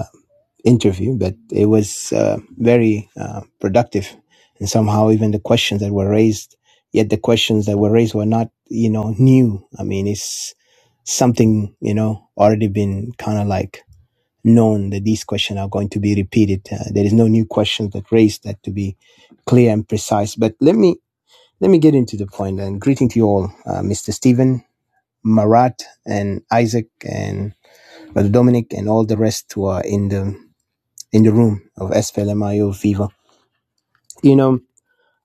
interview, but it was uh, very uh, productive. And somehow, even the questions that were raised, yet the questions that were raised were not, you know, new. I mean, it's something, you know, already been kind of like known that these questions are going to be repeated. Uh, there is no new questions that raised that to be clear and precise. But let me let me get into the point. And greeting to you all, uh, Mr. Stephen, Marat, and Isaac, and Brother Dominic, and all the rest who are in the in the room of SFLMIO Viva. You know,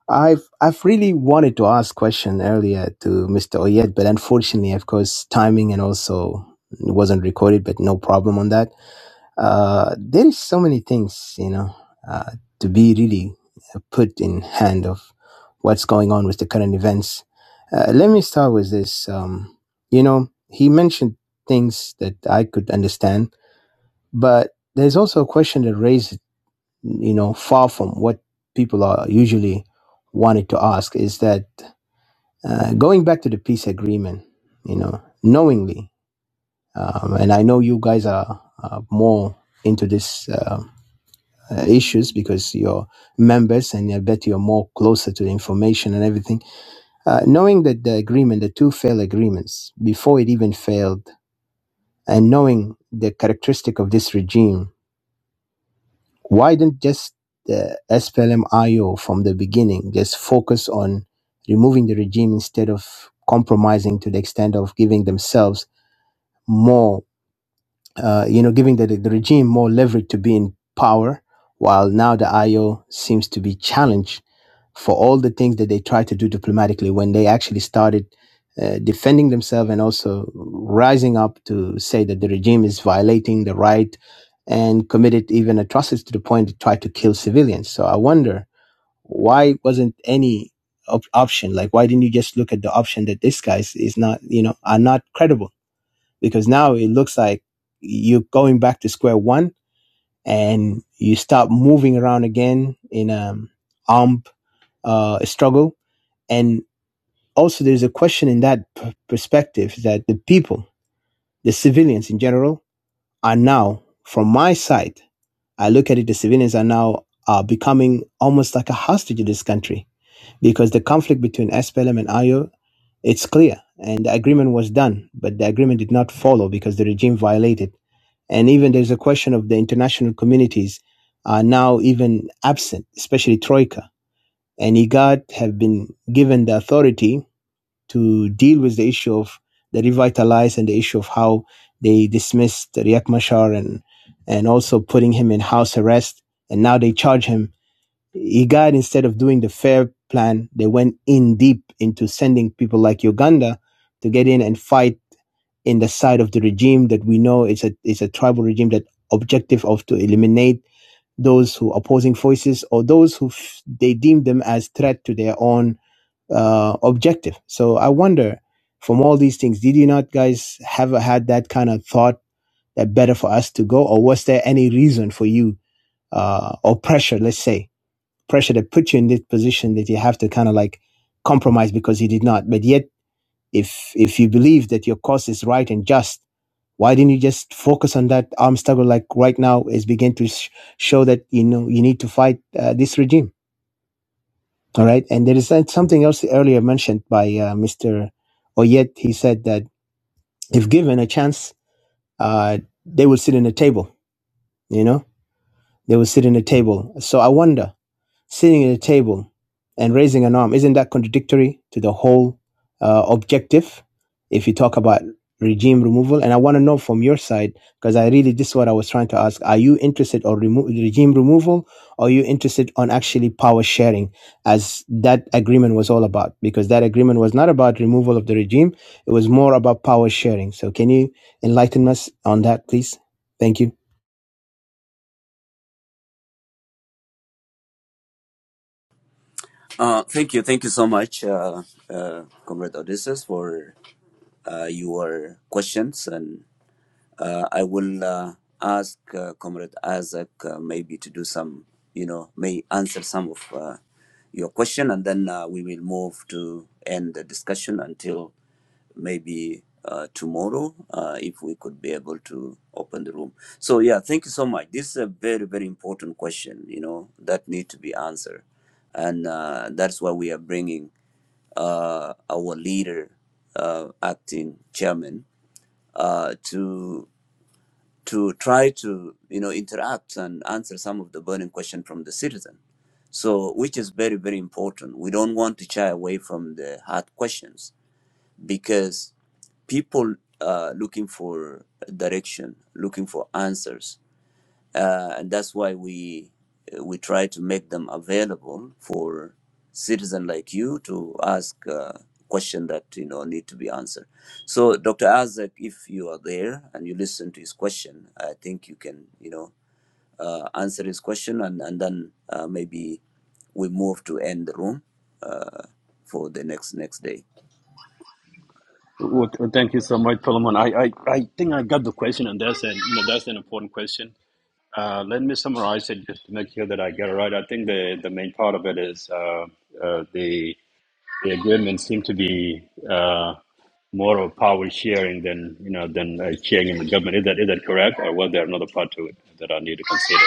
I've I've really wanted to ask question earlier to Mr. Oyet, but unfortunately, of course, timing and also it wasn't recorded, but no problem on that. Uh, there is so many things, you know, uh, to be really put in hand of what's going on with the current events. Uh, let me start with this. Um, you know, he mentioned things that I could understand, but there's also a question that raises you know, far from what people are usually wanted to ask is that uh, going back to the peace agreement, you know, knowingly, um, and I know you guys are uh, more into this uh, uh, issues because you're members and I bet you're more closer to the information and everything. Uh, knowing that the agreement, the two failed agreements, before it even failed, and knowing the characteristic of this regime Why didn't just the SPLM-IO from the beginning just focus on removing the regime instead of compromising to the extent of giving themselves more? uh, you know, giving the, the regime more leverage to be in power, while now the IO seems to be challenged for all the things that they tried to do diplomatically when they actually started uh, defending themselves and also rising up to say that the regime is violating the right and committed even atrocities to the point to try to kill civilians. So I wonder why wasn't any op- option like why didn't you just look at the option that these guys is not you know are not credible because now it looks like you're going back to square one and you start moving around again in a armed uh, struggle. And also, there's a question in that p- perspective that the people, the civilians in general, are now, from my side, I look at it, the civilians are now uh, becoming almost like a hostage of this country because the conflict between SPLM and IO, it's clear, and the agreement was done, but the agreement did not follow because the regime violated. And even there's a question of the international communities are now even absent, especially Troika. And IGAD have been given the authority to deal with the issue of the revitalize and the issue of how they dismissed Riek Machar and, and also putting him in house arrest. And now they charge him he got instead of doing the fair plan, they went in deep into sending people like Uganda to get in and fight in the side of the regime that we know is a is a tribal regime that objective of to eliminate those who are opposing voices or those who f- they deem them as threat to their own uh, objective. So I wonder, from all these things, did you not guys have had that kind of thought that better for us to go, or was there any reason for you uh, or pressure, let's say? pressure that put you in this position that you have to kind of like compromise because he did not. But yet, if if you believe that your cause is right and just, why didn't you just focus on that armed struggle? Like right now, is begin to sh- show that you know you need to fight uh, this regime. All right, and there is uh, something else earlier mentioned by uh, Mister Oyet. He said that if given a chance, uh, they will sit in a table. You know, they will sit in a table. So I wonder sitting at a table and raising an arm, isn't that contradictory to the whole uh, objective if you talk about regime removal? And I want to know from your side, because I really, this is what I was trying to ask. Are you interested or remo- regime removal? Or are you interested on actually power sharing as that agreement was all about? Because that agreement was not about removal of the regime. It was more about power sharing. So can you enlighten us on that, please? Thank you.
Uh, thank you, thank you so much, uh, uh, Comrade Odysseus, for uh, your questions and. Uh, I will uh, ask uh, Comrade Isaac uh, maybe to do some, you know, may answer some of uh, your question, and then uh, we will move to end the discussion until maybe uh, tomorrow, uh, if we could be able to open the room. So yeah, thank you so much. This is a very very important question, you know, that need to be answered, and uh, that's why we are bringing uh, our leader, uh, acting chairman, uh, to to try to you know interact and answer some of the burning question from the citizen so which is very very important we don't want to shy away from the hard questions because people are looking for direction looking for answers uh, and that's why we uh, we try to make them available for citizen like you to ask uh, question that you know need to be answered. So, Dr. Azak, if you are there and you listen to his question, I think you can you know uh, answer his question, and and then uh, maybe we move to end the room uh, for the next next day.
Well, th- thank you so much, Philemon. I, I, I think I got the question, and that's an, you know, that's an important question. Uh, let me summarize it just to make sure that I get it right. I think the, the main part of it is uh, uh, the the agreement seemed to be uh, more of power sharing than you know than uh, sharing in the government. Is that is that correct, or was there another part to it that I need to consider?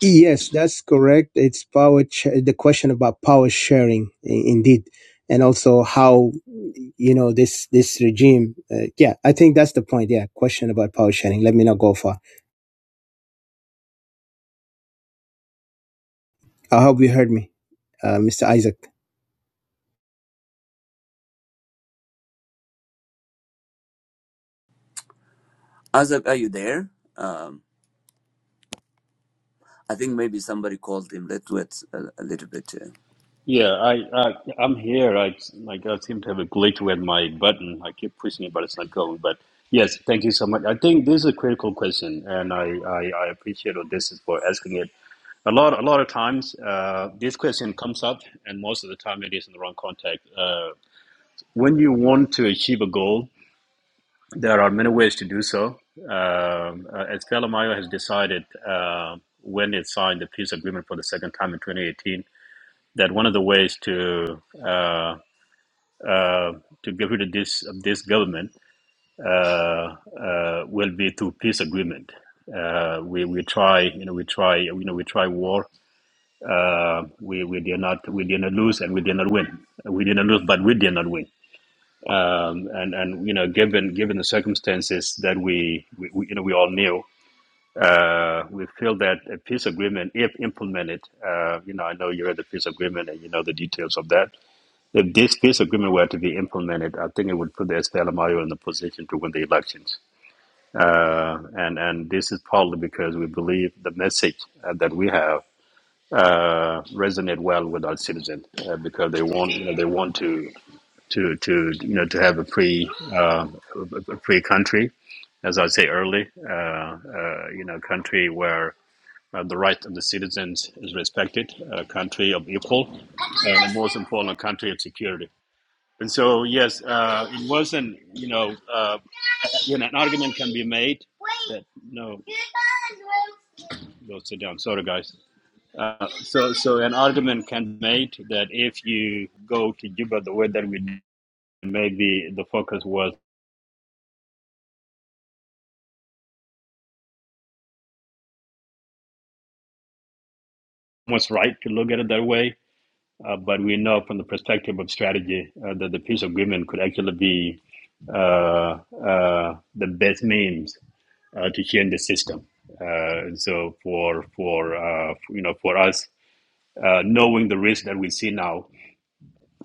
Yes, that's correct. It's power. Ch- the question about power sharing, i- indeed, and also how you know this this regime. Uh, yeah, I think that's the point. Yeah, question about power sharing. Let me not go far. I hope you heard me, uh, Mr. Isaac.
Azak, are you there? Um, I think maybe somebody called him. Let's wait a, a little bit. uh,
Yeah, I, I I'm here. I like I seem to have a glitch with my button. I keep pushing it, but it's not going. But yes, thank you so much. I think this is a critical question, and I I, I appreciate Odysseus for asking it. A lot a lot of times, uh, this question comes up, and most of the time it is in the wrong context. Uh, when you want to achieve a goal, There are many ways to do so. Um, uh, as Calamayo has decided uh, when it signed the peace agreement for the second time in 2018, that one of the ways to uh, uh, to get rid of this of this government uh, uh, will be through peace agreement. Uh, we, we try you know we try you know we try war. Uh, we we did not we did not lose and we did not win. We did not lose, but we did not win um, and and you know given given the circumstances that we, we, we you know we all knew uh, we feel that a peace agreement if implemented uh, you know I know you read the peace agreement and you know the details of that if this peace agreement were to be implemented I think it would put the Estelamayo in the position to win the elections uh, and and this is partly because we believe the message uh, that we have uh, resonate well with our citizens uh, because they want you know they want to to to you know to have a free uh, a free country, as I say early, uh, uh, you know, country where uh, the right of the citizens is respected, a country of equal, and most important, a country of security. And so, yes, uh, it wasn't you know uh, you know an argument can be made that no, go sit down. Sorry, guys. Uh, so, so an argument can be made that if you go to Juba the way that we did, maybe the focus was was right to look at it that way. Uh, but we know from the perspective of strategy uh, that the peace agreement could actually be uh, uh, the best means uh, to change the system. Uh, so for for uh, you know for us, uh, knowing the risk that we see now,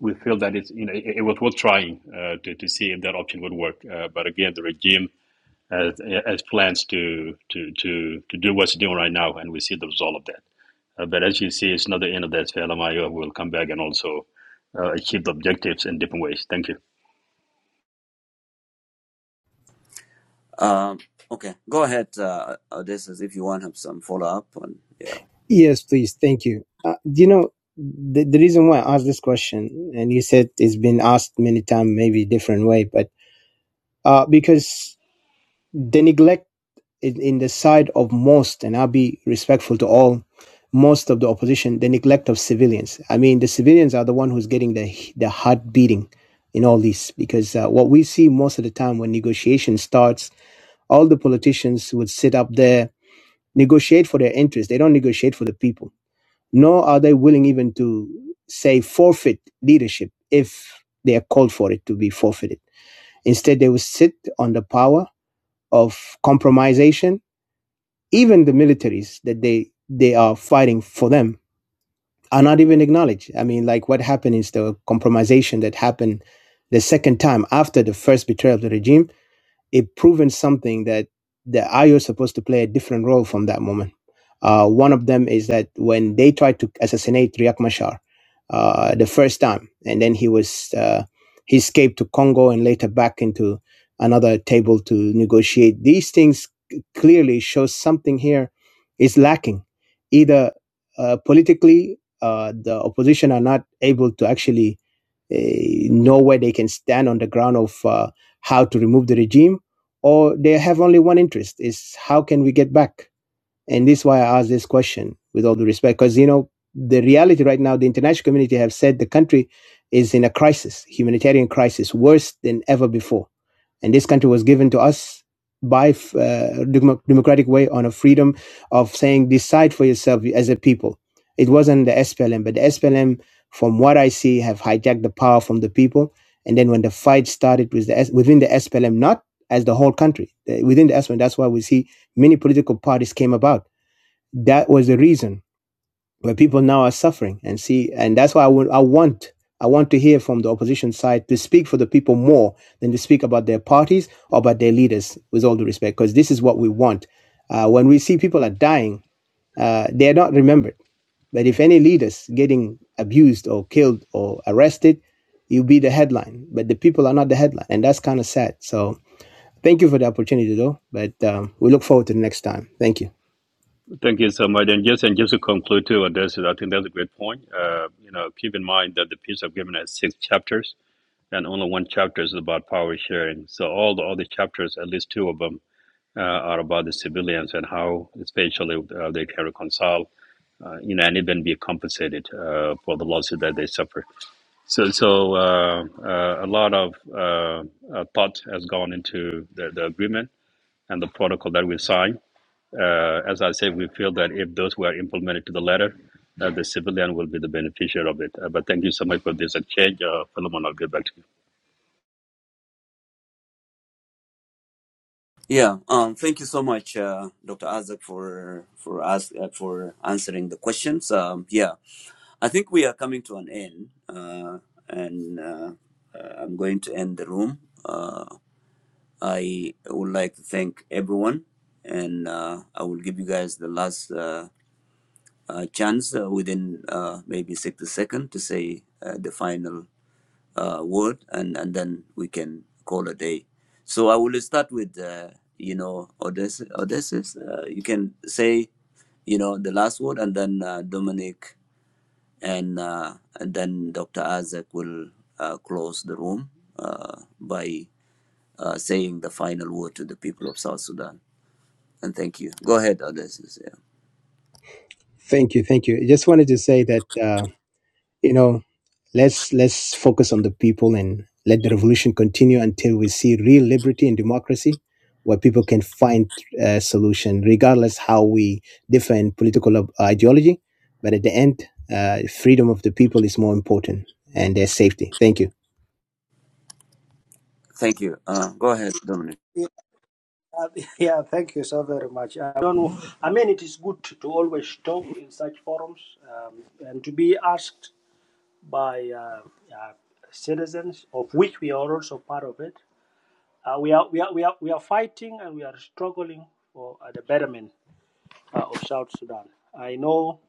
we feel that it's you know it, it was worth trying uh, to to see if that option would work. Uh, but again, the regime has, has plans to to to to do what's doing right now, and we see the result of that. Uh, but as you see, it's not the end of that. SPLMIO. will come back and also uh, achieve the objectives in different ways. Thank you.
Um, okay, go ahead, uh, Odysseus, if you want to have some follow up on yeah.
Yes, please. Thank you. Uh, you know the the reason why I asked this question, and you said it's been asked many times, maybe different way, but uh, because the neglect in, in the side of most, and I'll be respectful to all, most of the opposition, the neglect of civilians. I mean, the civilians are the one who's getting the the heart beating in all this because uh, what we see most of the time when negotiation starts, all the politicians would sit up there negotiate for their interests. They don't negotiate for the people. Nor are they willing even to say forfeit leadership if they are called for it to be forfeited. Instead, they will sit on the power of compromisation even the militaries that they they are fighting for them are not even acknowledged. I mean, like what happened is the compromisation that happened the second time after the first betrayal of the regime it proven something that the IO is supposed to play a different role from that moment. Uh, one of them is that when they tried to assassinate Riek Machar uh, the first time, and then he was uh, he escaped to Congo and later back into another table to negotiate. These things c- clearly show something here is lacking. Either uh, politically, uh, the opposition are not able to actually eh, know where they can stand on the ground of uh, how to remove the regime, or they have only one interest: is how can we get back? And this is why I ask this question with all the respect, because you know the reality right now, the international community have said the country is in a crisis, humanitarian crisis, worse than ever before and this country was given to us by uh, democratic way on a freedom of saying decide for yourself as a people. It wasn't the SPLM, but the SPLM, from what I see, have hijacked the power from the people. And then when the fight started with the within the SPLM, not as the whole country uh, within the SPLM, that's why we see many political parties came about. That was the reason but people now are suffering and see and that's why I would- I want i want to hear from the opposition side to speak for the people more than to speak about their parties or about their leaders with all due respect because this is what we want uh, when we see people are dying uh, they're not remembered but if any leaders getting abused or killed or arrested you'll be the headline but the people are not the headline and that's kind of sad so thank you for the opportunity though but um, we look forward to the next time thank you
Thank you so much. And just, and just to conclude, too, and this is, I think that's a great point. Uh, you know, keep in mind that the piece of given has six chapters, and only one chapter is about power sharing. So all the other chapters, at least two of them, uh, are about the civilians and how spatially uh, they can reconcile, uh, you know, and even be compensated uh, for the losses that they suffer. So, so uh, uh, a lot of uh, uh, thought has gone into the, the agreement and the protocol that we signed. Uh, as I said, we feel that if those were implemented to the letter, uh, the civilian will be the beneficiary of it. Uh, but thank you so much for this exchange, uh, Philemon. I'll get back to you.
Yeah, um, thank you so much, uh, Dr. Isaac, for for us uh, for answering the questions. Um, yeah, I think we are coming to an end, uh, and uh, uh, I'm going to end the room. Uh, I would like to thank everyone, and uh, I will give you guys the last uh, uh, chance uh, within uh, maybe 60 seconds to say uh, the final uh, word, and, and then we can call a day. So I will start with, uh, you know, Odysseus. Odysseus. Uh, you can say, you know, the last word, and then uh, Dominic and uh, and then Dr. Isaac will uh, close the room uh, by uh, saying the final word to the people of South Sudan. And thank you. Go ahead, Odysseus. Yeah.
Thank you, thank you. I just wanted to say that uh, you know let's let's focus on the people and let the revolution continue until we see real liberty and democracy, where people can find a solution, regardless how we differ in political ob- uh, ideology. But at the end, uh, freedom of the people is more important and their safety. Thank you.
Thank you. Uh, go ahead, Dominic.
Yeah, yeah, thank you so very much. I don't know. I mean, it is good to always talk in such forums um, and to be asked by uh, uh, citizens, of which we are also part of it. Uh, we, are, we, are, we, are, we are fighting and we are struggling for uh, the betterment uh, of South Sudan. I know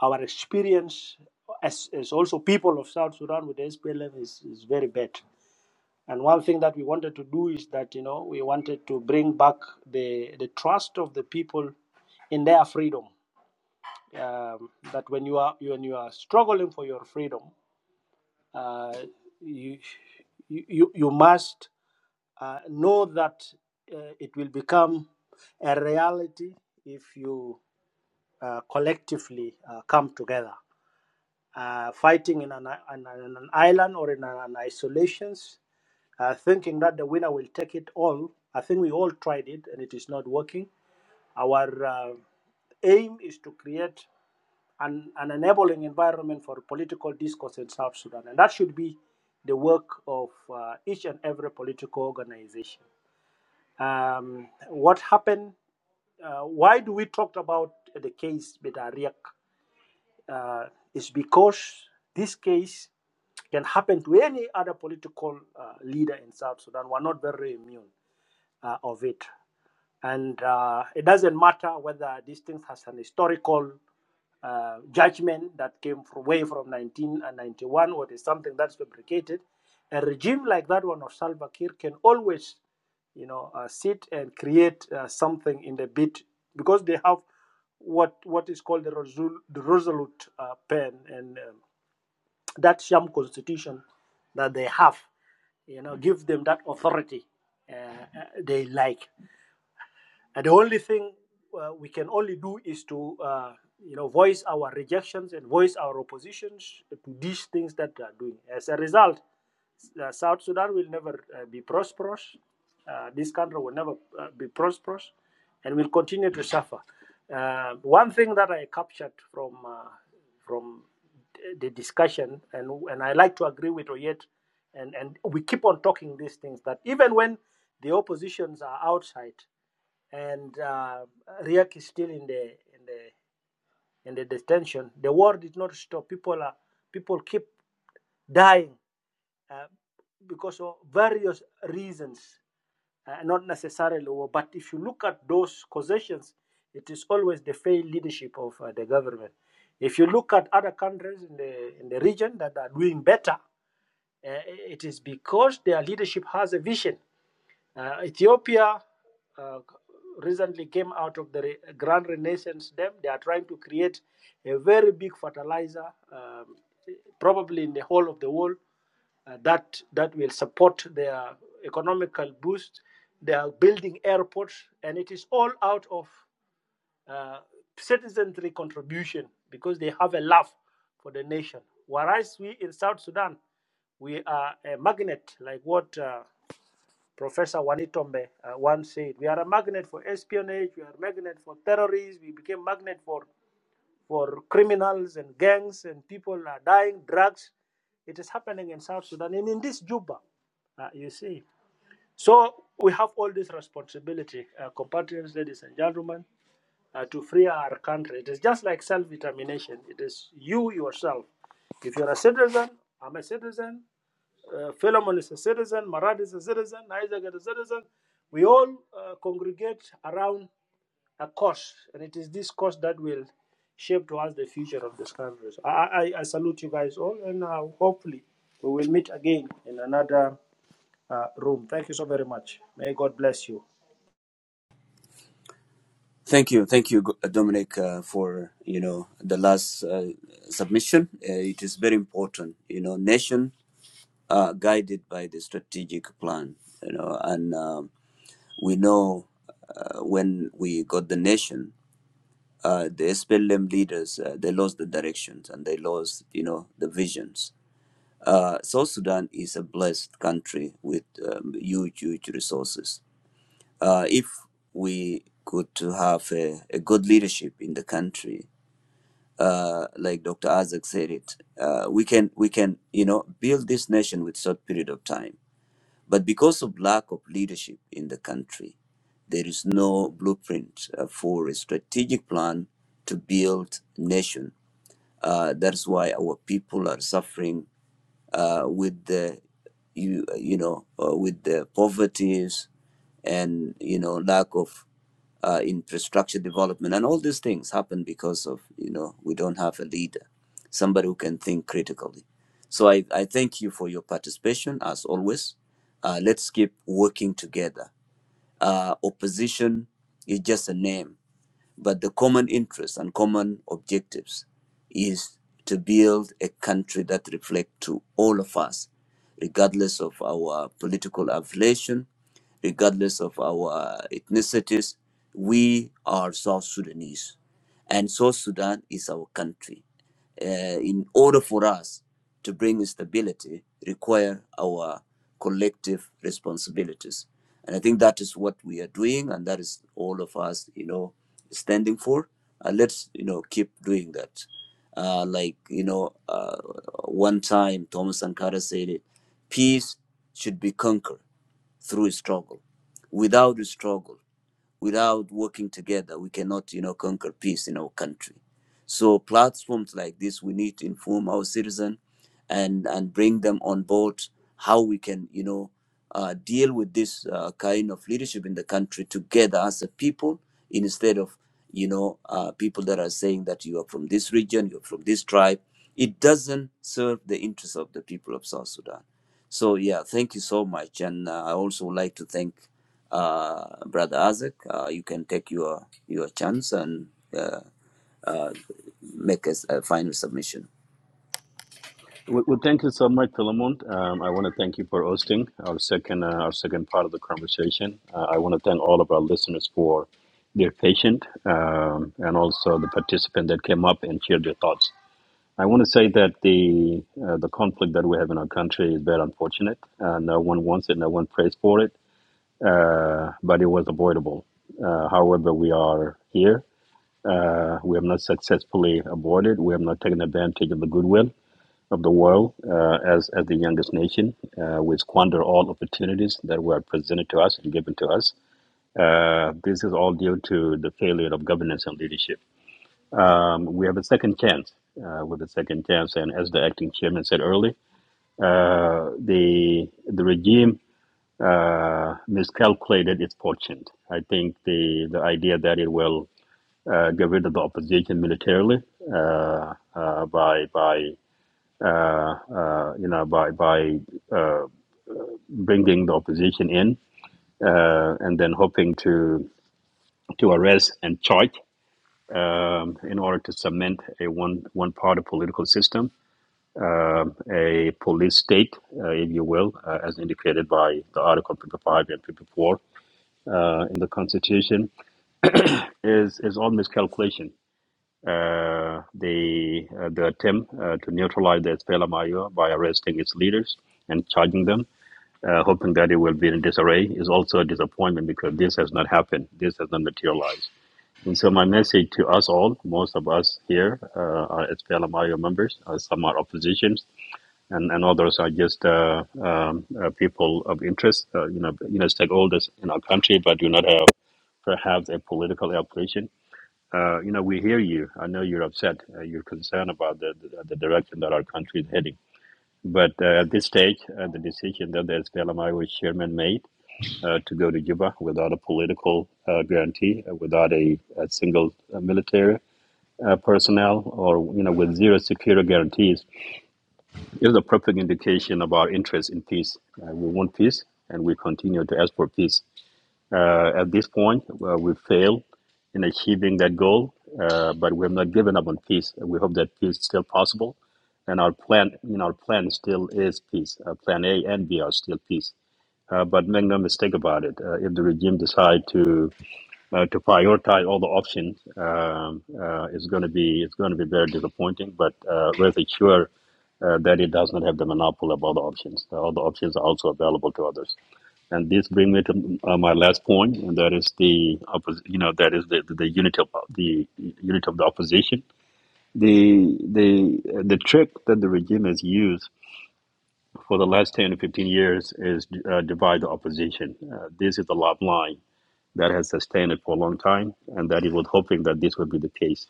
our experience as, as also people of South Sudan with the SPLM is, is very bad. And one thing that we wanted to do is that, you know, we wanted to bring back the, the trust of the people in their freedom. Um, that when you are when you are struggling for your freedom, uh, you, you you you must Uh, know that uh, it will become a reality if you uh, collectively uh, come together. Uh, fighting in an, an, an island or in an isolations, uh, thinking that the winner will take it all. I think we all tried it and it is not working. Our uh, aim is to create an, an enabling environment for political discourse in South Sudan, and that should be the work of uh, each and every political organization um, what happened, uh, why do we talk about the case with Ariak? Uh, is because this case can happen to any other political uh, leader in South Sudan. We're not very immune uh, of it. And uh, it doesn't matter whether this thing has an historical uh, judgment that came from way from 1991 or there's something that's fabricated. A regime like that one of Salva Kiir can always, you know, uh, sit and create uh, something in the bit because they have what what is called the, resol- the resolute uh, pen and um, that sham constitution that they have, you know, give them that authority uh, uh, they like. And the only thing uh, we can only do is to, uh, you know, voice our rejections and voice our oppositions to these things that they are doing. As a result, uh, South Sudan will never uh, be prosperous. Uh, this country will never uh, be prosperous, and will continue to suffer. Uh, one thing that I captured from uh, from the discussion, and and I like to agree with Oyet, and and we keep on talking these things that even when the oppositions are outside, and uh, Riek is still in the in the in the detention. The war did not stop. People are people keep dying uh, because of various reasons, uh, not necessarily war. But if you look at those causations, it is always the failed leadership of uh, the government. If you look at other countries in the in the region that are doing better, uh, it is because their leadership has a vision uh, Ethiopia uh, recently came out of the Grand Renaissance Dam. They are trying to create a very big fertilizer, um, probably in the whole of the world, uh, that that will support their economical boost. They are building airports, and it is all out of uh, citizenry contribution because they have a love for the nation. Whereas we in South Sudan, we are a magnet, like what. Uh, Professor Wanitombe uh, once said, "We are a magnet for espionage. We are a magnet for terrorists. We became magnet for for criminals and gangs, and people are dying. Drugs. It is happening in South Sudan and in this Juba. Uh, you see. So we have all this responsibility, uh, compatriots, ladies and gentlemen uh, to free our country. It is just like self determination. It is you yourself. If you're a citizen, I'm a citizen, uh, Philemon is a citizen, Marad is a citizen, Isaac is a citizen. We all uh, congregate around a cause, and it is this cause that will shape towards the future of this country. So I, I, I salute you guys all, and uh, hopefully we will meet again in another uh, room. Thank you so very much. May God bless you.
Thank you, thank you, Go- uh, Dominic, uh, for you know the last uh, submission. Uh, it is very important, you know, nation uh, guided by the strategic plan, you know, and um, we know uh, when we got the nation, uh, the SPLM leaders uh, they lost the directions and they lost, you know, the visions. Uh, South Sudan is a blessed country with um, huge, huge resources uh, if we could to have a, a good leadership in the country, uh, like Dr. Azak said it, uh, we can we can you know build this nation with short period of time. But because of lack of leadership in the country, there is no blueprint uh, for a strategic plan to build nation uh, that's why our people are suffering uh, with the you you know uh, with the poverties and you know lack of uh, infrastructure development and all these things happen because of you know we don't have a leader somebody who can think critically so i, I thank you for your participation as always uh, let's keep working together uh, opposition is just a name, but the common interests and common objectives is to build a country that reflects to all of us, regardless of our political affiliation, regardless of our ethnicities. We are South Sudanese, and South Sudan is our country uh, in order for us to bring stability require our collective responsibilities and i think that is what we are doing and that is all of us you know standing for uh, let's you know keep doing that uh, like you know uh, one time thomas sankara said it peace should be conquered through struggle without struggle without working together we cannot you know conquer peace in our country so platforms like this, we need to inform our citizen and and bring them on board how we can, you know, uh, deal with this uh, kind of leadership in the country together as a people, instead of you know uh, people that are saying that you are from this region, you're from this tribe. It doesn't serve the interests of the people of South Sudan. So yeah, thank you so much, and uh, I also would like to thank uh, Brother Isaac. Uh, you can take your your chance and. Uh, uh, make us a final submission.
Well, well thank you so much, Philemon. Um, I want to thank you for hosting our second uh, our second part of the conversation. Uh, I want to thank all of our listeners for their patience um, and also the participant that came up and shared their thoughts. I want to say that the uh, the conflict that we have in our country is very unfortunate. Uh, no one wants it, no one prays for it, uh, but it was avoidable. Uh, however, we are here. Uh, we have not successfully avoided. We have not taken advantage of the goodwill of the world uh, as as the youngest nation. Uh, we squander all opportunities that were presented to us and given to us. Uh, this is all due to the failure of governance and leadership. Um, we have a second chance uh, with a second chance, and as the acting chairman said earlier, uh, the the regime uh, miscalculated its fortune. I think the the idea that it will uh, get rid of the opposition militarily uh, uh, by by uh, uh, you know by by uh, bringing the opposition in uh, and then hoping to to arrest and charge um, in order to cement a one one party political system um a police state, uh, if you will, uh, as indicated by the Article 55 and 54 uh, in the Constitution, is is all miscalculation. Uh, the uh, the attempt uh, to neutralize the SPLM-IO by arresting its leaders and charging them, uh, hoping that it will be in disarray, is also a disappointment because this has not happened. This has not materialized. And so my message to us all, most of us here uh, are SPLM-IO members, uh, some are opposition, and, and others are just uh, um, uh, people of interest, uh, you know, you know, stakeholders in our country, but do not have perhaps a political application. Uh, you know, we hear you. I know you're upset. Uh, you're concerned about the, the, the direction that our country is heading. But uh, at this stage, uh, the decision that the SPLMIO chairman made uh, to go to Juba without a political uh, guarantee, uh, without a, a single uh, military uh, personnel, or you know, with zero security guarantees, it's a perfect indication of our interest in peace. Uh, we want peace, and we continue to ask for peace. Uh, at this point, uh, we fail in achieving that goal, uh, but we have not given up on peace. We hope that peace is still possible, and our plan, you know, our plan still is peace. Uh, plan A and B are still peace. Uh, but make no mistake about it. Uh, if the regime decide to uh, to prioritize all the options um, uh, is going to be it's going to be very disappointing. But uh, rest assured uh, that it does not have the monopoly of all the options. Uh, All the options are also available to others. And this brings me to uh, my last point, and that is the oppos- you know that is the, the, the unity of the unity of the opposition. The the the trick that the regime has used for the last ten to fifteen years is uh, divide the opposition. Uh, this is the love line that has sustained it for a long time, and that he was hoping that this would be the case.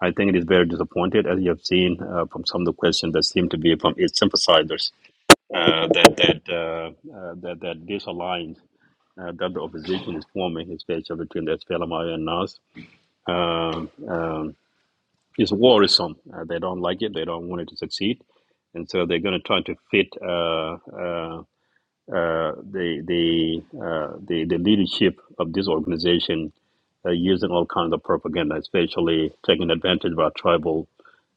I think it is very disappointed, as you have seen uh, from some of the questions that seem to be from its sympathizers, uh, that that uh, uh, that that this alliance uh, that the opposition is forming, especially between the SPLMIO and NAS, um, um, is worrisome. Uh, they don't like it. They don't want it to succeed, and so they're going to try to fit uh, uh, uh, the the, uh, the the leadership of this organization uh, using all kinds of propaganda, especially taking advantage of our tribal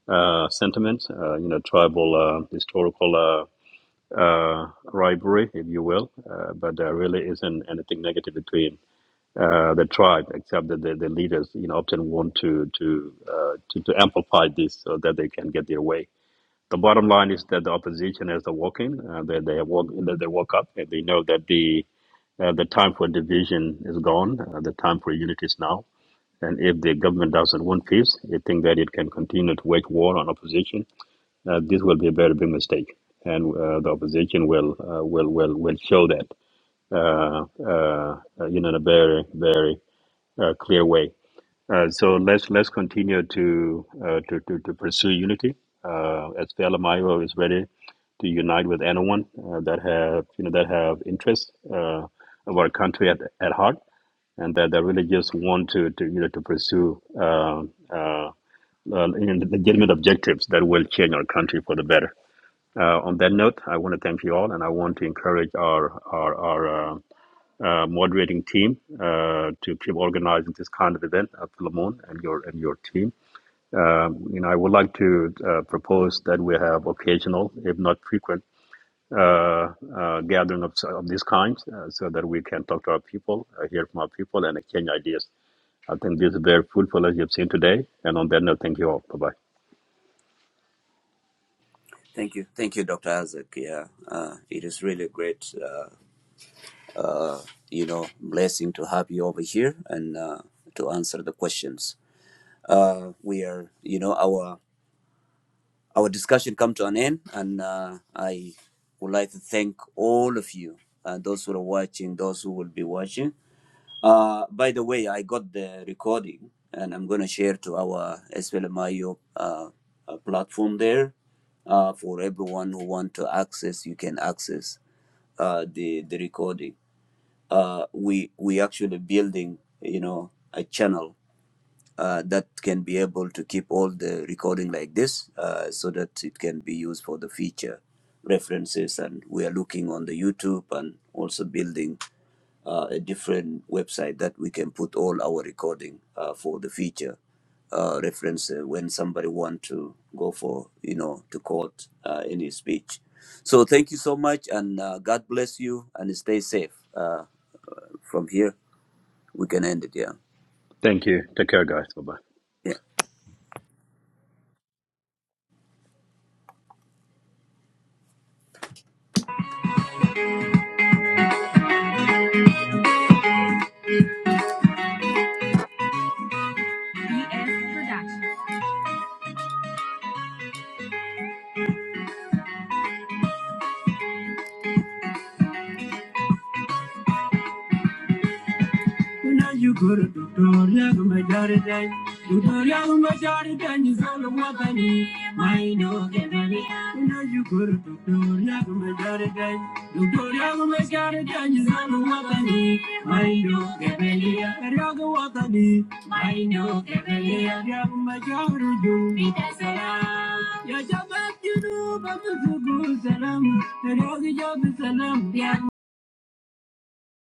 uh, sentiments, uh, you know, tribal uh, historical uh, uh, rivalry, if you will. Uh, but there really isn't anything negative between uh, the tribe, except that the, the leaders, you know, often want to to uh, to, to amplify this so that they can get their way. The bottom line is that the opposition is walking. Uh, they they woke that they woke up and they know that the uh, the time for division is gone. Uh, the time for unity is now. And if the government doesn't want peace, they think that it can continue to wage war on opposition. Uh, this will be a very big mistake, and uh, the opposition will uh, will will will show that uh, uh, uh, you know in a very very uh, clear way. Uh, so let's let's continue to uh, to, to to pursue unity. Uh, as Mayo is ready to unite with anyone uh, that have you know that have interests uh, of our country at, at heart, and that, that really just want to, to you know to pursue uh, uh, uh, you know, legitimate objectives that will change our country for the better. Uh, on that note, I want to thank you all, and I want to encourage our our our uh, uh, moderating team uh, to keep organizing this kind of event at Philemon and your and your team. Um, you know, I would like to uh, propose that we have occasional, if not frequent, uh, uh, gathering of, of this kind, uh, so that we can talk to our people, uh, hear from our people, and exchange ideas. I think this is very fruitful as you've seen today. And on that note, thank you all. Bye bye.
Thank you. Thank you, Dr. Isaac. Yeah, uh, it is really great, uh, uh, you know, blessing to have you over here and uh, to answer the questions. Uh, we are, you know, our our discussion come to an end, and uh, I would like to thank all of you, uh, those who are watching, those who will be watching. Uh, by the way, I got the recording, and I'm going to share to our SPLMIO uh, uh, platform there uh, for everyone who want to access. You can access uh, the the recording. Uh, we we actually building, you know, a channel uh, that can be able to keep all the recording like this uh, so that it can be used for the future references and we are looking on the youtube and also building uh, a different website that we can put all our recording uh, for the future uh, reference uh, when somebody want to go for you know to court uh, any speech so thank you so much and uh, god bless you and stay safe uh, from here we can end it yeah
Thank you. Take care, guys. Bye bye.
yeah BS Productions. Una yuguru tutoria gumadari den. Tutoria gumadari den is all the wabani. Maino gebani. Una yuguru tutoria gumadari den. Tutoria gumadari den is all the wabani. Maino gebani. Ragu wabani. Maino gebani. Ragu majaru ju. Bida salam. Ya jabat junu babu salam. Ragu jabu salam. ya.